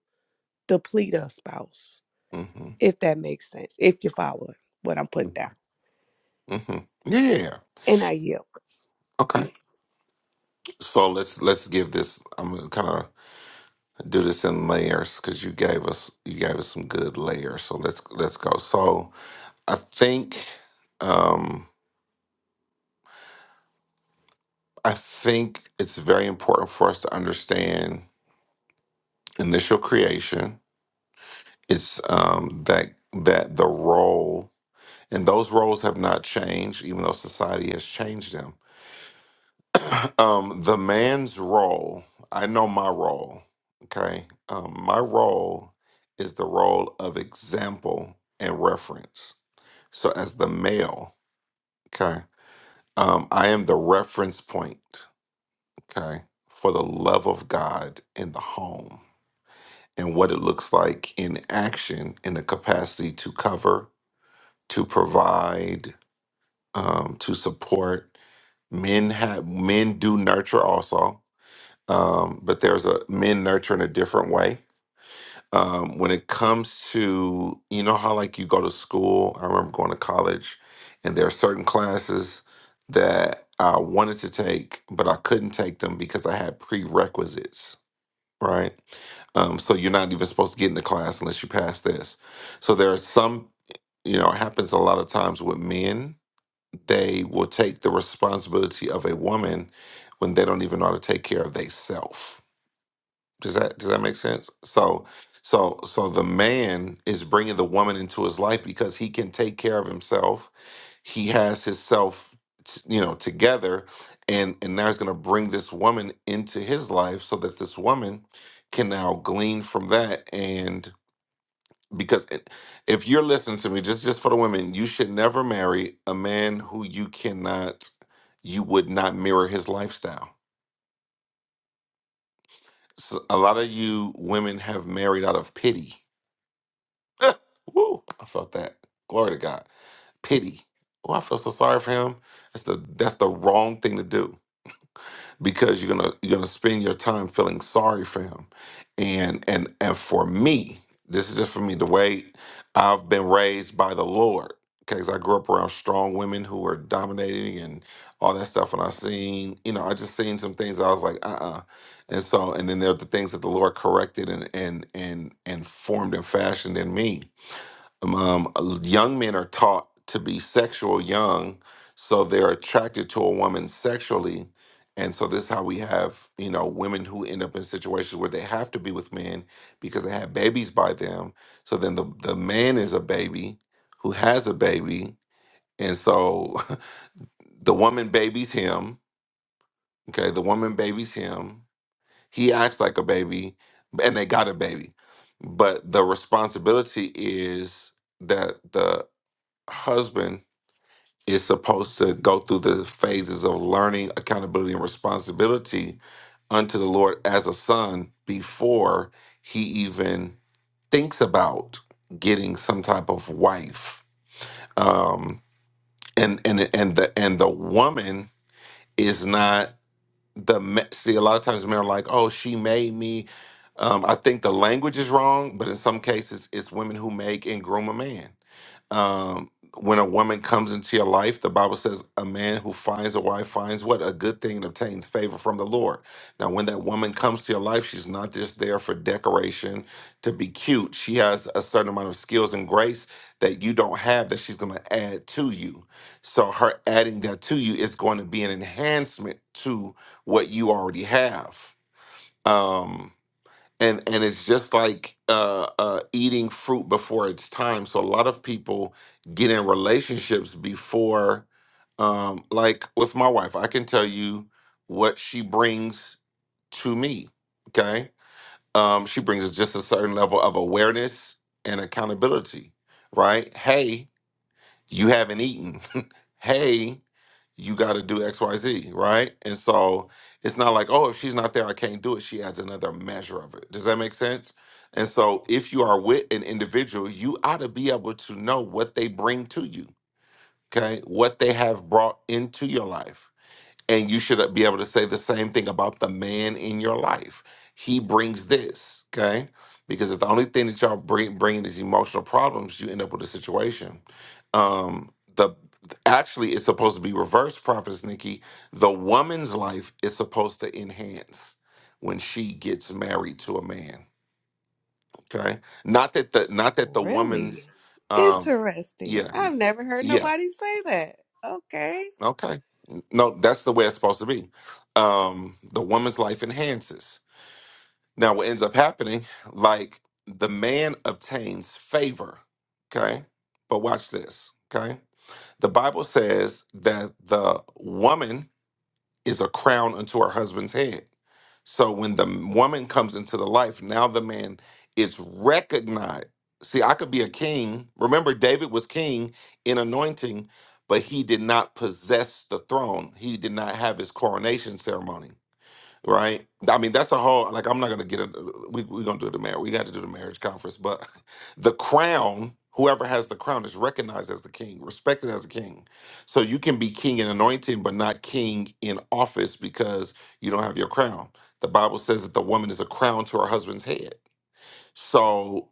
J: deplete a spouse
A: Mm-hmm.
J: if that makes sense. If you're following what I'm putting down.
A: Mm-hmm. Yeah.
J: And I yield.
A: Okay. So let's let's give this. I'm gonna kind of do this in layers because you gave us you gave us some good layers. So let's let's go. So I think um, I think it's very important for us to understand initial creation. It's um, that that the role and those roles have not changed, even though society has changed them. Um, the man's role, I know my role. Okay, um, my role is the role of example and reference. So as the male, okay, um, I am the reference point. okay, for the love of God in the home and what it looks like in action in the capacity to cover, to provide, um, to support. Men have men do nurture also, um, but there's a men nurture in a different way. Um, when it comes to you know how like you go to school, I remember going to college, and there are certain classes that I wanted to take, but I couldn't take them because I had prerequisites right? Um, so you're not even supposed to get into class unless you pass this. So there are some, you know, it happens a lot of times with men. They will take the responsibility of a woman when they don't even know how to take care of themselves. Does that does that make sense? So so so the man is bringing the woman into his life because he can take care of himself. He has his self, t- you know, together, and and now he's going to bring this woman into his life so that this woman can now glean from that. And because it, if you're listening to me, just just for the women, you should never marry a man who you cannot, you would not mirror his lifestyle. So a lot of you women have married out of pity Woo! I felt that. Glory to God. Pity. Oh, I feel so sorry for him. That's the that's the wrong thing to do because you're gonna you're gonna spend your time feeling sorry for him, and and and for me, this is just for me. The way I've been raised by the Lord, because I grew up around strong women who were dominating and all that stuff, and I seen you know I just seen some things that I was like uh uh and so and then there are the things that the Lord corrected and and and and formed and fashioned in me um, young men are taught to be sexual young, so they're attracted to a woman sexually, and so this is how we have you know women who end up in situations where they have to be with men because they have babies by them. So then the the man is a baby who has a baby, and so the woman babies him. Okay, the woman babies him. He acts like a baby, and they got a baby, but the responsibility is that the husband is supposed to go through the phases of learning accountability and responsibility unto the Lord as a son before he even thinks about getting some type of wife. Um, and and and the and the woman is not the ma- see a lot of times men are like, "Oh, she made me." Um, I think the language is wrong, but in some cases, it's women who make and groom a man. Um, when a woman comes into your life, the Bible says, "A man who finds a wife finds what a good thing and obtains favor from the Lord." Now, when that woman comes to your life, she's not just there for decoration to be cute. She has a certain amount of skills and grace that you don't have that she's going to add to you. So, her adding that to you is going to be an enhancement what you already have. Um, and and it's just like uh, uh, eating fruit before its time. So a lot of people get in relationships before, um, like with my wife, I can tell you what she brings to me. Okay, um, she brings just a certain level of awareness and accountability. Right? Hey, you haven't eaten. hey, you got to do X, Y, Z, right? And so it's not like, oh, if she's not there, I can't do it. She adds another measure of it. Does that make sense? And so if you are with an individual, you ought to be able to know what they bring to you, okay? What they have brought into your life. And you should be able to say the same thing about the man in your life. He brings this, okay? Because if the only thing that y'all bring bringing is emotional problems, you end up with a situation. Um, the actually, it's supposed to be reverse, Prophetess Nikki. The woman's life is supposed to enhance when she gets married to a man. Okay, not that the not that the
J: Really?
A: woman's, um,
J: Interesting.
A: yeah,
J: I've never heard
A: yeah.
J: nobody say that. Okay.
A: Okay. No, that's the way it's supposed to be. Um, the woman's life enhances. Now, what ends up happening, like the man obtains favor. Okay. But watch this. Okay. The Bible says that the woman is a crown unto her husband's head. So when the woman comes into the life, now the man is recognized. See, I could be a king. Remember, David was king in anointing, but he did not possess the throne. He did not have his coronation ceremony right? I mean, that's a whole like I'm not gonna get it. We we're gonna do the marriage. We got to do the marriage conference, but the crown. Whoever has the crown is recognized as the king, respected as a king. So you can be king in anointing, but not king in office because you don't have your crown. The Bible says that the woman is a crown to her husband's head. So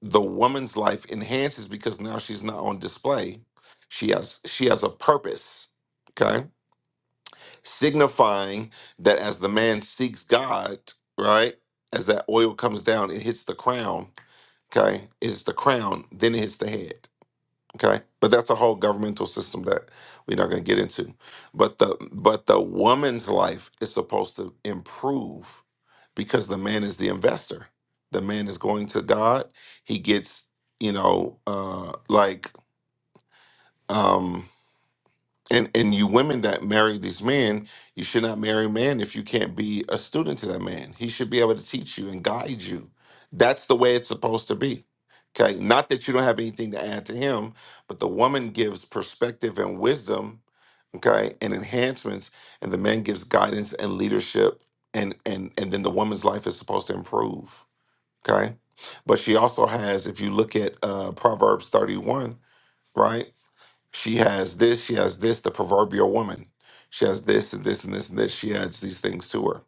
A: the woman's life enhances because now she's not on display. She has she has a purpose. Okay signifying that as the man seeks God, right, as that oil comes down, it hits the crown, okay? It hits the crown, then it hits the head, okay? But that's a whole governmental system that we're not going to get into. But the but the woman's life is supposed to improve because the man is the investor. The man is going to God. He gets, you know, uh like um, and and you women that marry these men, you should not marry a man if you can't be a student to that man. He should be able to teach you and guide you. That's the way it's supposed to be. Okay, not that you don't have anything to add to him, but the woman gives perspective and wisdom, okay, and enhancements, and the man gives guidance and leadership, and and and then the woman's life is supposed to improve. Okay, but she also has, if you look at uh, Proverbs thirty-one, right? She has this, she has this, the proverbial woman. She has this and this and this and this. She adds these things to her.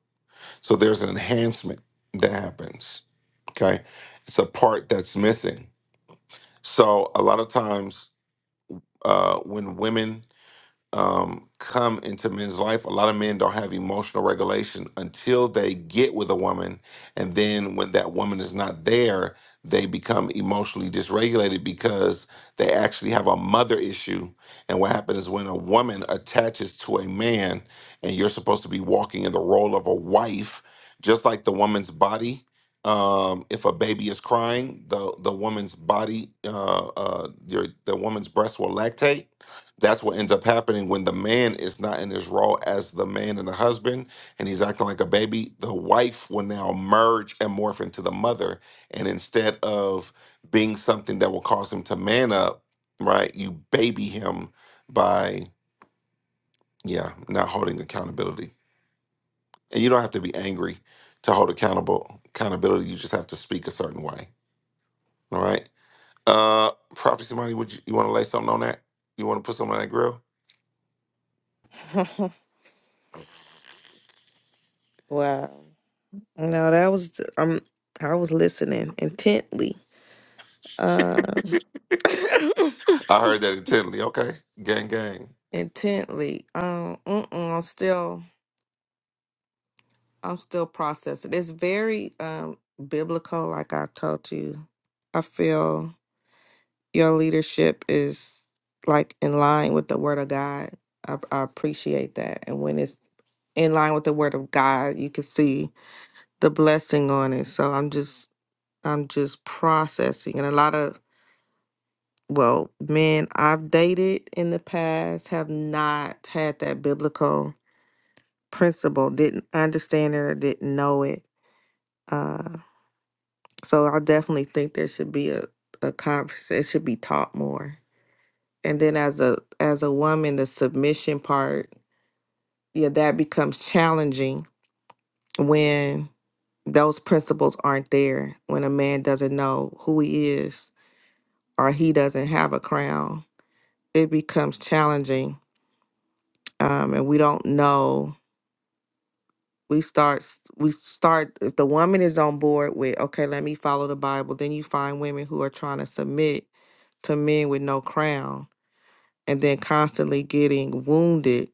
A: So there's an enhancement that happens. Okay. It's a part that's missing. So a lot of times uh, when women um, come into men's life. A lot of men don't have emotional regulation until they get with a woman. And then when that woman is not there, they become emotionally dysregulated because they actually have a mother issue. And what happens is when a woman attaches to a man and you're supposed to be walking in the role of a wife, just like the woman's body. Um, if a baby is crying, the the woman's body, uh, uh, your the woman's breast will lactate that's what ends up happening when the man is not in his role as the man and the husband and he's acting like a baby the wife will now merge and morph into the mother and instead of being something that will cause him to man up right you baby him by yeah not holding accountability and you don't have to be angry to hold accountable accountability you just have to speak a certain way all right uh prophecy money would you, you want to lay something on that you want to put something on that grill
I: wow. No, that was, um, I was listening intently. Uh,
A: I heard that intently. Okay. Gang, gang.
I: intently. Um, mm-mm, I'm still, I'm still processing. It's very um biblical, like I told you. I feel your leadership is like in line with the Word of God. I, I appreciate that, and when it's in line with the Word of God, you can see the blessing on it. So I'm just, I'm just processing, and a lot of well, men I've dated in the past have not had that biblical principle, didn't understand it or didn't know it. Uh, so I definitely think there should be a, a conversation, it should be taught more. And then as a as a woman, the submission part, yeah, that becomes challenging when those principles aren't there, when a man doesn't know who he is or he doesn't have a crown. It becomes challenging um, and we don't know we start s- we start if the woman is on board with okay let me follow the bible then you find women who are trying to submit to men with no crown and then constantly getting wounded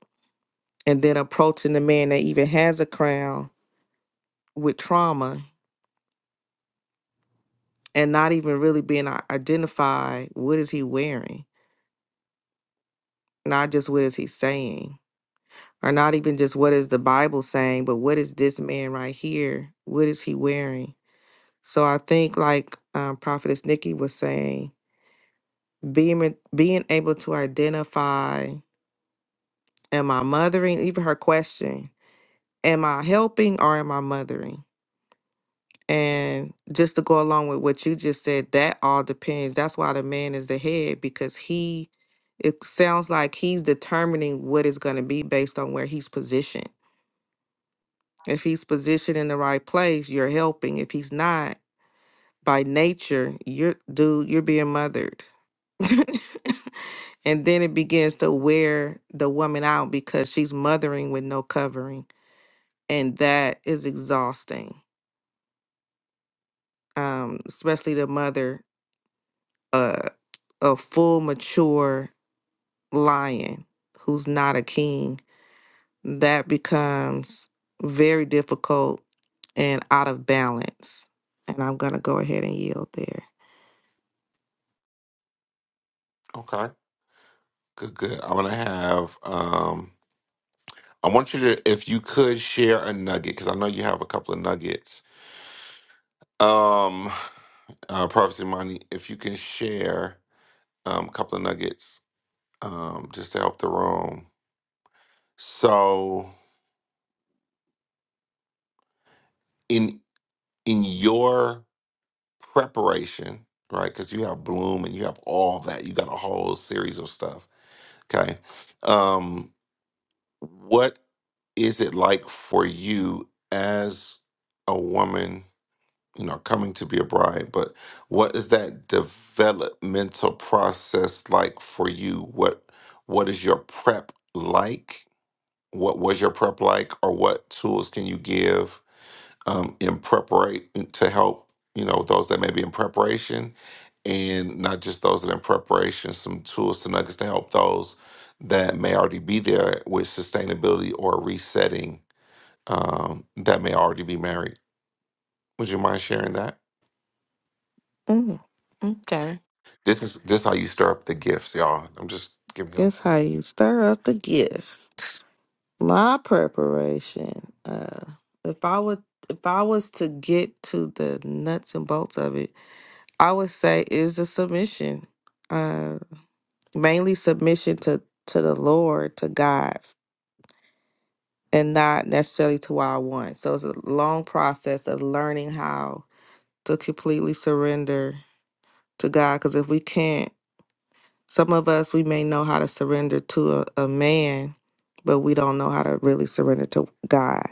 I: and then approaching the man that even has a crown with trauma and not even really being i- identified what is he wearing not just what is he saying or not even just what is the bible saying but what is this man right here what is he wearing so i think like um, prophetess nikki was saying being being able to identify am i mothering even her question am i helping or am i mothering and just to go along with what you just said that all depends that's why the man is the head because he it sounds like he's determining what it's going to be based on where he's positioned if he's positioned in the right place you're helping if he's not by nature you're dude you're being mothered and then it begins to wear the woman out because she's mothering with no covering and that is exhausting um especially the mother uh a full mature lion who's not a king that becomes very difficult and out of balance. And I'm going to go ahead and yield there.
A: Okay. Good, good. I'm going to have, um, I want you to, if you could share a nugget, because I know you have a couple of nuggets. Um, uh, Prophecy Money, if you can share um, a couple of nuggets um, just to help the room. So, in in your preparation, right? Because you have Bloom and you have all that. You got a whole series of stuff. Okay. Um, what is it like for you as a woman, you know, coming to be a bride, but what is that developmental process like for you? What what is your prep like? What was your prep like or what tools can you give um, in preparation to help you know those that may be in preparation and not just those that are in preparation some tools to nuggets to help those that may already be there with sustainability or resetting um, that may already be married would you mind sharing that
I: Mm, okay.
A: this is this how you stir up the gifts y'all i'm just giving up
I: guess how you stir up the gifts. My preparation. Uh, if I would, if I was to get to the nuts and bolts of it, I would say is the submission, uh, mainly submission to to the Lord, to God, and not necessarily to what I want. So it's a long process of learning how to completely surrender to God. Because if we can't, some of us we may know how to surrender to a, a man, but we don't know how to really surrender to God.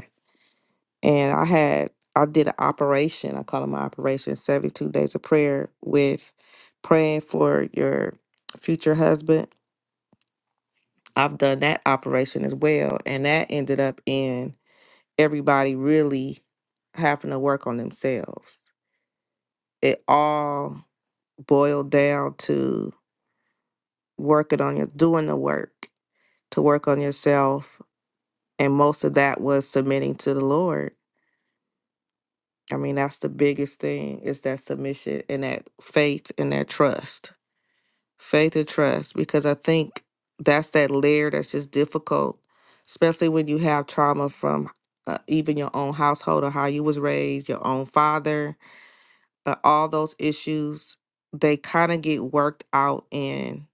I: and I had I did an operation. I call it my operation, 72 days of prayer with praying for your future husband. I've done that operation as well, and that ended up in everybody really having to work on themselves. It all boiled down to working on your doing the work to work on yourself, and most of that was submitting to the Lord I mean, that's the biggest thing is that submission and that faith and that trust. Faith and trust, because I think that's that layer that's just difficult, especially when you have trauma from uh, even your own household or how you was raised, your own father, uh, all those issues, they kind of get worked out in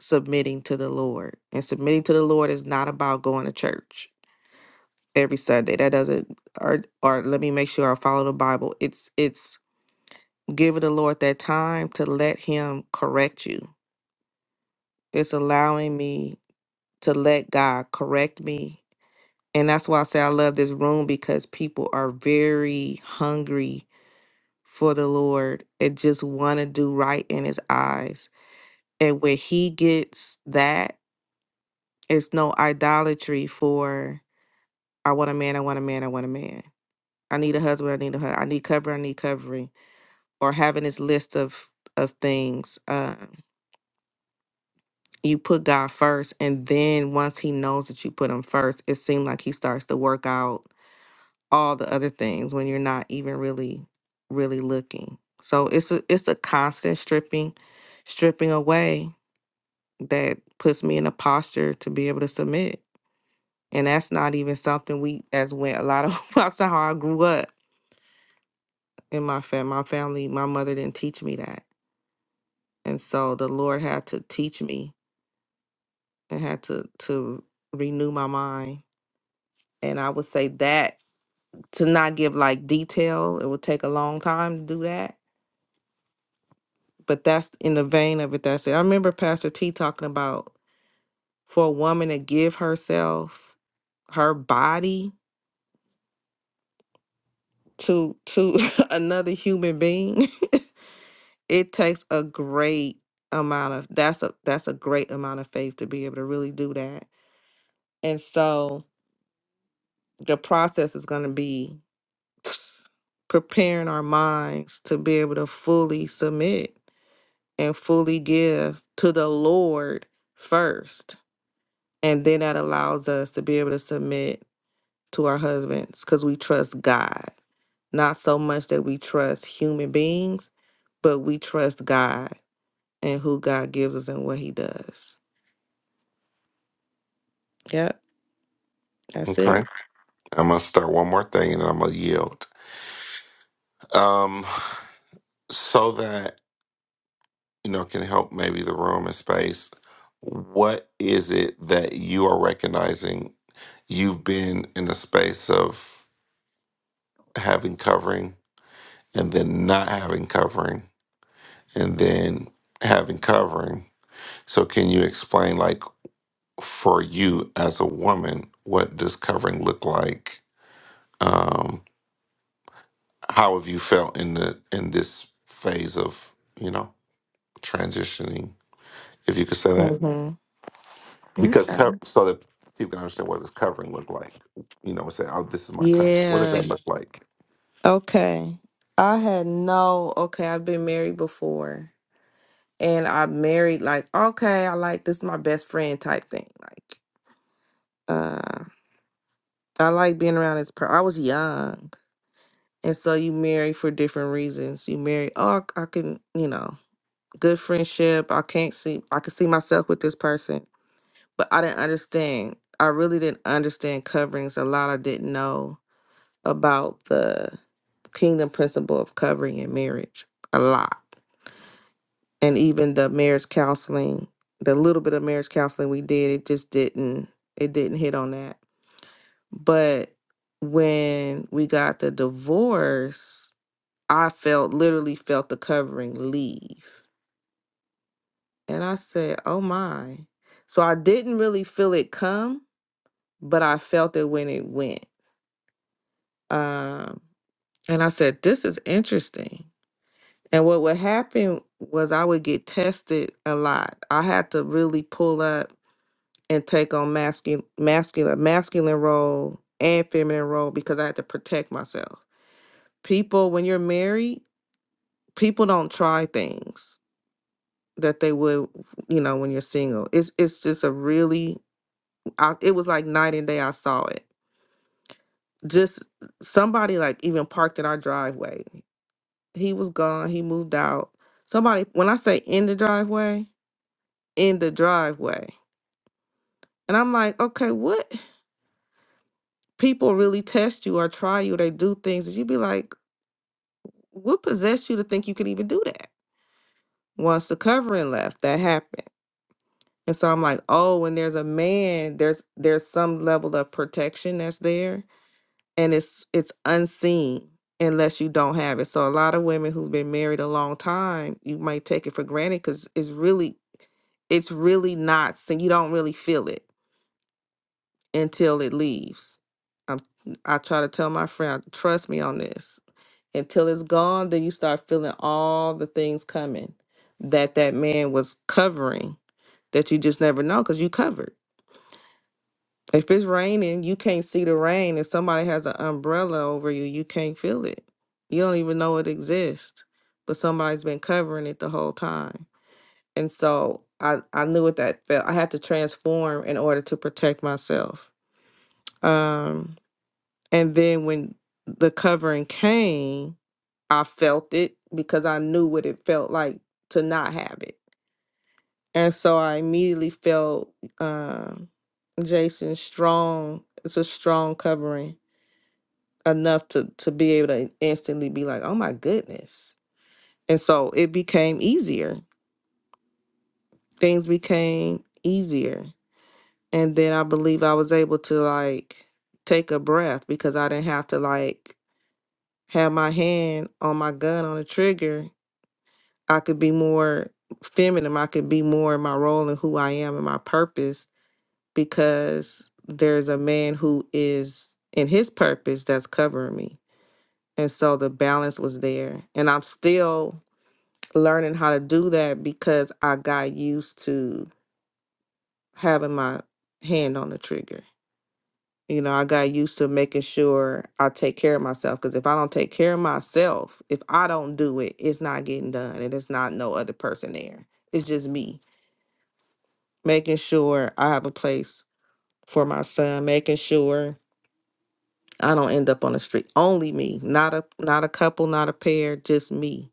I: submitting to the Lord. And submitting to the Lord is not about going to church every Sunday. That doesn't or or let me make sure I follow the Bible. It's it's Give the Lord that time to let Him correct you. It's allowing me to let God correct me. And that's why I say I love this room because people are very hungry for the Lord and just want to do right in His eyes. And when He gets that, it's no idolatry for I want a man, I want a man, I want a man. I need a husband, I need a husband, I need cover, I need covering, or having this list of of things. Um, you put God first, and then once He knows that you put Him first, it seems like He starts to work out all the other things when you're not even really, really looking. So it's a it's a constant stripping, stripping away that puts me in a posture to be able to submit, and that's not even something we as went a lot of that's how I grew up in my fam my family. My mother didn't teach me that, and so the Lord had to teach me and had to to renew my mind and I would say that to not give like detail, it would take a long time to do that. But that's in the vein of it. That's it. I remember Pastor T talking about for a woman to give herself, her body to to another human being. It takes a great amount of that's a that's a great amount of faith to be able to really do that. And so the process is going to be preparing our minds to be able to fully submit and fully give to the Lord first. And then that allows us to be able to submit to our husbands because we trust God. Not so much that we trust human beings, but we trust God and who God gives us and what He does. Yep, that's it.
A: okay i'm gonna start one more thing and then i'm gonna yield um, so that you know, can help maybe the room and space. What is it that you are recognizing you've been in a space of having covering and then not having covering and then having covering? So, can you explain, like, for you as a woman, what does covering look like? Um, how have you felt in the in this phase of you know transitioning? If you could say that.
I: Mhm.
A: because
I: Okay.
A: co- so that people can understand what does covering look like. You know, and say, "Oh, this is my cover." What does
I: Yeah.
A: that look like?
I: Okay. I had no, okay, I've been married before. And I married like, okay, I like this is my best friend type thing. Like, uh, I like being around this person. I was young. And so you marry for different reasons. You marry, oh, I I can, you know, good friendship. I can't see, I can see myself with this person. But I didn't understand. I really didn't understand coverings a lot. I didn't know about the kingdom principle of covering in marriage a lot. And even the marriage counseling, the little bit of marriage counseling we did, it just didn't, it didn't hit on that But when we got the divorce, I felt literally felt the covering leave. And I said, oh my. So I didn't really feel it come, but I felt it when it went. Um, and I said, this is interesting. And what would happen was I would get tested a lot. I had to really pull up and take on masculine, masculine, masculine role and feminine role because I had to protect myself people when you're married people don't try things that they would you know when you're single it's it's just a really I, it was like night and day i saw it just somebody like even parked in our driveway he was gone he moved out somebody when i say in the driveway in the driveway and i'm like okay what people really test you or try you they do things that you be like what possessed you to think you could even do that once the covering left that happened And so I'm like, oh, when there's a man, there's there's some level of protection that's there and it's it's unseen unless you don't have it. So a lot of women who've been married a long time, you might take it for granted cuz it's really it's really not seen. You don't really feel it until it leaves. I'm I try to tell my friend, trust me on this. Until it's gone, then you start feeling all the things coming that that man was covering that you just never know cuz you covered. If it's raining, you can't see the rain. If somebody has an umbrella over you, you can't feel it. You don't even know it exists, but somebody's been covering it the whole time. And so I, I knew what that felt. I had to transform in order to protect myself. Um, and then when the covering came, I felt it because I knew what it felt like to not have it. And so I immediately felt um, Jason strong. It's a strong covering enough to to be able to instantly be like, "Oh my goodness." And so it became easier. Things became easier. And then I believe I was able to like take a breath because I didn't have to like have my hand on my gun on the trigger. I could be more feminine. I could be more in my role and who I am and my purpose because there's a man who is in his purpose that's covering me. And so the balance was there. And I'm still learning how to do that because I got used to having my hand on the trigger. You know, I got used to making sure I take care of myself because if I don't take care of myself, if I don't do it, it's not getting done and it's not no other person there. It's just me making sure I have a place for my son, making sure I don't end up on the street. Only me, not a not a couple, not a pair, just me.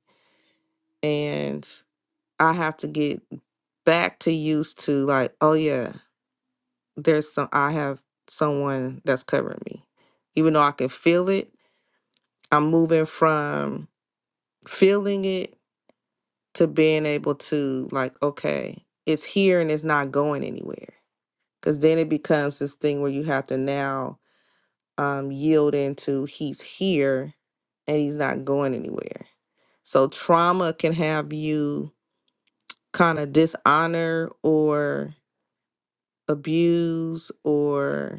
I: And I have to get back to used to like, oh yeah, there's some I have someone that's covering me. Even though I can feel it, I'm moving from feeling it to being able to like, okay, it's here and it's not going anywhere. Cause then it becomes this thing where you have to now um yield into he's here and he's not going anywhere. So trauma can have you kind of dishonor or abuse or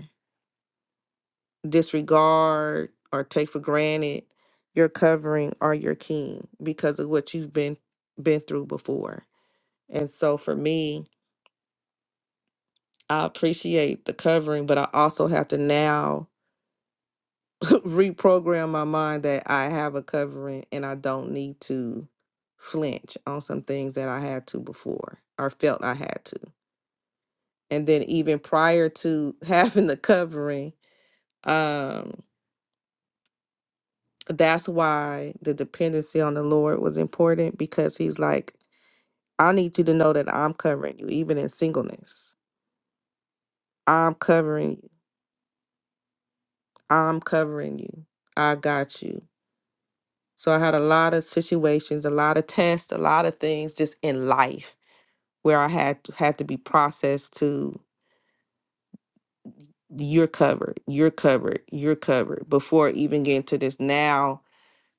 I: disregard or take for granted your covering or your king because of what you've been been through before. And so for me, I appreciate the covering, but I also have to now reprogram my mind that I have a covering and I don't need to flinch on some things that I had to before or felt I had to. And then even prior to having the covering, um that's why the dependency on the Lord was important because he's like, I need you to know that I'm covering you, even in singleness. I'm covering you. I'm covering you. I got you. So I had a lot of situations, a lot of tests, a lot of things just in life where I had to, had to be processed to you're covered, you're covered, you're covered before even getting to this now.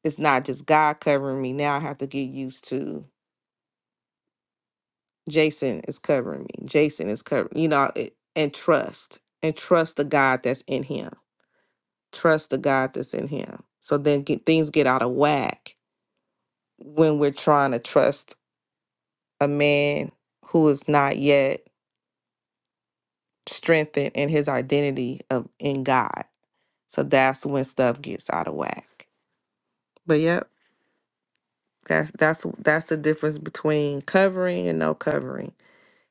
I: It's not just God covering me. Now I have to get used to Jason is covering me. Jason is covering, you know, it, and trust and trust the God that's in him. Trust the God that's in him. So then get, things get out of whack when we're trying to trust a man who is not yet strengthened in his identity of in God. So that's when stuff gets out of whack. But yep, that's that's that's the difference between covering and no covering.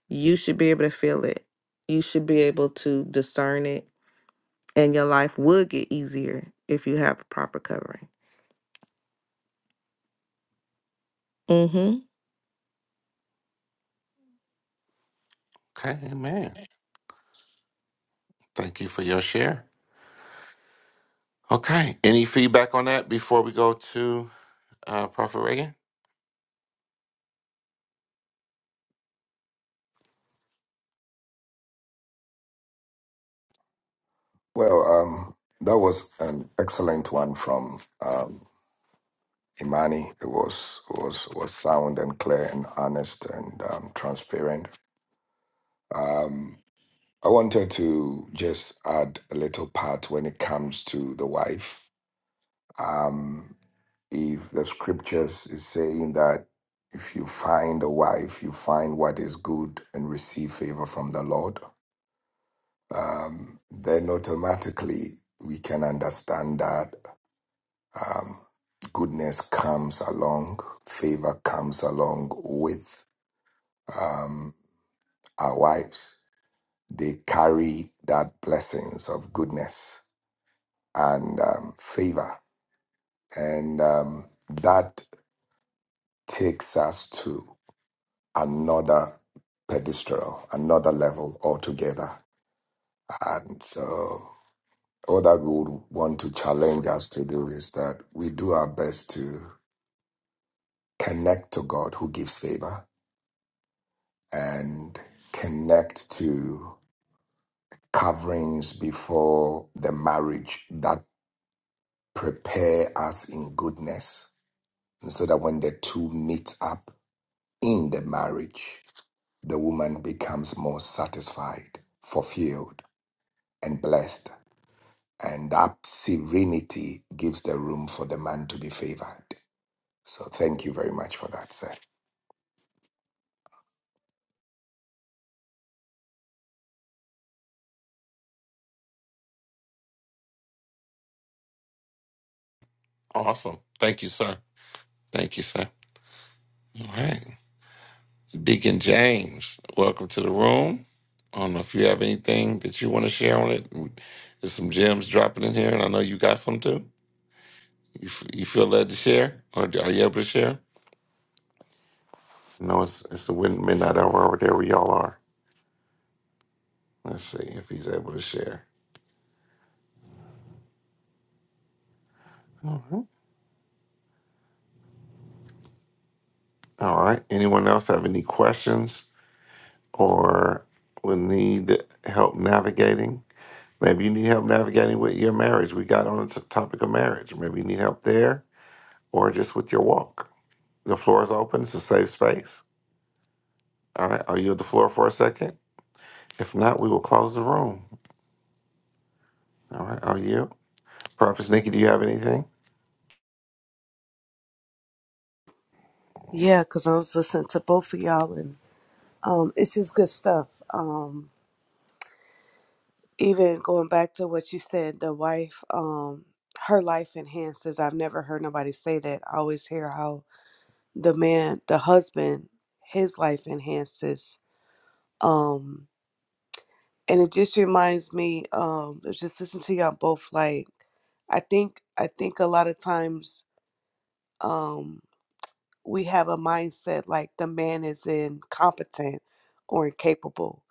I: You should be able to feel it. You should be able to discern it and your life would get easier if you have a proper covering. Mm-hmm.
A: Okay, man. Thank you for your share. Okay, any feedback on that before we go to uh, Prophet Reagan?
H: Well, um, that was an excellent one from um, Imani. It was was was sound and clear and honest and um, transparent. Um, I wanted to just add a little part when it comes to the wife. Um, if the scriptures is saying that if you find a wife, you find what is good and receive favor from the Lord, um, then automatically we can understand that um, goodness comes along, favor comes along with um, our wives. They carry that blessings of goodness and um, favor, and um, that takes us to another pedestal, another level altogether. And so, all that we would want to challenge us to do is that we do our best to connect to God who gives favor and connect to coverings before the marriage that prepare us in goodness. And so that when the two meet up in the marriage, the woman becomes more satisfied, fulfilled, and blessed And that serenity gives the room for the man to be favored. So thank you very much for that, sir.
A: Awesome. Thank you, sir. Thank you, sir. All right, Deacon James, welcome to the room. I don't know if you have anything that you want to share on it. There's some gems dropping in here, and I know you got some too. You, f- you feel led to share, or are you able to share? No, it's it's the win- midnight hour over there where y'all are. Let's see if he's able to share. All right. All right. Anyone else have any questions or will need help navigating? Maybe you need help navigating with your marriage. We got on the topic of marriage. Maybe you need help there or just with your walk. The floor is open. It's a safe space. All right. I'll yield the floor for a second. If not, we will close the room. All right. I'll yield. Prophet Nikki, do you have anything?
J: Yeah, because I was listening to both of y'all, and um, it's just good stuff. Um, even going back to what you said, the wife, um, her life enhances. I've never heard nobody say that. I always hear how the man, the husband, his life enhances. Um, and it just reminds me, um, I was just listening to y'all both, like I think I think a lot of times. um. we have a mindset like the man is incompetent or incapable.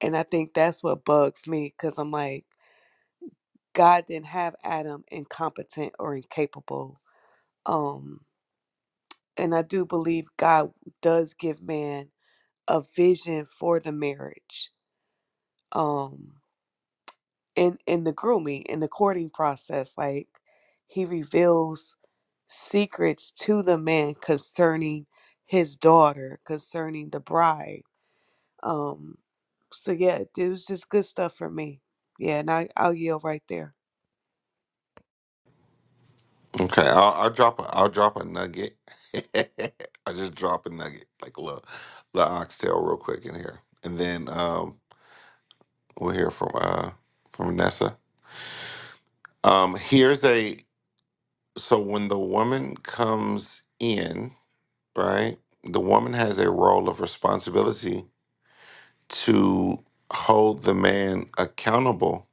J: And I think that's what bugs me because I'm like, God didn't have Adam incompetent or incapable. Um, and I do believe God does give man a vision for the marriage. Um, in in the grooming, in the courting process, like he reveals secrets to the man concerning his daughter, concerning the bride Um, so yeah, it was just good stuff for me. Yeah, and I, I'll yield right there.
A: Okay, I'll, I'll drop a I'll drop a nugget. I just drop a nugget, like a little, little oxtail, real quick in here, and then um, we'll hear from uh from Vanessa. Um, here's a so when the woman comes in, right? The woman has a role of responsibility to hold the man accountable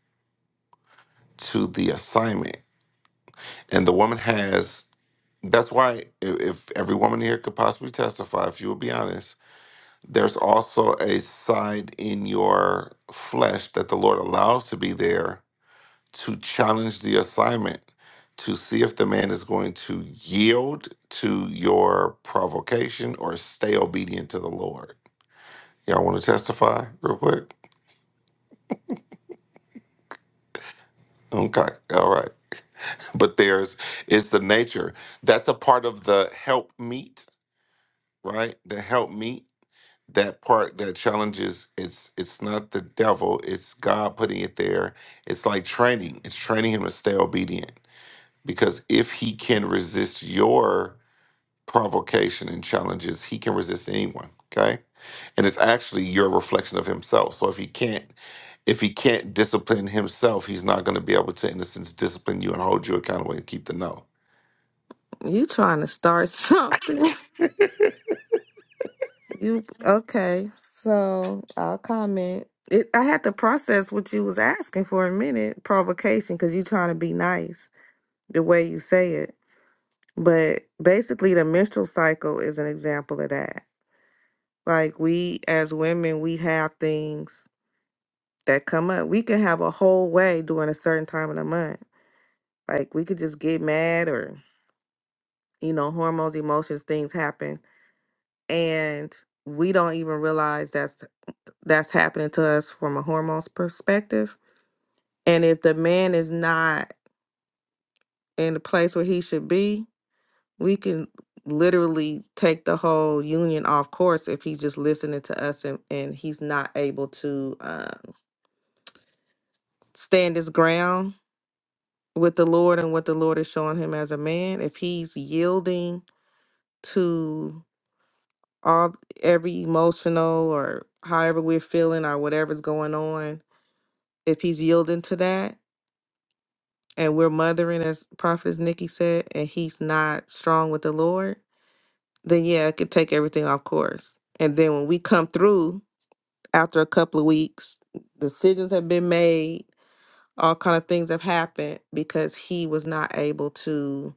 A: to the assignment, and the woman has. That's why if, if every woman here could possibly testify, if you would be honest there's also a side in your flesh that the Lord allows to be there to challenge the assignment, to see if the man is going to yield to your provocation or stay obedient to the Lord. Y'all want to testify real quick? Okay, all right. But there's, it's the nature. That's a part of the help meet, right? The help meet that part that challenges it's it's not the devil it's god putting it there it's like training it's training him to stay obedient because if he can resist your provocation and challenges he can resist anyone okay and it's actually your reflection of himself so if he can't if he can't discipline himself he's not going to be able to in a sense discipline you and hold you accountable and keep the no
I: You trying to start something? You okay? So I'll comment. It, I had to process what you was asking for a minute, provocation, because you trying to be nice the way you say it. But basically, the menstrual cycle is an example of that. Like we as women, we have things that come up. We can have a whole way during a certain time of the month. Like we could just get mad or you know hormones emotions things happen and we don't even realize that's that's happening to us from a hormones perspective and if the man is not in the place where he should be we can literally take the whole union off course if he's just listening to us and, and he's not able to uh, stand his ground with the lord and what the lord is showing him as a man if he's yielding to all every emotional or however we're feeling or whatever's going on, if he's yielding to that and we're mothering as prophetess Nikki said, and he's not strong with the Lord, then yeah, it could take everything off course. And then when we come through after a couple of weeks, decisions have been made, all kind of things have happened because he was not able to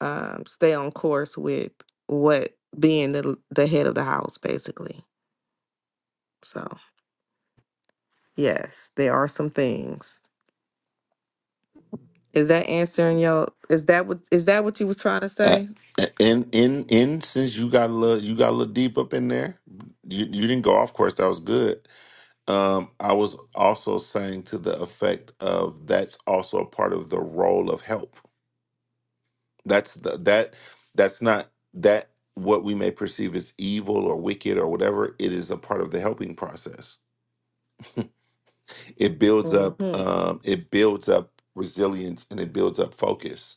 I: um, stay on course with what being the the head of the house basically. So. Yes, there are some things. Is that answering your is that what is that what you was trying to
A: Uh,
I: say?
A: and in in since you got a little you got a little deep up in there you, you didn't go off course that was good Um, I was also saying to the effect of that's also a part of the role of help. That's the that that's not that what we may perceive as evil or wicked or whatever. It is a part of the helping process. It builds up.
I: Mhm.
A: Um, it builds up resilience and it builds up focus.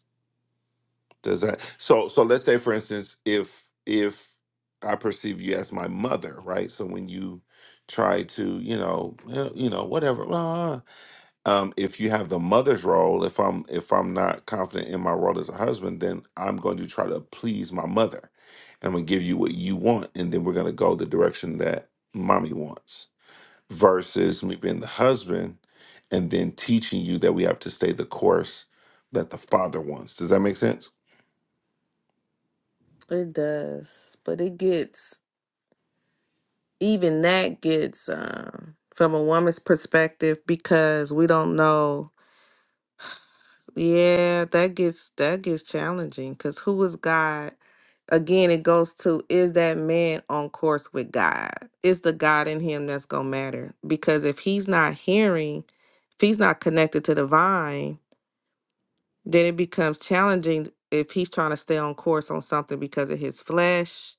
A: Does that so? So let's say, for instance, if if I perceive you as my mother, right? So when you try to, you know, eh, you know, whatever. well, uh, um, if you have the mother's role, if I'm if I'm not confident in my role as a husband, then I'm going to try to please my mother, and I'm gonna give you what you want, and then we're gonna go the direction that mommy wants. Versus me being the husband, and then teaching you that we have to stay the course that the father wants. Does that make sense?
I: It does. But it gets even that gets um, from a woman's perspective because we don't know. Yeah, that gets that gets challenging because who is God? Again, it goes to is that man on course with God? Is the God in him that's gonna matter? Because if he's not hearing, if he's not connected to the vine, then it becomes challenging if he's trying to stay on course on something because of his flesh,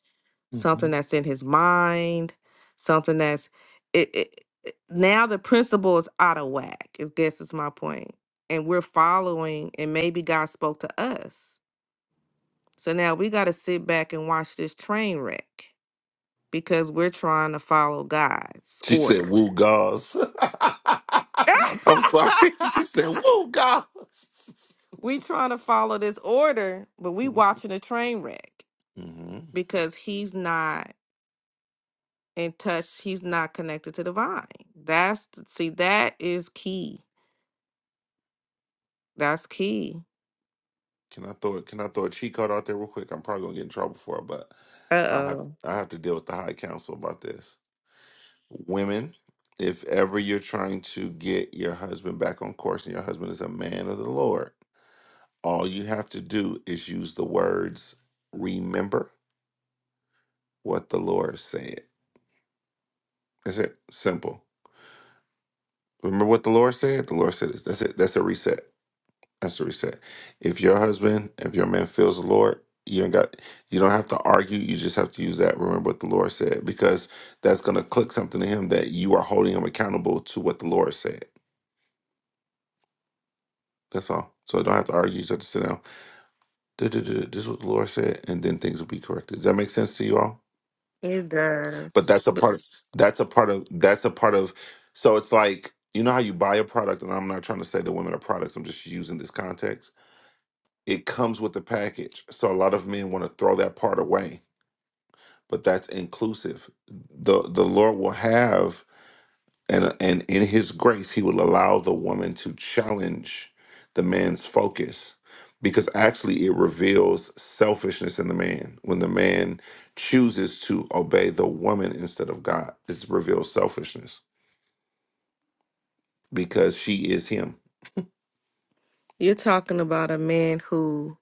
A: hmm
I: something that's in his mind, something that's it, it, it- now the principle is out of whack. I guess is my point. And we're following, and maybe God spoke to us. So now we got to sit back and watch this train wreck because we're trying to follow God's
A: She said,
I: order.
A: "Woo gauze." I'm sorry. She said, "Woo gauze."
I: we trying to follow this order, but we watching a train wreck.
A: hmm
I: because he's not in touch he's not connected to the vine that's see that is key that's key
A: Can I throw can I throw a cheat code out there real quick? I'm probably gonna get in trouble for it, but I have
I: uh-oh
A: I have to deal with the high council about this. Women, if ever you're trying to get your husband back on course and your husband is a man of the Lord, all you have to do is use the words remember what the Lord said. That's it. Simple. Remember what the Lord said? The Lord said this. That's it. That's a reset. That's what we said. If your husband, if your man feels the Lord, you ain't got you don't have to argue. You just have to use that. Remember what the Lord said, because that's gonna click something to him that you are holding him accountable to what the Lord said. That's all. So don't have to argue. You just have to sit down. "Duh, duh, duh, duh, This is what the Lord said, and then things will be corrected. Does that make sense to you all?
I: it
A: But
I: does
A: that's a
I: but
A: part. That's a part of. That's a part of. So it's like you know how you buy a product, and I'm not trying to say that women are products. I'm just using this context It comes with the package. So a lot of men want to throw that part away, but that's inclusive. The the Lord will have and and in his grace he will allow the woman to challenge the man's focus because actually it reveals selfishness in the man when the man chooses to obey the woman instead of God. This reveals selfishness because she is him.
I: you're talking about a man who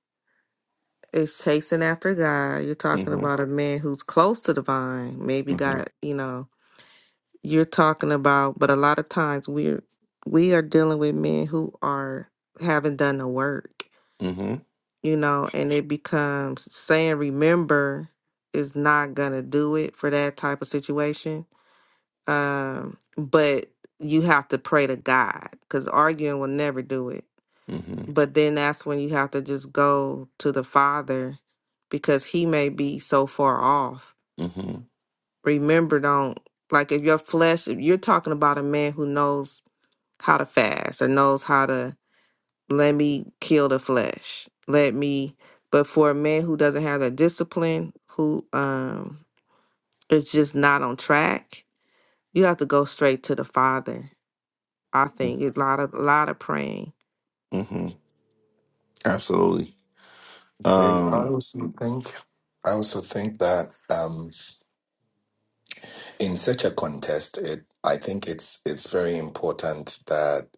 I: is chasing after god you're talking
A: Mhm.
I: about a man who's close to the vine maybe
A: Mhm.
I: got you know you're talking about but a lot of times we're we are dealing with men who are haven't done the work
A: Mhm.
I: you know, and it becomes saying remember is not gonna do it for that type of situation. Um, but you have to pray to God because arguing will never do it.
A: Mhm.
I: But then that's when you have to just go to the Father because He may be so far off.
A: Mhm.
I: Remember, don't like if your flesh, if you're talking about a man who knows how to fast or knows how to let me kill the flesh let me but for a man who doesn't have that discipline who um is just not on track you have to go straight to the father i think it's a lot of a lot of praying
A: Mhm. Absolutely.
H: Okay. I
A: Um
H: also think I also think that um, in such a contest, it I think it's it's very important that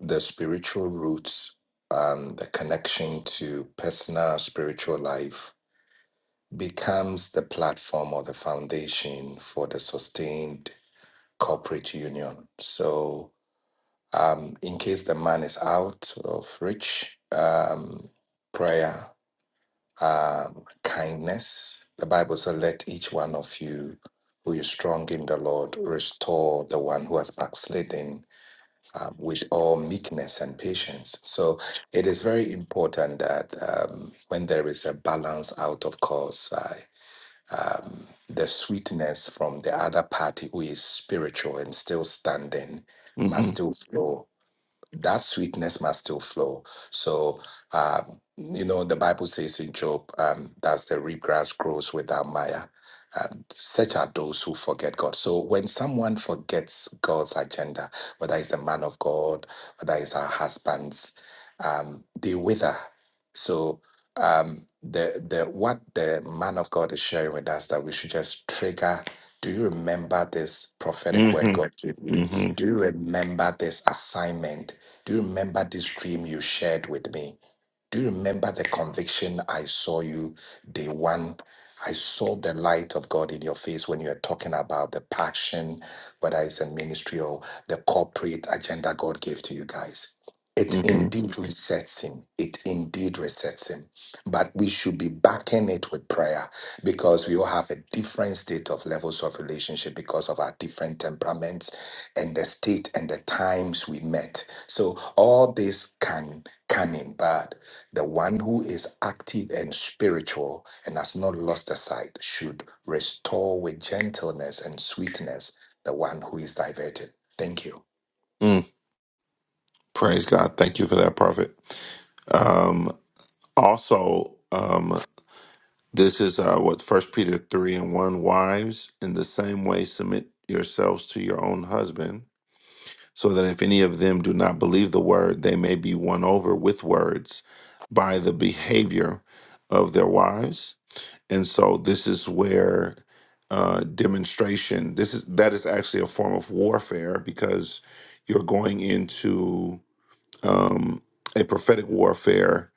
H: the spiritual roots, um, the connection to personal spiritual life becomes the platform or the foundation for the sustained corporate union. So um, in case the man is out of reach, um, prayer, um, kindness. The Bible says, Let each one of you who is strong in the Lord restore the one who has backslidden um, with all meekness and patience. So it is very important that um, when there is a balance out of course, I, um, the sweetness from the other party who is spiritual and still standing must
A: hmm
H: still flow that sweetness must still flow. So, um, you know, the Bible says in Job, um, that's the reed grass grows without mire. And such are those who forget God. So when someone forgets God's agenda, whether it's the man of God, whether it's our husbands, um, they wither. So um, the the what the man of God is sharing with us that we should just trigger. Do you remember this prophetic word
A: hmm
H: God gave you?
A: hmm
H: Do you remember this assignment? Do you remember this dream you shared with me? Do you remember the conviction I saw you day one? I saw the light of God in your face when you were talking about the passion, whether it's a ministry or the corporate agenda God gave to you guys. It
A: hmm
H: indeed resets him. It indeed resets him. But we should be backing it with prayer because we all have a different state of levels of relationship because of our different temperaments and the state and the times we met. So all this can come in bad. The one who is active and spiritual and has not lost the sight should restore with gentleness and sweetness the one who is diverted. Thank you.
A: Mm. Praise God. Thank you for that, Prophet. Um, also, um, this is uh, what First Peter 3 and 1 Wives, in the same way, submit yourselves to your own husband, so that if any of them do not believe the word, they may be won over with words by the behavior of their wives and so this is where uh, demonstration this is that is actually a form of warfare because you're going into um, a prophetic warfare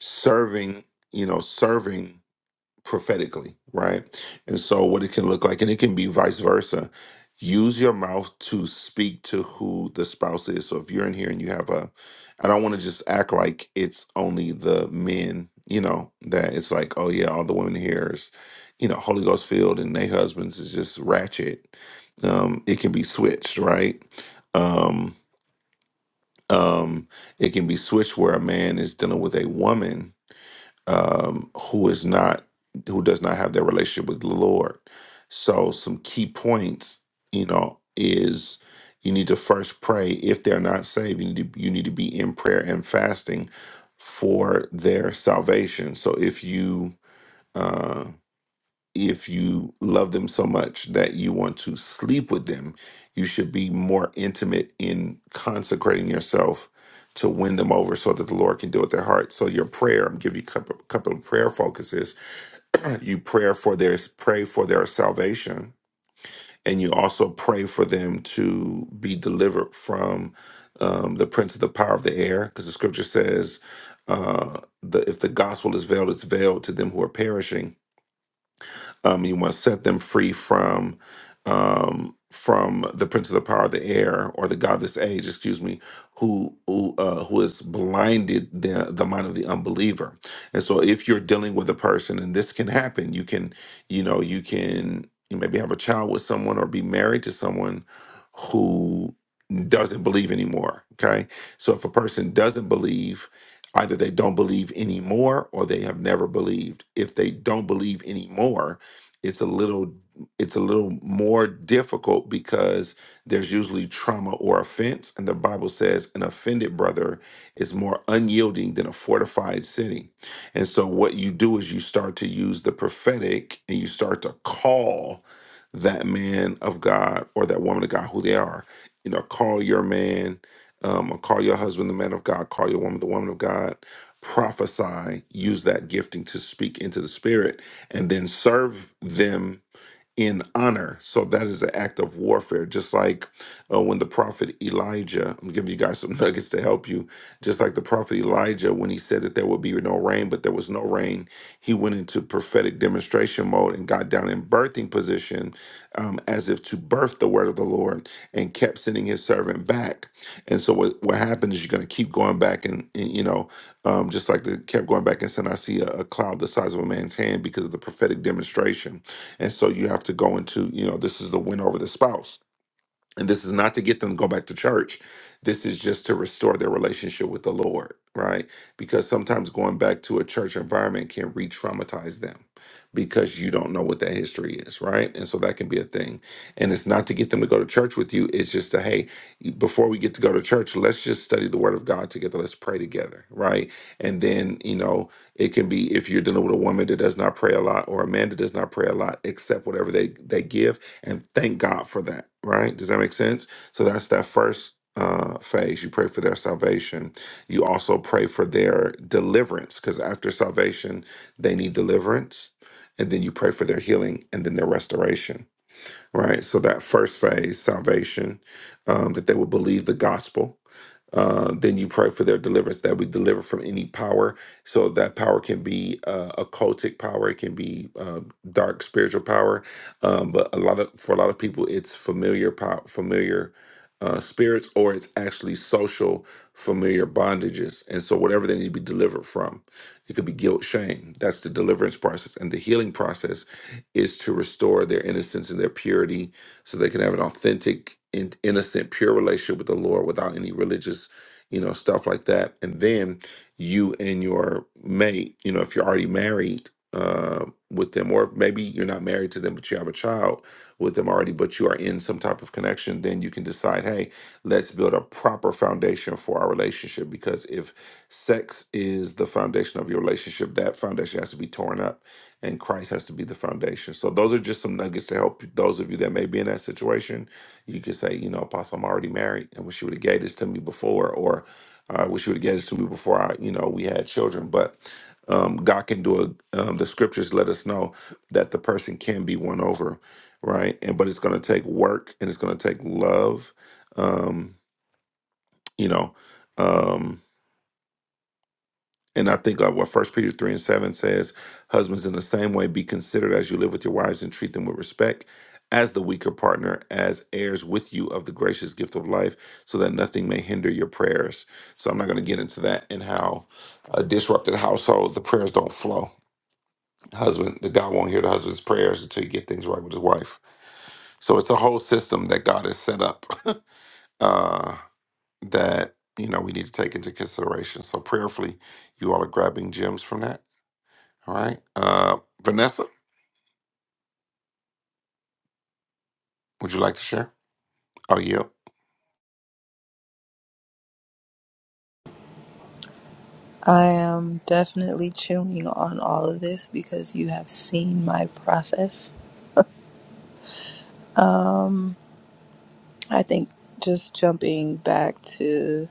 A: serving you know serving prophetically, right? And so, what it can look like, and it can be vice versa. Use your mouth to speak to who the spouse is. So, if you're in here and you have a, I don't want to just act like it's only the men, you know, that it's like, oh yeah, all the women here is, you know, Holy Ghost filled and their husbands is just ratchet. Um, it can be switched, right? Um, um, it can be switched where a man is dealing with a woman um, who is not who does not have their relationship with the Lord. So some key points, you know, is you need to first pray if they're not saved. You need to, you need to be in prayer and fasting for their salvation. So if you uh, if you love them so much that you want to sleep with them, you should be more intimate in consecrating yourself to win them over so that the Lord can deal with their heart. So your prayer, I'm giving you a couple, couple of prayer focuses. you pray for their pray for their salvation, and you also pray for them to be delivered from um, the prince of the power of the air, because the scripture says, uh, the, if the gospel is veiled, it's veiled to them who are perishing um, you want to set them free from um, from the prince of the power of the air or the god of this age, excuse me, who who uh, who has blinded the the mind of the unbeliever. And so, if you're dealing with a person, and this can happen, you can you know you can you maybe have a child with someone or be married to someone who doesn't believe anymore. Okay, so if a person doesn't believe either they don't believe anymore or they have never believed. If they don't believe anymore, it's a little it's a little more difficult because there's usually trauma or offense and the bible says an offended brother is more unyielding than a fortified city and so what you do is you start to use the prophetic and you start to call that man of god or that woman of god who they are you know call your man um, or call your husband the man of god call your woman the woman of god prophesy, use that gifting to speak into the spirit, and then serve them in honor. So that is an act of warfare, just like uh, when the prophet Elijah, I'm giving you guys some nuggets to help you. Just like the prophet Elijah, when he said that there would be no rain, but there was no rain, he went into prophetic demonstration mode and got down in birthing position um, as if to birth the word of the Lord and kept sending his servant back. And so what, what happened is you're going to keep going back and, and, you know, um, just like they kept going back and saying, I see a, a cloud the size of a man's hand because of the prophetic demonstration. And so you have to go into, you know, this is the win over the spouse and this is not to get them to go back to church. This is just to restore their relationship with the Lord, right? Because sometimes going back to a church environment can re traumatize them because you don't know what that history is, right? And so that can be a thing. And it's not to get them to go to church with you, it's just to, hey, before we get to go to church, let's just study the word of God together. Let's pray together, right? And then, you know, it can be if you're dealing with a woman that does not pray a lot or a man that does not pray a lot, accept whatever they, they give and thank God for that, right? Does that make sense? So that's that first uh, phase. You pray for their salvation. You also pray for their deliverance because after salvation, they need deliverance. And then you pray for their healing and then their restoration, right? So that first phase, salvation, um, that they will believe the gospel, uh, then you pray for their deliverance that we deliver from any power. So that power can be uh, occultic power, it can be uh, dark spiritual power. Um, but a lot of for a lot of people, it's familiar power, familiar uh, spirits, or it's actually social familiar bondages. And so whatever they need to be delivered from, it could be guilt, shame. That's the deliverance process, and the healing process is to restore their innocence and their purity so they can have an authentic and innocent pure relationship with the lord without any religious you know stuff like that and then you and your mate you know if you're already married uh, with them or maybe you're not married to them but you have a child with them already but you are in some type of connection then you can decide hey let's build a proper foundation for our relationship because if sex is the foundation of your relationship that foundation has to be torn up and Christ has to be the foundation. So those are just some nuggets to help you- those of you that may be in that situation. You can say, you know, Apostle, I'm already married. I wish you would have gave this to me before, or I wish you would have gave this to me before I, you know, we had children. But um, God can do a. Um, the scriptures let us know that the person can be won over, right? And but it's going to take work and it's going to take love. Um, you know. Um, and I think of what First Peter three and seven says: husbands, in the same way, be considerate as you live with your wives, and treat them with respect, as the weaker partner, as heirs with you of the gracious gift of life, so that nothing may hinder your prayers. So I'm not going to get into that and how a disrupted household the prayers don't flow. Husband, the God won't hear the husband's prayers until you get things right with his wife. So it's a whole system that God has set up uh, that you know we need to take into consideration. So prayerfully, you all are grabbing gems from that. All right. Uh, Vanessa, would you like to share? I'll yield.
K: I am definitely chewing on all of this because you have seen my process. I think just jumping back to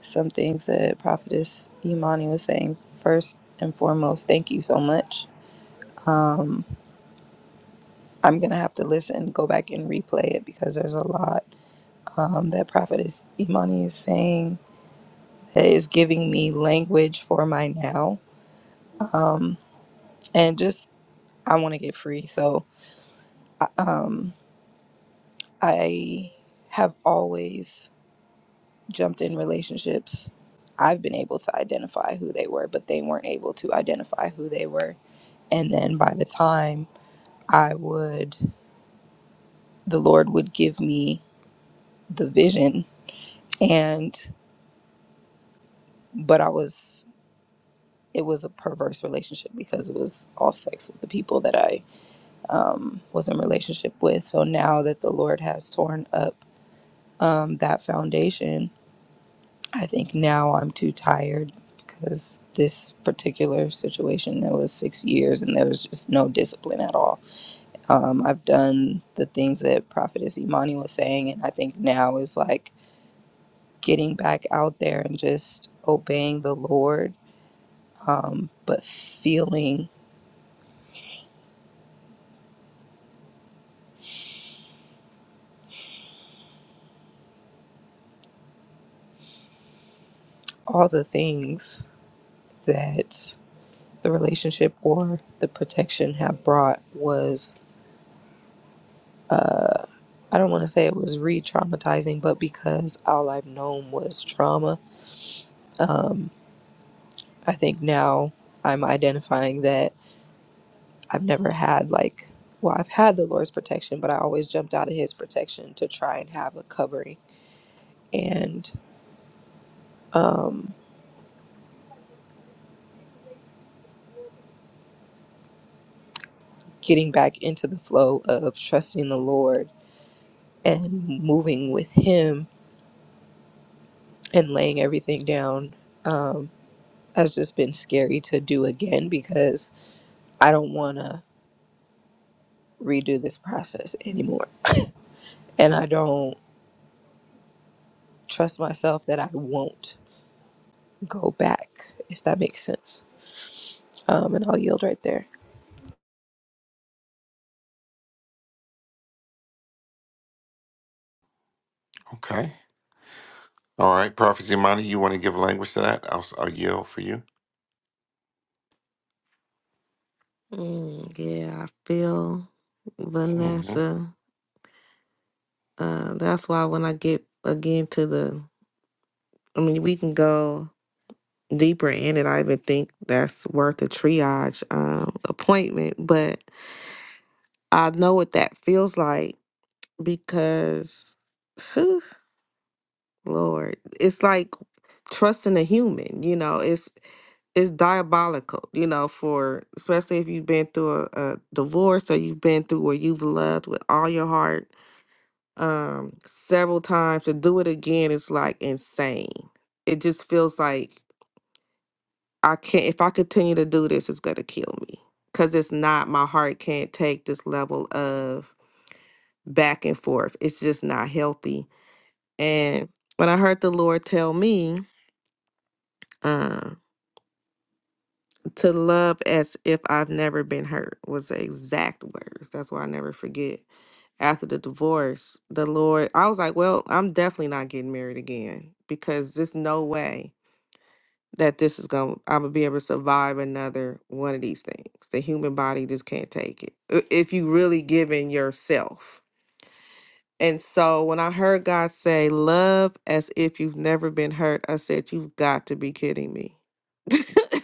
K: some things that Prophetess Imani was saying, first and foremost, thank you so much. I'm going to have to listen, go back and replay it because there's a lot um, that Prophetess Imani is saying that is giving me language for my now. Um, and just, I want to get free. So, I- um, I have always jumped in relationships, I've been able to identify who they were, but they weren't able to identify who they were. And then by the time I would, the Lord would give me the vision. And, but I was, it was a perverse relationship because it was all sex with the people that I um, was in relationship with. So now that the Lord has torn up um, that foundation, I think now I'm too tired because this particular situation, it was six years and there was just no discipline at all. Um, I've done the things that Prophetess Imani was saying, and I think now is like getting back out there and just obeying the Lord, um, but feeling all the things that the relationship or the protection have brought was. uh, I don't want to say it was re traumatizing, but because all I've known was trauma, um, I think now I'm identifying that I've never had, like, well, I've had the Lord's protection, but I always jumped out of His protection to try and have a covering. And um, getting back into the flow of trusting the Lord and moving with Him and laying everything down um, has just been scary to do again because I don't want to redo this process anymore. and I don't trust myself that I won't go back, if that makes sense. Um, and I'll yield right there.
A: Okay. All right. Prophet Zimani, you want to give language to that? I'll, I'll yield for you.
I: mm, yeah i feel
A: Mm-hmm.
I: vanessa uh that's why when i get again to the i mean we can go deeper in it i even think that's worth a triage um appointment but i know what that feels like because phew, lord it's like trusting a human you know it's it's diabolical you know for especially if you've been through a, a divorce or you've been through where you've loved with all your heart um several times to do it again is like insane it just feels like i can't if i continue to do this it's gonna kill me because it's not my heart can't take this level of back and forth it's just not healthy And when I heard the Lord tell me uh, to love as if I've never been hurt was the exact words. That's why I never forget. After the divorce, the Lord, I was like, well, I'm definitely not getting married again because there's no way that this is going to, I'm going to be able to survive another one of these things. The human body just can't take it. I- If you really give in yourself And so when I heard God say, Love as if you've never been hurt, I said, You've got to be kidding me.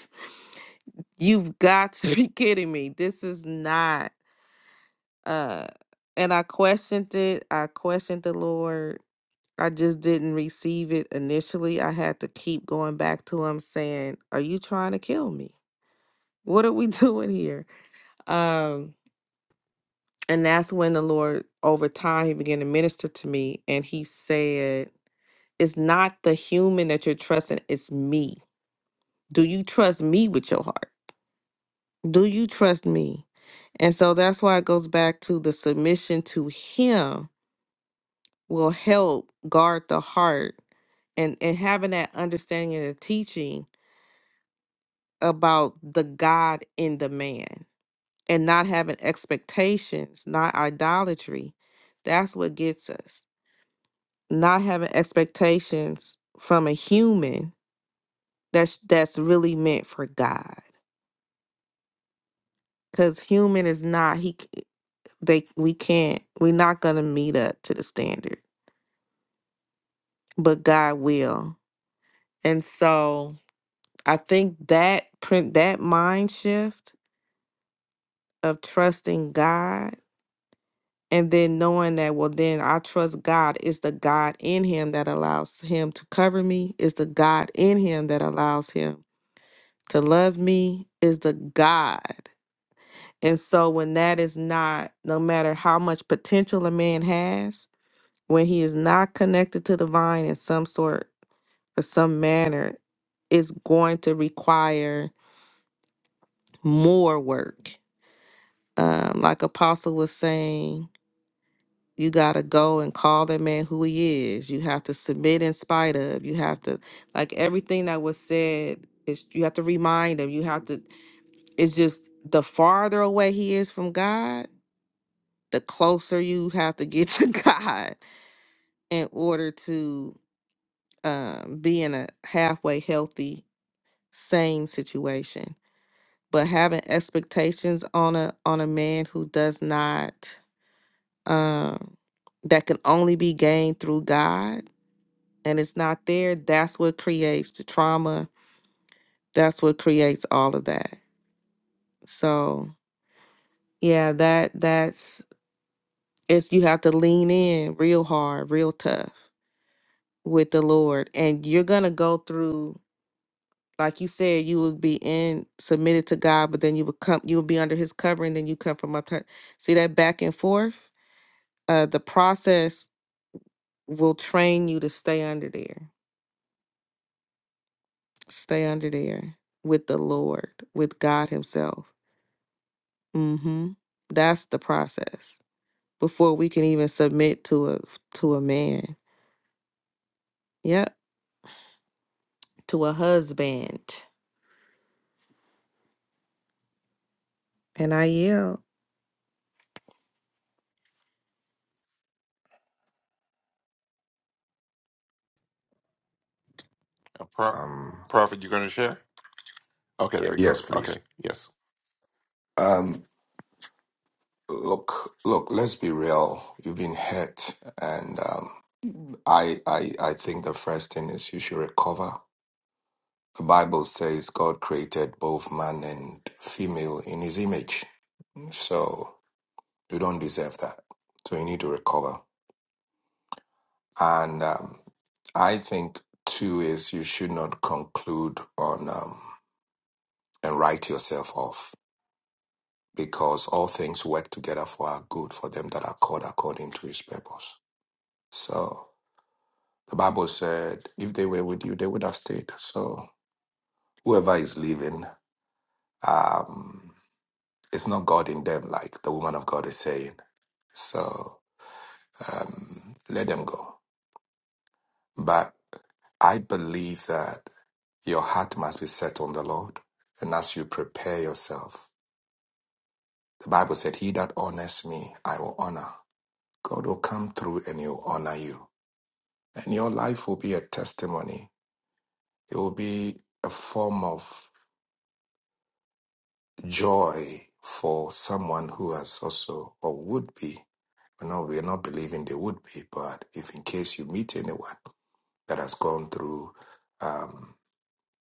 I: You've got to be kidding me. This is not uh and I questioned it. I questioned the Lord. I just didn't receive it initially. I had to keep going back to him saying, Are you trying to kill me? What are we doing here? Um and that's when the Lord over time he began to minister to me and he said it's not the human that you're trusting, it's me. Do you trust me with your heart? Do you trust me? And so that's why it goes back to the submission to him will help guard the heart and and having that understanding and the teaching about the God in the man and not having expectations, not idolatry. That's what gets us. Not having expectations from a human that's that's really meant for God. because human is not he c- they we can't we're not gonna meet up to the standard but god will and so i think that print that mind shift of trusting god and then knowing that well then i trust god is the god in him that allows him to cover me is the god in him that allows him to love me is the god and so when that is not no matter how much potential a man has when he is not connected to the vine in some sort or some manner, it's going to require more work. Um, like Apostle was saying, you got to go and call that man who he is. You have to submit in spite of. You have to, like everything that was said, is you have to remind him. You have to, it's just the farther away he is from God, the closer you have to get to God in order to um, be in a halfway healthy same situation but having expectations on a on a man who does not um that can only be gained through god and it's not there that's what creates the trauma that's what creates all of that so yeah that that's it's you have to lean in real hard real tough with the lord and you're gonna go through like you said, you would be in submitted to God, but then you would come, you would be under His covering, then you come from up. her- See that back and forth. Uh, the process will train you to stay under there, stay under there with the Lord, with God Himself. Mm-hmm. That's the process before we can even submit to a to a man. Yep, to a husband. And I yield.
A: Uh, Pro-
H: Um,
A: Prophet, you going to share? Okay, there you
H: yes,
A: go.
H: please.
A: Okay. Yes.
H: Um, look, look. Let's be real. You've been hurt, and um, I, I, I think the first thing is you should recover. The Bible says God created both man and female in His image, so you don't deserve that. So you need to recover. And um, I think two is you should not conclude on um, and write yourself off because all things work together for our good for them that are called according to His purpose. So the Bible said, if they were with you, they would have stayed. So whoever is leaving, um, it's not God in them, like the woman of God is saying. So um, let them go. But I believe that. Your heart must be set on the Lord. And as you prepare yourself, the Bible said, He that honors me, I will honor. God will come through and he'll honor you. And your life will be a testimony. It will be a form of joy for someone who has also or would be. No, we're not believing they would be, but if in case you meet anyone that has gone through um,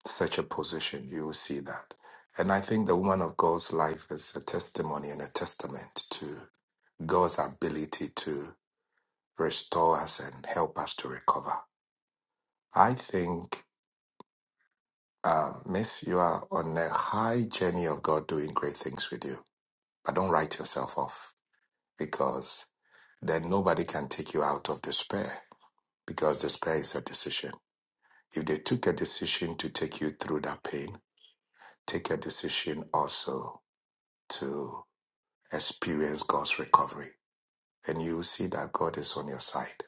H: such a position, you will see that. And I think the woman of God's life is a testimony and a testament to God's ability to restore us and help us to recover. I think, uh, Miss, you are on a high journey of God doing great things with you. But don't write yourself off because then nobody can take you out of despair because despair is a decision. If they took a decision to take you through that pain, take a decision also experience God's recovery. And you will see that God is on your side.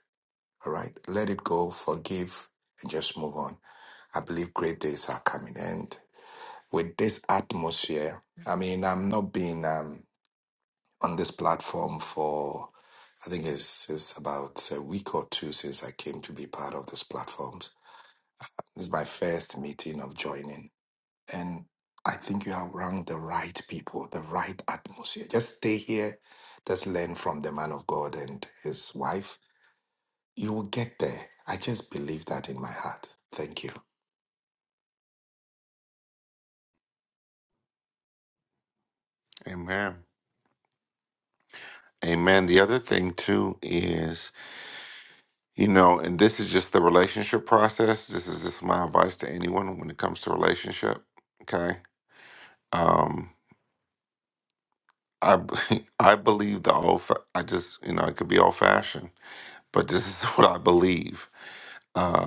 H: All right? Let it go, forgive, and just move on. I believe great days are coming. And with this atmosphere, I mean, I'm not being um, on this platform for, I think it's, it's about a week or two since I came to be part of this platform. This is my first meeting of joining. and I think you are around the right people, the right atmosphere. Just stay here, just learn from the man of God and his wife. You will get there. I just believe that in my heart. Thank you.
A: Amen. Amen. The other thing, too, is, you know, and this is just the relationship process. This is just my advice to anyone when it comes to relationship. Okay. Um, I, b- I believe the old, fa- I just, you know, it could be old fashioned, but this is what I believe Uh,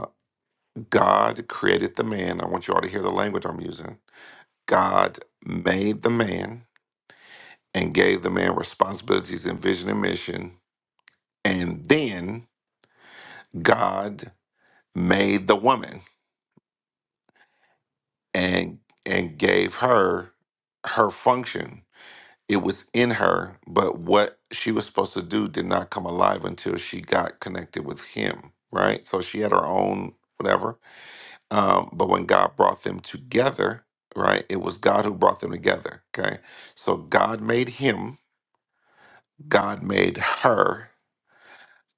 A: God created the man. I want you all to hear the language I'm using. God made the man and gave the man responsibilities and vision and mission. And then God made the woman and and gave her her function. It was in her, but what she was supposed to do did not come alive until she got connected with him, right? So she had her own whatever Um, but when God brought them together, right, it was God who brought them together. Okay. So God made him, God made her,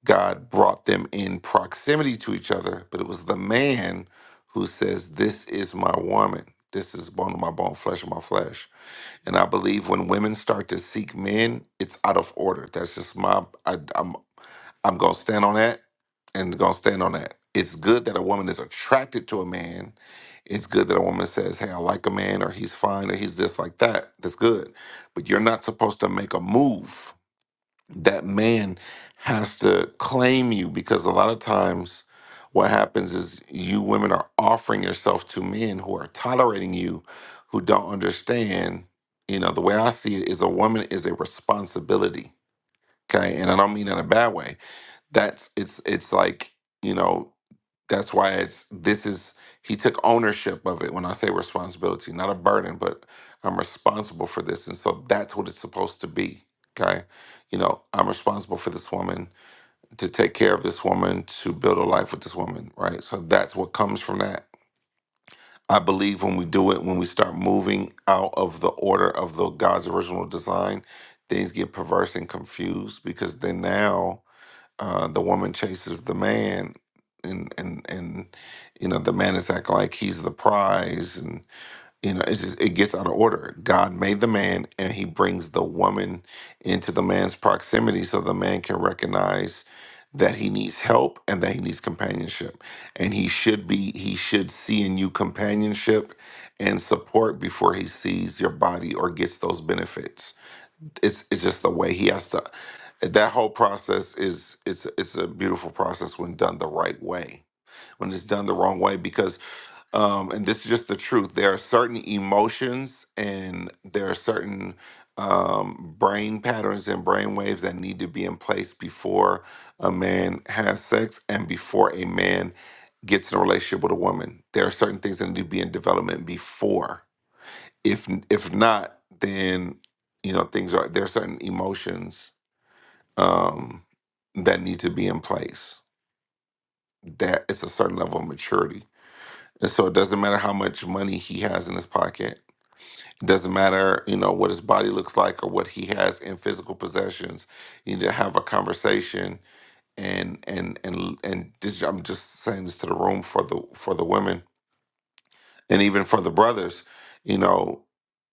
A: God brought them in proximity to each other, but it was the man who says, This is my woman. This is bone of my bone, flesh of my flesh. And I believe when women start to seek men, it's out of order. That's just my, I, am I'm gonna stand on that and gonna stand on that. It's good that a woman is attracted to a man. It's good that a woman says, Hey, I like a man, or he's fine, or he's this like that. That's good. But you're not supposed to make a move. That man has to claim you because a lot of times what happens is you women are offering yourself to men who are tolerating you, who don't understand. You know, the way I see it is a woman is a responsibility. Okay. And I don't mean that in a bad way that's it's it's like you know that's why it's this is he took ownership of it when i say responsibility not a burden but i'm responsible for this and so that's what it's supposed to be okay you know i'm responsible for this woman to take care of this woman to build a life with this woman right so that's what comes from that i believe when we do it when we start moving out of the order of the god's original design things get perverse and confused because then now uh, the woman chases the man and and and you know the man is acting like he's the prize and you know it's just it gets out of order god made the man and he brings the woman into the man's proximity so the man can recognize that he needs help and that he needs companionship and he should be he should see in you companionship and support before he sees your body or gets those benefits it's it's just the way he has to that whole process is it's it's a beautiful process when done the right way when it's done the wrong way because um and this is just the truth there are certain emotions and there are certain um brain patterns and brain waves that need to be in place before a man has sex and before a man gets in a relationship with a woman there are certain things that need to be in development before if if not then you know things are there are certain emotions um that need to be in place that it's a certain level of maturity and so it doesn't matter how much money he has in his pocket it doesn't matter you know what his body looks like or what he has in physical possessions you need to have a conversation and and and and this, i'm just saying this to the room for the for the women and even for the brothers you know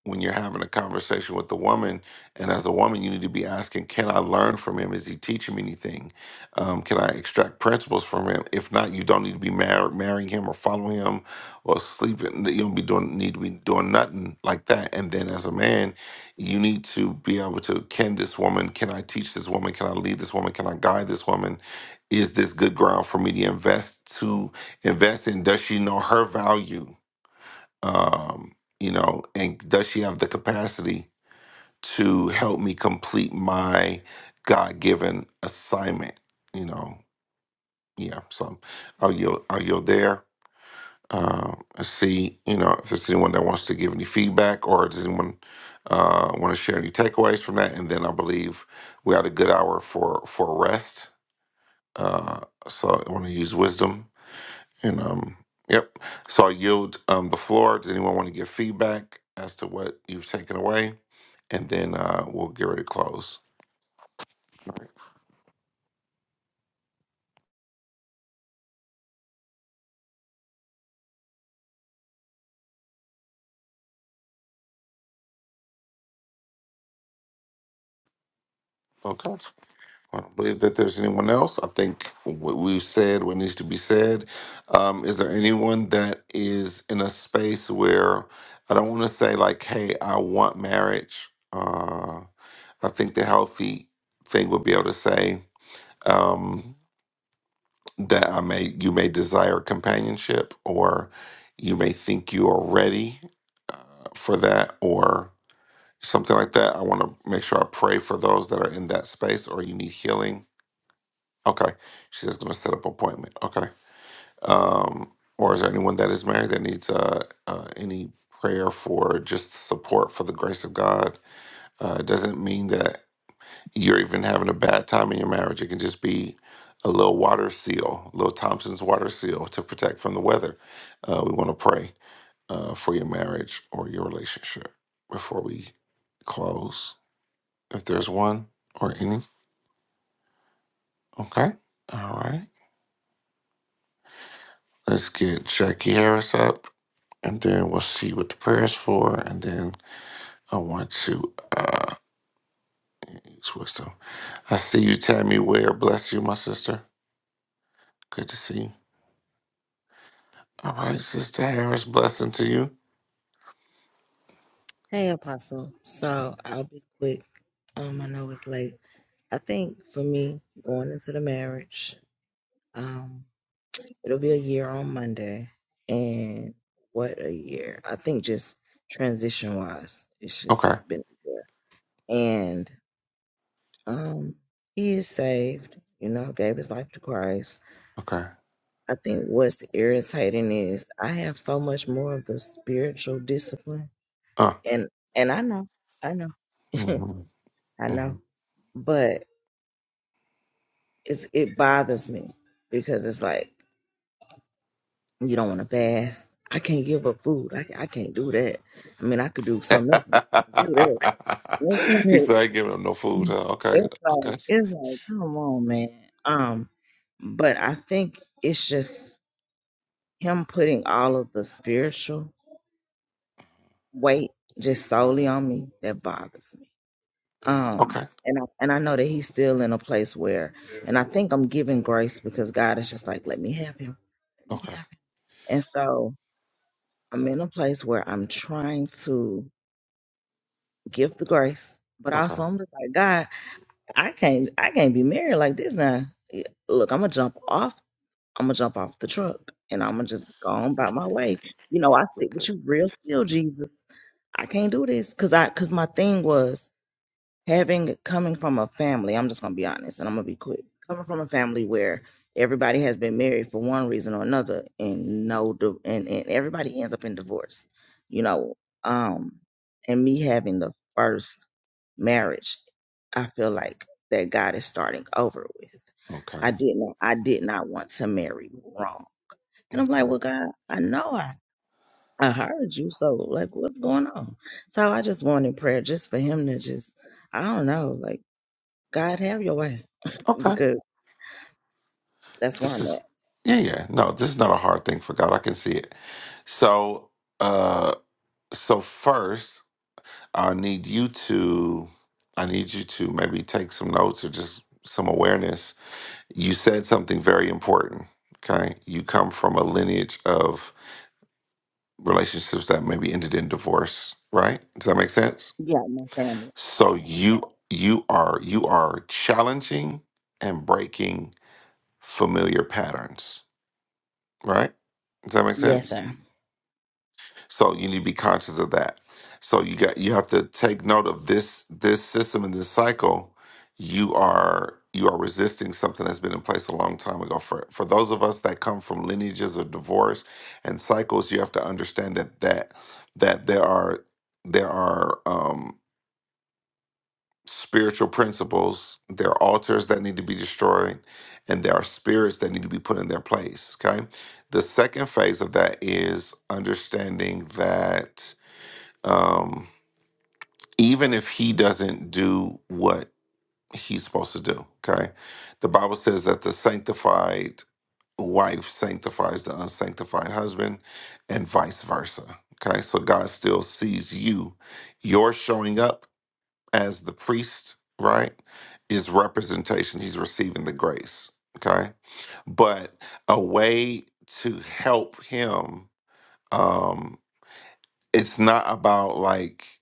A: when you're having a conversation with the woman and as a woman you need to be asking can i learn from him is he teaching me anything um, can i extract principles from him if not you don't need to be mar- marrying him or following him or sleeping you don't be doing need to be doing nothing like that and then as a man you need to be able to can this woman can i teach this woman can i lead this woman can i guide this woman is this good ground for me to invest to invest in does she know her value um, you know, and does she have the capacity to help me complete my God given assignment? You know, yeah. So are you are you there? Uh, let's see, you know, if there's anyone that wants to give any feedback or does anyone uh, want to share any takeaways from that? And then I believe we had a good hour for for rest. Uh, so I want to use wisdom and um, yep. So I yield um, the floor. Does anyone want to give feedback as to what you've taken away? And then uh, we'll get ready to close. Okay. I don't believe that there's anyone else. I think what we've said, what needs to be said. Um, is there anyone that is in a space where I don't want to say like, "Hey, I want marriage." Uh, I think the healthy thing would be able to say. Um, that I may you may desire companionship or you may think you are ready uh, for that or something like that. I want to make sure I pray for those that are in that space or you need healing. Okay. She says going to set up appointment. Okay. Um or is there anyone that is married that needs uh, uh any prayer for just support for the grace of God? Uh it doesn't mean that you're even having a bad time in your marriage. It can just be a little water seal, a little Thompson's water seal to protect from the weather. Uh, we want to pray uh, for your marriage or your relationship before we close, if there's one or any. Okay. All right. Let's get Jackie Harris up and then we'll see what the prayer is for. And then I want to uh, use wisdom. I see you, Tammy Ware. Bless you, my sister. Good to see you. All right, Sister Harris, blessing to you.
L: Hey, Apostle. So I'll be quick. Um, I know it's late. I think for me, going into the marriage, um, it'll be a year on Monday. And what a year. I think just transition wise, it's just
A: Okay.
L: been a year. And um, he is saved, you know, gave his life to Christ.
A: Okay.
L: I think what's irritating is I have so much more of the spiritual discipline
A: Uh.
L: and and I know, I know,
A: hmm
L: I
A: hmm
L: know. But it's, it bothers me because it's like you don't want to fast. I can't give up food. I, ca- I can't do that. I mean, I could do something else, but I can't do that.
A: he said I ain't giving him no
L: It's
A: food.
L: like
A: Huh? Okay.
L: it's
A: Okay.
L: like it's like, come on, man. Um, but I think it's just him putting all of the spiritual weight just solely on me that bothers me. Um,
A: Okay.
L: and I, and I know that he's still in a place where, and I think I'm giving grace because God is just like, let me have him. Let me
A: Okay.
L: have him. And so I'm in a place where I'm trying to give the grace, but
A: Okay.
L: also I'm just like, God, I can't I can't be married like this now. Yeah, Look, I'm gonna jump off. I'm gonna jump off the truck, and I'm gonna just go on by my way. You know, I sit
A: Okay.
L: with you real still, Jesus. I can't do this because I because my thing was having coming from a family, I'm just gonna be honest and I'm gonna be quick. Coming from a family where everybody has been married for one reason or another and no di- and, and everybody ends up in divorce, you know. Um and me having the first marriage, I feel like that God is starting over with. I
A: Okay.
L: did not I did not want to marry wrong. And I'm like,
A: Okay.
L: well God, I know I I heard you, so like what's going on? So I just wanted prayer just for him to just I don't know, like God have your way
A: Okay.
L: because that's where
A: This
L: I'm at.
A: is yeah, yeah. No, this is not a hard thing for God. I can see it. So uh so first I need you to I need you to maybe take some notes or just some awareness. You said something very important. Okay. You come from a lineage of relationships that maybe ended in divorce, right? Does that make sense?
L: Yeah, my family.
A: So you you are you are challenging and breaking familiar patterns, right? Does that make sense?
L: Yes, sir.
A: So you need to be conscious of that. So you got you have to take note of this this system and this cycle. You are you are resisting something that's been in place a long time ago. For for those of us that come from lineages of divorce and cycles, you have to understand that that that there are there are um, spiritual principles, there are altars that need to be destroyed, and there are spirits that need to be put in their place. Okay. The second phase of that is understanding that um, even if he doesn't do what he's supposed to do. Okay. The Bible says that the sanctified wife sanctifies the unsanctified husband and vice versa. Okay. So God still sees you. Your showing up as the priest, right, is representation. He's receiving the grace. Okay. But a way to help him, um, it's not about like,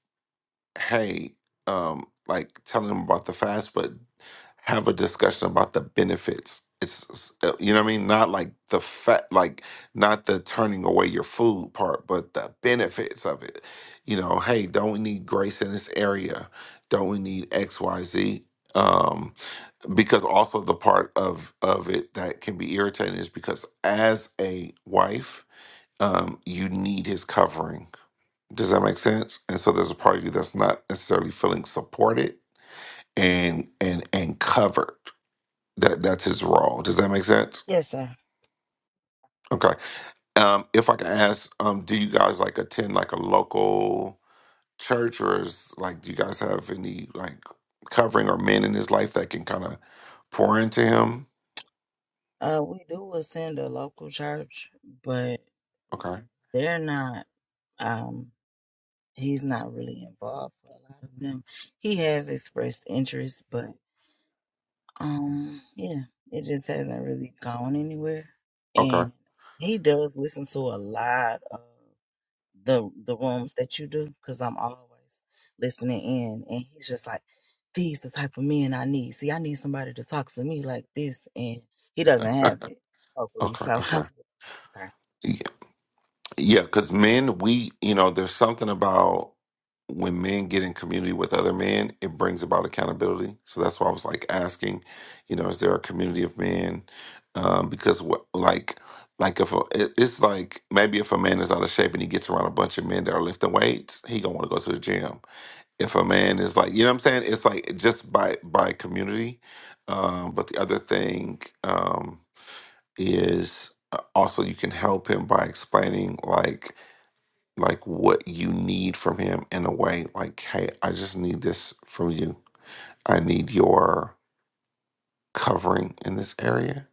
A: hey, um, like telling them about the fast, but have a discussion about the benefits. It's uh, you know what I mean, not like the fat, like not the turning away your food part, but the benefits of it. You know, hey, don't we need grace in this area? Don't we need X, Y, Z? Um, because also the part of of it that can be irritating is because as a wife, um, you need his covering does that make sense? And so there's a part of you that's not necessarily feeling supported and and and covered. That that's his role. Does that make sense?
L: Yes, sir.
A: Okay. Um, if I can ask, um, do you guys like attend like a local church or is like do you guys have any like covering or men in his life that can kind of pour into him?
L: Uh, we do attend a local church, but
A: Okay.
L: they're not. Um, he's not really involved with a lot of them. He has expressed interest, but um, yeah, it just hasn't really gone anywhere.
A: Okay.
L: And he does listen to a lot of the the rooms that you do because I'm always listening in, and he's just like, "These the type of men I need. See, I need somebody to talk to me like this," and he doesn't have it, hopefully.
A: Okay.
L: So, I'm just,
A: Okay.
L: okay,
A: Yeah, because men, we, you know, there's something about when men get in community with other men, it brings about accountability. So that's why I was like asking, you know, is there a community of men? Um, because what, like, like if a, it- it's like maybe if a man is out of shape and he gets around a bunch of men that are lifting weights, he gonna want to go to the gym. If a man is like, you know what I'm saying? It's like just by by community. Um, but the other thing um, is uh, also you can help him by explaining like like what you need from him in a way like hey i just need this from you i need your covering in this area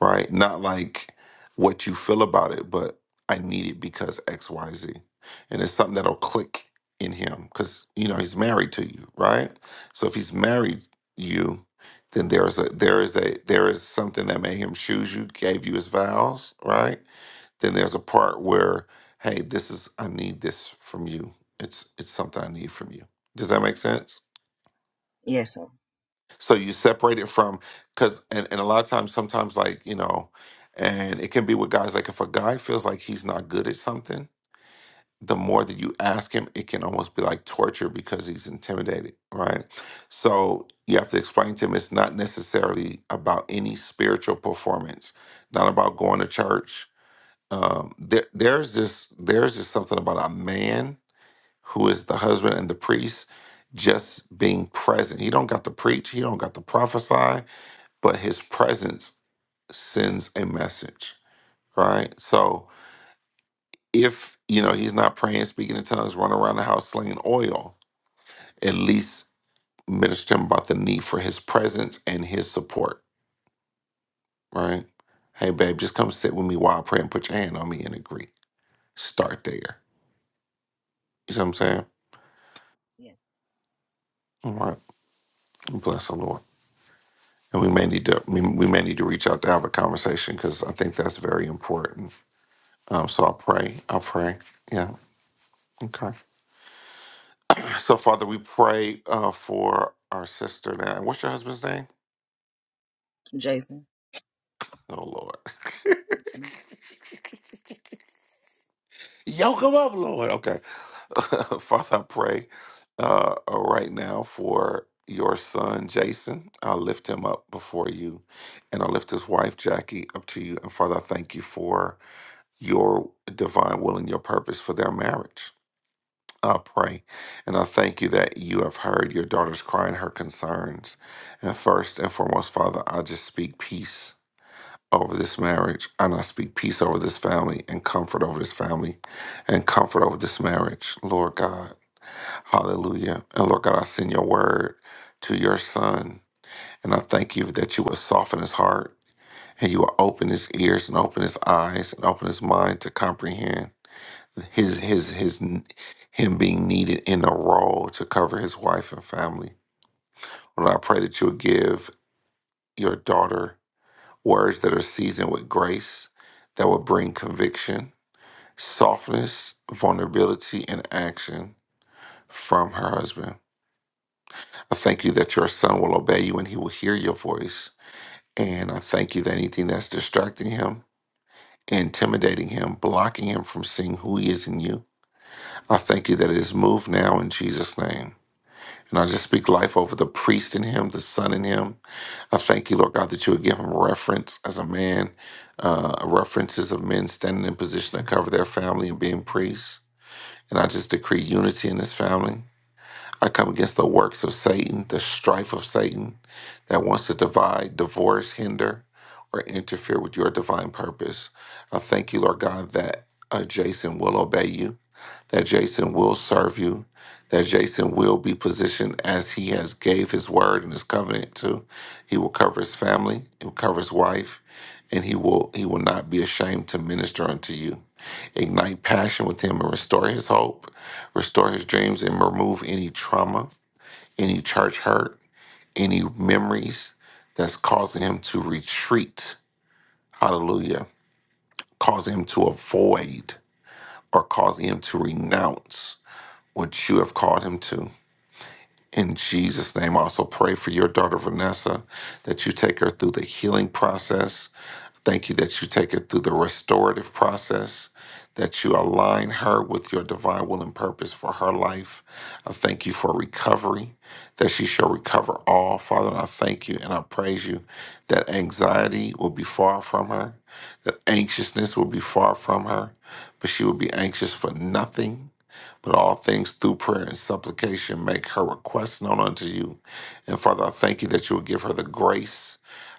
A: right not like what you feel about it but i need it because xyz and it's something that'll click in him because you know he's married to you right so if he's married you then there's a there is a there is something that made him choose you gave you his vows right then there's a part where, hey, this is I need this from you. It's it's something I need from you. Does that make sense?
L: yes, sir,
A: So you separate it from because and, and a lot of times sometimes like, you know, and it can be with guys like if a guy feels like he's not good at something, the more that you ask him, it can almost be like torture because he's intimidated, right? So you have to explain to him it's not necessarily about any spiritual performance, not about going to church, um there there's just there's just something about a man who is the husband and the priest just being present he don't got to preach he don't got to prophesy but his presence sends a message right so if you know he's not praying speaking in tongues running around the house slinging oil at least minister to him about the need for his presence and his support right hey babe just come sit with me while i pray and put your hand on me and agree start there you see what i'm saying
L: yes,
A: Right. Bless the Lord. And we may need to we, we may need to reach out to have a conversation because I think that's very important. Um, so I'll pray. I'll pray. Yeah. Okay. So Father, we pray uh, for our sister now. What's your husband's name?
L: Jason.
A: Oh Lord. Yoke him up, Lord. Okay. Father, I pray uh, right now for your son, Jason. I lift him up before you and I lift his wife, Jackie, up to you. And Father, I thank you for your divine will and your purpose for their marriage. I pray and I thank you that you have heard your daughter's cry and her concerns. And first and foremost, Father, I just speak peace over this marriage and I speak peace over this family and comfort over this family and comfort over this marriage, Lord God. Hallelujah. And Lord God, I send your word to your son. And I thank you that you will soften his heart and you will open his ears and open his eyes and open his mind to comprehend his his his him being needed in a role to cover his wife and family. Lord, I pray that you'll give your daughter words that are seasoned with grace that will bring conviction, softness, vulnerability, and action from her husband. I thank you that your son will obey you and he will hear your voice. And I thank you that anything that's distracting him, intimidating him, blocking him from seeing who he is in you, I thank you that it is moved now in Jesus' name. And I just speak life over the priest in him, the son in him. I thank you, Lord God, that you would give him reference as a man, uh, references of men standing in position to cover their family and being priests. And I just decree unity in this family. I come against the works of Satan, the strife of Satan that wants to divide, divorce, hinder, or interfere with your divine purpose. I thank you, Lord God, that uh, Jason will obey you that Jason will serve you, that Jason will be positioned as he has gave his word and his covenant to. He will cover his family, he will cover his wife, and he will he will not be ashamed to minister unto you. Ignite passion with him and restore his hope, restore his dreams, and remove any trauma, any church hurt, any memories that's causing him to retreat. Hallelujah. Causing him to avoid or causing him to renounce what you have called him to. In Jesus' name, I also pray for your daughter, Vanessa, that you take her through the healing process Thank you that you take her through the restorative process, that you align her with your divine will and purpose for her life. I thank you for recovery, that she shall recover all. Father, and I thank you and I praise you that anxiety will be far from her, that anxiousness will be far from her, but she will be anxious for nothing. But all things through prayer and supplication make her request known unto you. And Father, I thank you that you will give her the grace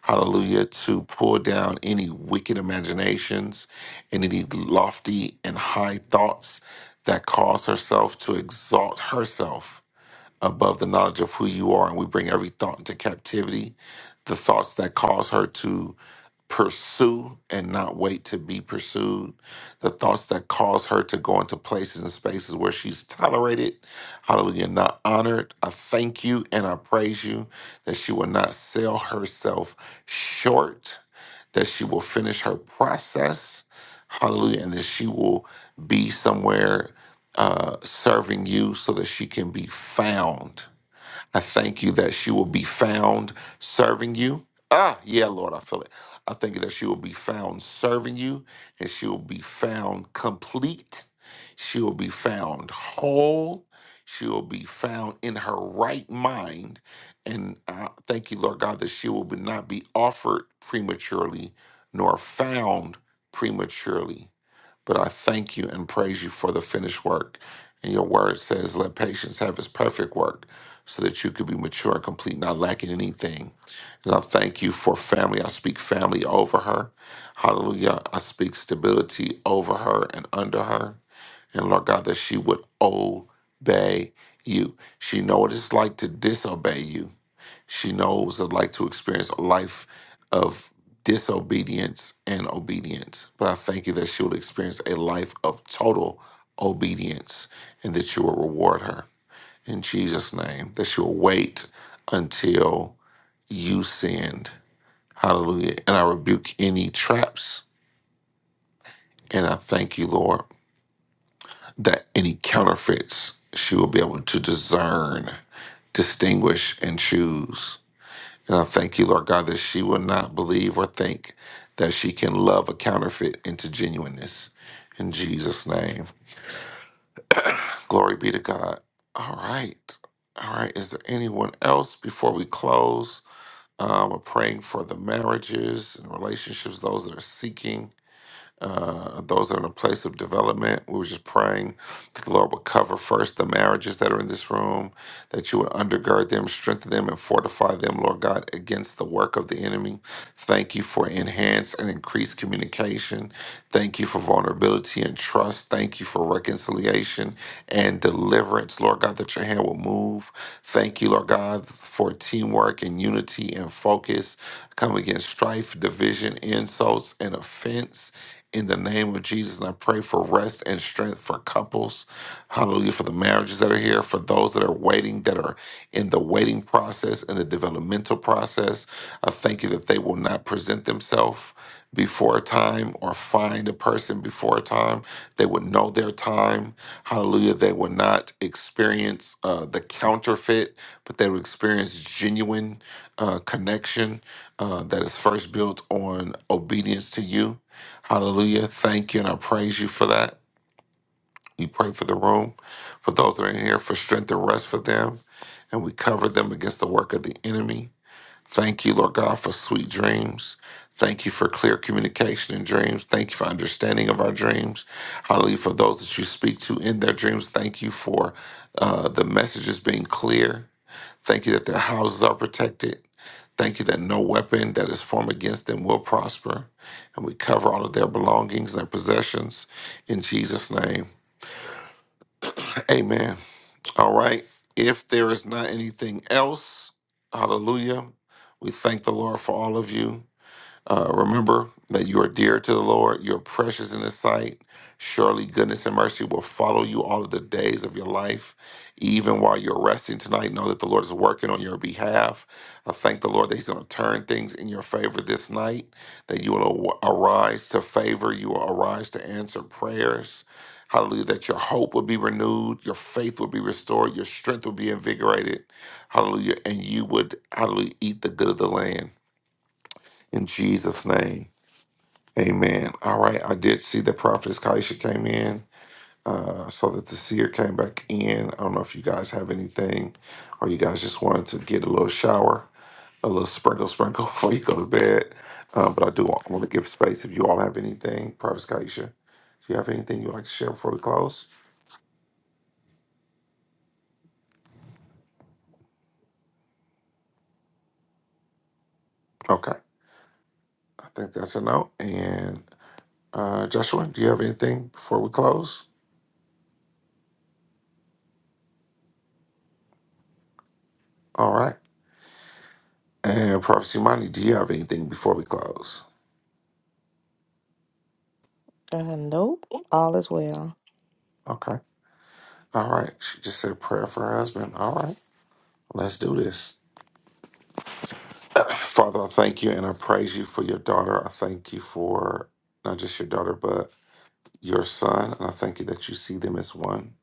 A: Hallelujah. To pull down any wicked imaginations and any lofty and high thoughts that cause herself to exalt herself above the knowledge of who you are, and we bring every thought into captivity, the thoughts that cause her to pursue and not wait to be pursued, the thoughts that cause her to go into places and spaces where she's tolerated, hallelujah, not honored. I thank you and I praise you that she will not sell herself short, that she will finish her process, hallelujah, and that she will be somewhere uh, serving you so that she can be found. I thank you that she will be found serving you. Ah, yeah, Lord, I feel it. I thank you that she will be found serving you and she will be found complete. She will be found whole. She will be found in her right mind. And I thank you, Lord God, that she will be- not be offered prematurely nor found prematurely. But I thank you and praise you for the finished work. And your word says, Let patience have its perfect work, so that you could be mature and complete, not lacking anything. And I thank you for family. I speak family over her. Hallelujah. I speak stability over her and under her. And Lord God, that she would obey you. She know what it's like to disobey you. She knows what it's like to experience a life of disobedience and obedience. But I thank you that she will experience a life of total obedience and that you will reward her in Jesus' name, that she will wait until you send. Hallelujah. And I rebuke any traps. And I thank you, Lord, that any counterfeits she will be able to discern, distinguish, and choose. And I thank you, Lord God, that she will not believe or think that she can love a counterfeit into genuineness. In Jesus' name. Glory be to God. All right. All right. Is there anyone else before we close? Um, we're praying for the marriages and relationships, those that are seeking uh, those that are in a place of development. We were just praying that the Lord would cover first the marriages that are in this room, that you would undergird them, strengthen them, and fortify them, Lord God, against the work of the enemy. Thank you for enhanced and increased communication. Thank you for vulnerability and trust. Thank you for reconciliation and deliverance, Lord God, that your hand will move. Thank you, Lord God, for teamwork and unity and focus. Come against strife, division, insults, and offense in the name of Jesus. And I pray for rest and strength for couples. Hallelujah. For the marriages that are here, for those that are waiting, that are in the waiting process and the developmental process. I thank you that they will not present themselves before time or find a person before time. They will know their time. Hallelujah. They will not experience uh, the counterfeit, but they will experience genuine uh, connection uh, that is first built on obedience to you. Hallelujah. Thank you, and I praise you for that. We pray for the room, for those that are in here, for strength and rest for them, and we cover them against the work of the enemy. Thank you, Lord God, for sweet dreams. Thank you for clear communication in dreams. Thank you for understanding of our dreams. Hallelujah. For those that you speak to in their dreams, thank you for uh, the messages being clear. Thank you that their houses are protected. Thank you that no weapon that is formed against them will prosper. And we cover all of their belongings, their possessions in Jesus' name. Amen. All right. If there is not anything else, hallelujah. We thank the Lord for all of you. Uh, remember that you are dear to the Lord, you're precious in His sight. Surely goodness and mercy will follow you all of the days of your life. Even while you're resting tonight, know that the Lord is working on your behalf. I thank the Lord that He's going to turn things in your favor this night, that you will a- arise to favor, you will arise to answer prayers. Hallelujah, that your hope will be renewed, your faith will be restored, your strength will be invigorated. Hallelujah, and you would, hallelujah, eat the good of the land. In Jesus' name. Amen. All right. I did see that Prophetess Kaisha came in. Uh, so that the seer came back in. I don't know if you guys have anything or you guys just wanted to get a little shower, a little sprinkle, sprinkle before you go to bed. Uh, but I do want, want to give space if you all have anything. Prophetess Kaisha, do you have anything you'd like to share before we close? Okay. I think that's a no. And uh, Joshua, do you have anything before we close? All right. And Prophecy Money, do you have anything before we close?
I: Uh, nope. All is well.
A: Okay. All right. She just said a prayer for her husband. All right. Let's do this. Father, I thank you and I praise you for your daughter. I thank you for not just your daughter, but your son. And I thank you that you see them as one.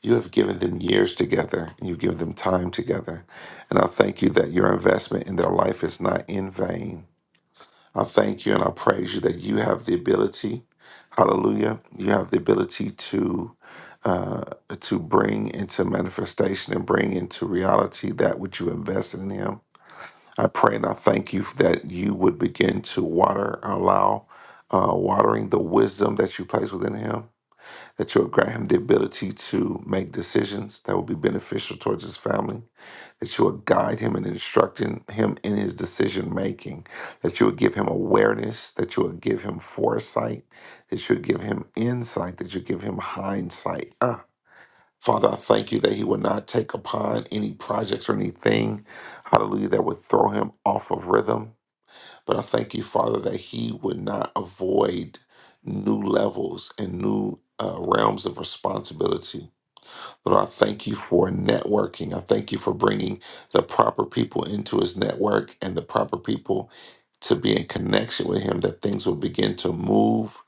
A: You have given them years together and you've given them time together. And I thank you that your investment in their life is not in vain. I thank you and I praise you that you have the ability, hallelujah, you have the ability to uh, to bring into manifestation and bring into reality that which you invested in him. I pray and I thank you that you would begin to water, allow uh, watering the wisdom that you place within him that you'll grant him the ability to make decisions that will be beneficial towards his family, that you will guide him and instructing him in his decision making, that you will give him awareness, that you will give him foresight, that you will give him insight, that you give him hindsight. Ah, Father, I thank you that he will not take upon any projects or anything, hallelujah, that would throw him off of rhythm. But I thank you, Father, that he would not avoid new levels and new uh, realms of responsibility. Lord, I thank you for networking. I thank you for bringing the proper people into his network and the proper people to be in connection with him, that things will begin to move,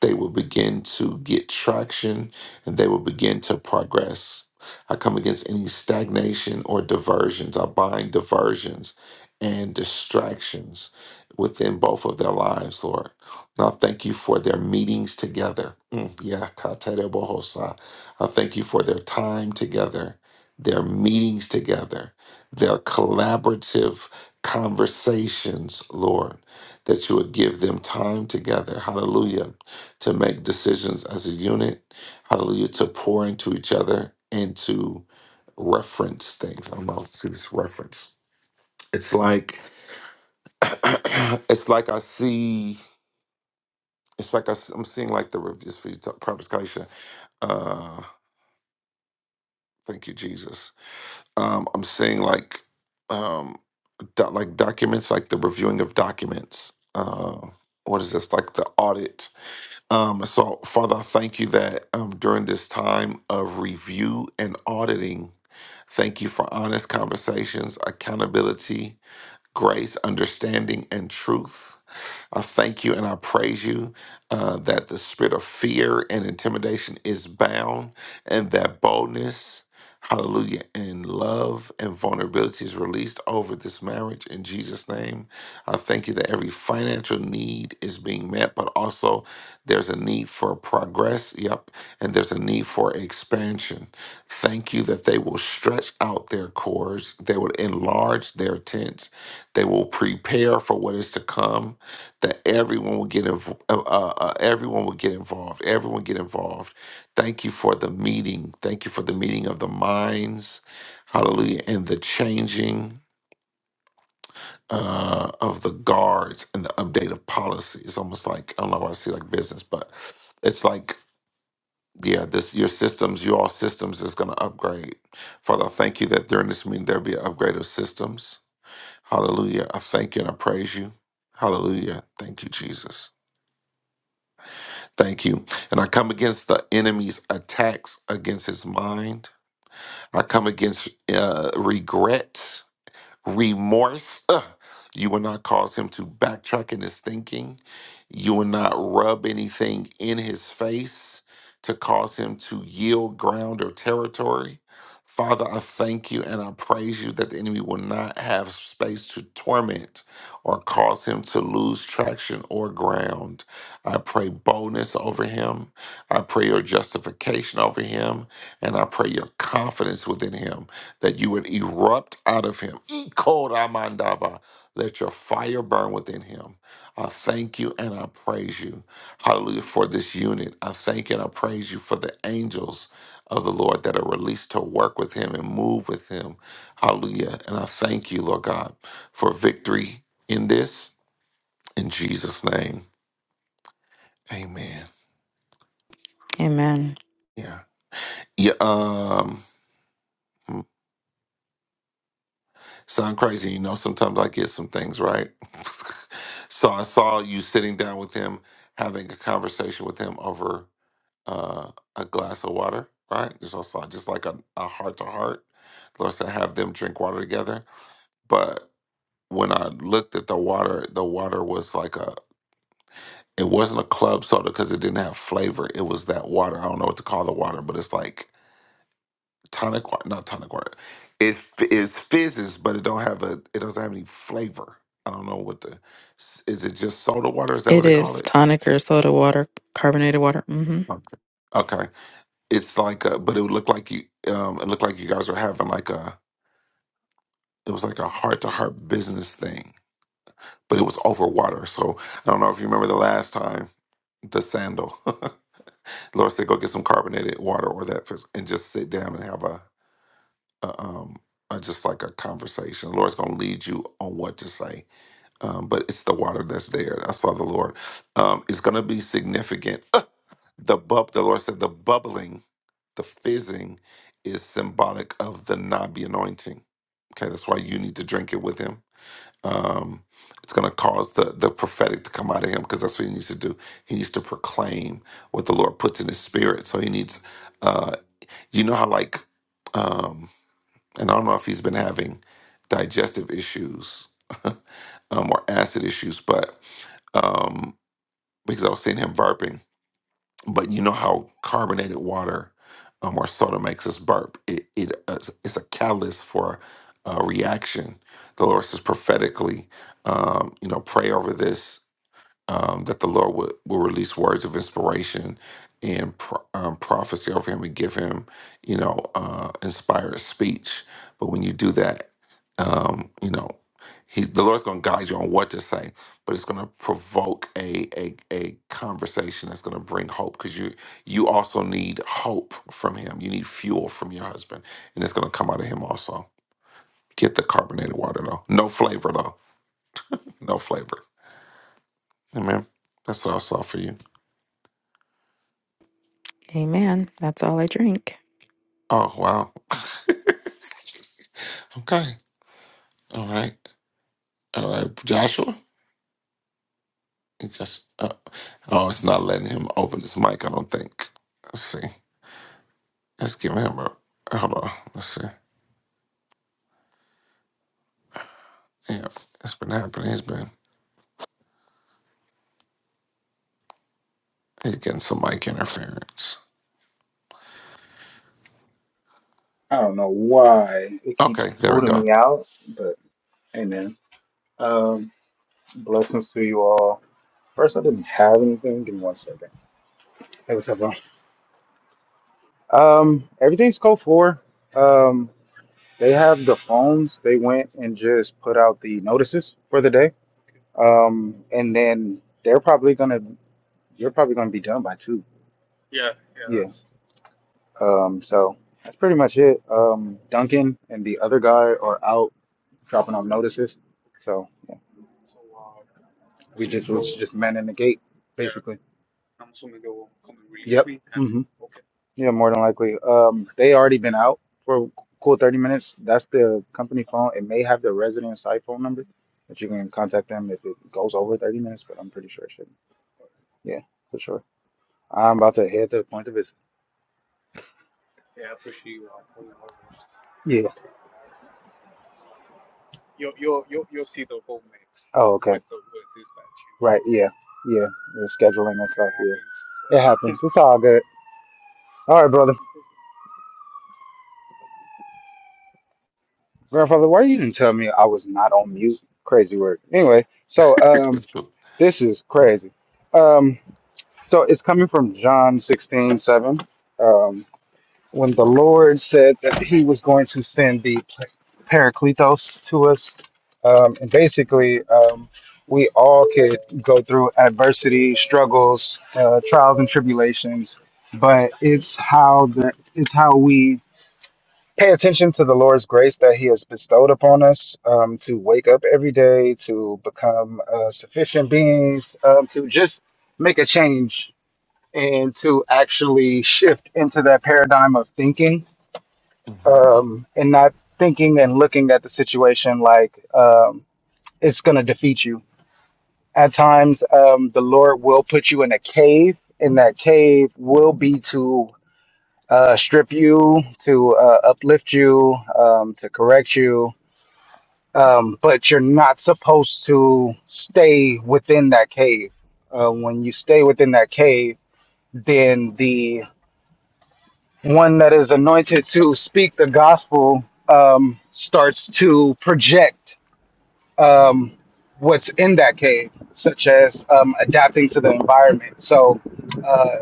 A: they will begin to get traction, and they will begin to progress. I come against any stagnation or diversions. I bind diversions and distractions within both of their lives, Lord. And I thank you for their meetings together. Mm, Yeah, katerebohosa. I thank you for their time together, their meetings together, their collaborative conversations, Lord, that you would give them time together, hallelujah, to make decisions as a unit, hallelujah, to pour into each other and to reference things. I'm going to see this reference. It's like, it's like I see, it's like I, am seeing like the reviews for you, Prophet Kaisha. Uh, thank you, Jesus Um, I'm saying like um doc- like documents, like the reviewing of documents. Uh, what is this like the audit? Um, so Father, I thank you that um during this time of review and auditing, thank you for honest conversations, accountability, grace, understanding, and truth. I thank you and I praise you uh, that the spirit of fear and intimidation is bound and that boldness, hallelujah, and love and vulnerability is released over this marriage in Jesus' name. I thank you that every financial need is being met, but also there's a need for progress, yep, and there's a need for expansion. Thank you that they will stretch out their cords, they will enlarge their tents they will prepare for what is to come. That everyone will get inv- uh, uh, uh, everyone will get involved. Everyone get involved. Thank you for the meeting. Thank you for the meeting of the minds. Hallelujah, and the changing uh, of the guards and the update of policy. It's almost like I don't know why I see like business, but it's like yeah, this your systems, your all systems is going to upgrade. Father, I thank you that during this meeting there'll be an upgrade of systems. Hallelujah. I thank you and I praise you. Hallelujah. Thank you, Jesus. Thank you. And I come against the enemy's attacks against his mind. I come against uh, regret remorse. Ugh. You will not cause him to backtrack in his thinking. You will not rub anything in his face to cause him to yield ground or territory. Father, I thank you and I praise you that the enemy will not have space to torment or cause him to lose traction or ground. I pray boldness over him. I pray your justification over him. And I pray your confidence within him that you would erupt out of him. Ikoramandava. Let your fire burn within him. I thank you and I praise you. Hallelujah for this unit. I thank and I praise you for the angels of the Lord that are released to work with him and move with him. Hallelujah. And I thank you, Lord God, for victory in this. In Jesus' name. Amen.
M: Amen.
A: Yeah. Yeah. Um, Sound crazy, you know. Sometimes I get some things right. so I saw you sitting down with him, having a conversation with him over uh, a glass of water, right? Just I saw just like a a heart to heart. The Lord said, have them drink water together. But when I looked at the water, the water was like a. It wasn't a club soda because it didn't have flavor. It was that water. I don't know what to call the water, but it's like tonic water, not tonic water. It f- it's fizzes, but it don't have a it doesn't have any flavor. I don't know what the s- is it just soda water? Is that what
M: It
A: they call
M: is
A: it?
M: tonic or soda water, carbonated water. hmm
A: Okay. Okay. It's like a, but it would look like you um it looked like you guys were having like a it was like a heart to heart business thing, but it was over water. So I don't know if you remember the last time the sandal. Lord said, go get some carbonated water or that fizz- and just sit down and have a, a um uh, just like a conversation. The Lord's gonna lead you on what to say um, but it's the water that's there. I saw the Lord. Um, it's going to be significant. The bub, the Lord said, the bubbling, the fizzing, is symbolic of the Nabi anointing. Okay, that's why you need to drink it with Him. Um, it's going to cause the the prophetic to come out of Him because that's what He needs to do. He needs to proclaim what the Lord puts in His spirit. So He needs, uh, you know how like, um, and I don't know if He's been having digestive issues um, or acid issues, but um, because I was seeing him burping. But you know how carbonated water um, or soda makes us burp. It, it uh, it's a catalyst for a reaction. The Lord says prophetically, um, you know, pray over this um, that the Lord would will release words of inspiration and pro- um, prophecy over him and give him, you know, uh, inspired speech. But when you do that, um, you know, he's the Lord's going to guide you on what to say, but it's going to provoke a a, a conversation that's going to bring hope because you you also need hope from him. You need fuel from your husband, and it's going to come out of him also. Get the carbonated water though, no flavor though, no flavor. Amen. That's what I saw for you.
M: Amen. That's all I drink.
A: Oh wow. Okay. All right. All right. Joshua. I guess. Uh, oh, it's not letting him open his mic. I don't think. Let's see. Let's give him a. Hold on. Let's see. Yeah, it's been happening. He's been. He's getting some mic interference.
N: I don't know why it keeps
A: Okay. There we
N: booting
A: go.
N: me out, but amen. Um, blessings to you all. First, I didn't have anything. Give me one second. Hey, what's up, bro? Um, everything's code four. Um, they have the phones. They went and just put out the notices for the day. Um, and then they're probably gonna. You're probably gonna be done by two. Yeah. Yeah. that's- Um, so that's pretty much it. Um, Duncan and the other guy are out dropping off notices. So. yeah. We just was just men in the gate, basically. I'm assuming they will come in really Yep. quick. hmm Okay. Yeah, more than likely. Um, they already been out for a cool thirty minutes. That's the company phone. It may have the resident's iPhone number, but you can contact them if it goes over thirty minutes. But I'm pretty sure it shouldn't. Yeah, for sure. I'm about to head to the point of visit. Yeah. Oh, okay. Like the- what dispatch you- Right. Yeah. Yeah. The scheduling and stuff. Yeah. It happens. It's all good. All right, brother. Grandfather, why you didn't tell me I was not on mute? Crazy work. Anyway, so um,
A: it's good.
N: this is crazy. Um, so it's coming from John 16 7. Um, when the Lord said that he was going to send the Paracletos to us, um, and basically, um, we all could go through adversity, struggles, uh, trials and tribulations, but it's how the it's how we pay attention to the Lord's grace that He has bestowed upon us um, to wake up every day, to become uh, sufficient beings, um, to just make a change and to actually shift into that paradigm of thinking
A: hmm
N: um, and not thinking and looking at the situation like um, it's going to defeat you. At times, um, the Lord will put you in a cave, and that cave will be to uh, strip you, to uh, uplift you, um, to correct you, um, but you're not supposed to stay within that cave. Uh, when you stay within that cave, then the one that is anointed to speak the gospel um, starts to project um, what's in that cave, such as um, adapting to the environment. So uh,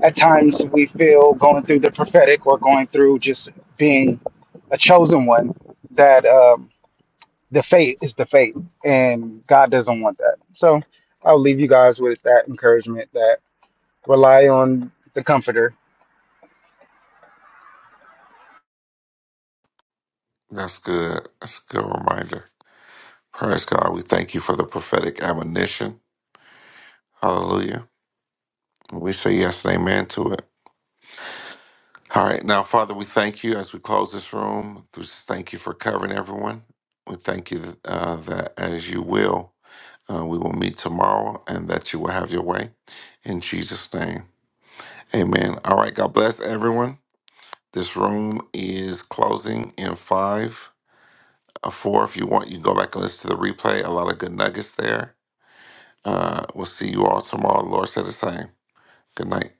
N: at times we feel going through the prophetic or going through just being a chosen one that. Um, the fate is the fate, and God doesn't want that. So I'll leave you guys with that encouragement that rely on the Comforter
A: That's good. That's a good reminder. Praise God. We thank you for the prophetic admonition. Hallelujah. We say yes and amen to it. All right. Now, Father, we thank you as we close this room. We just thank you for covering everyone. We thank you uh, that as you will, uh, we will meet tomorrow and that you will have your way. In Jesus' name. Amen. All right. God bless everyone. This room is closing in five, uh, four. If you want, you can go back and listen to the replay. A lot of good nuggets there. Uh, we'll see you all tomorrow. The Lord said the same. Good night.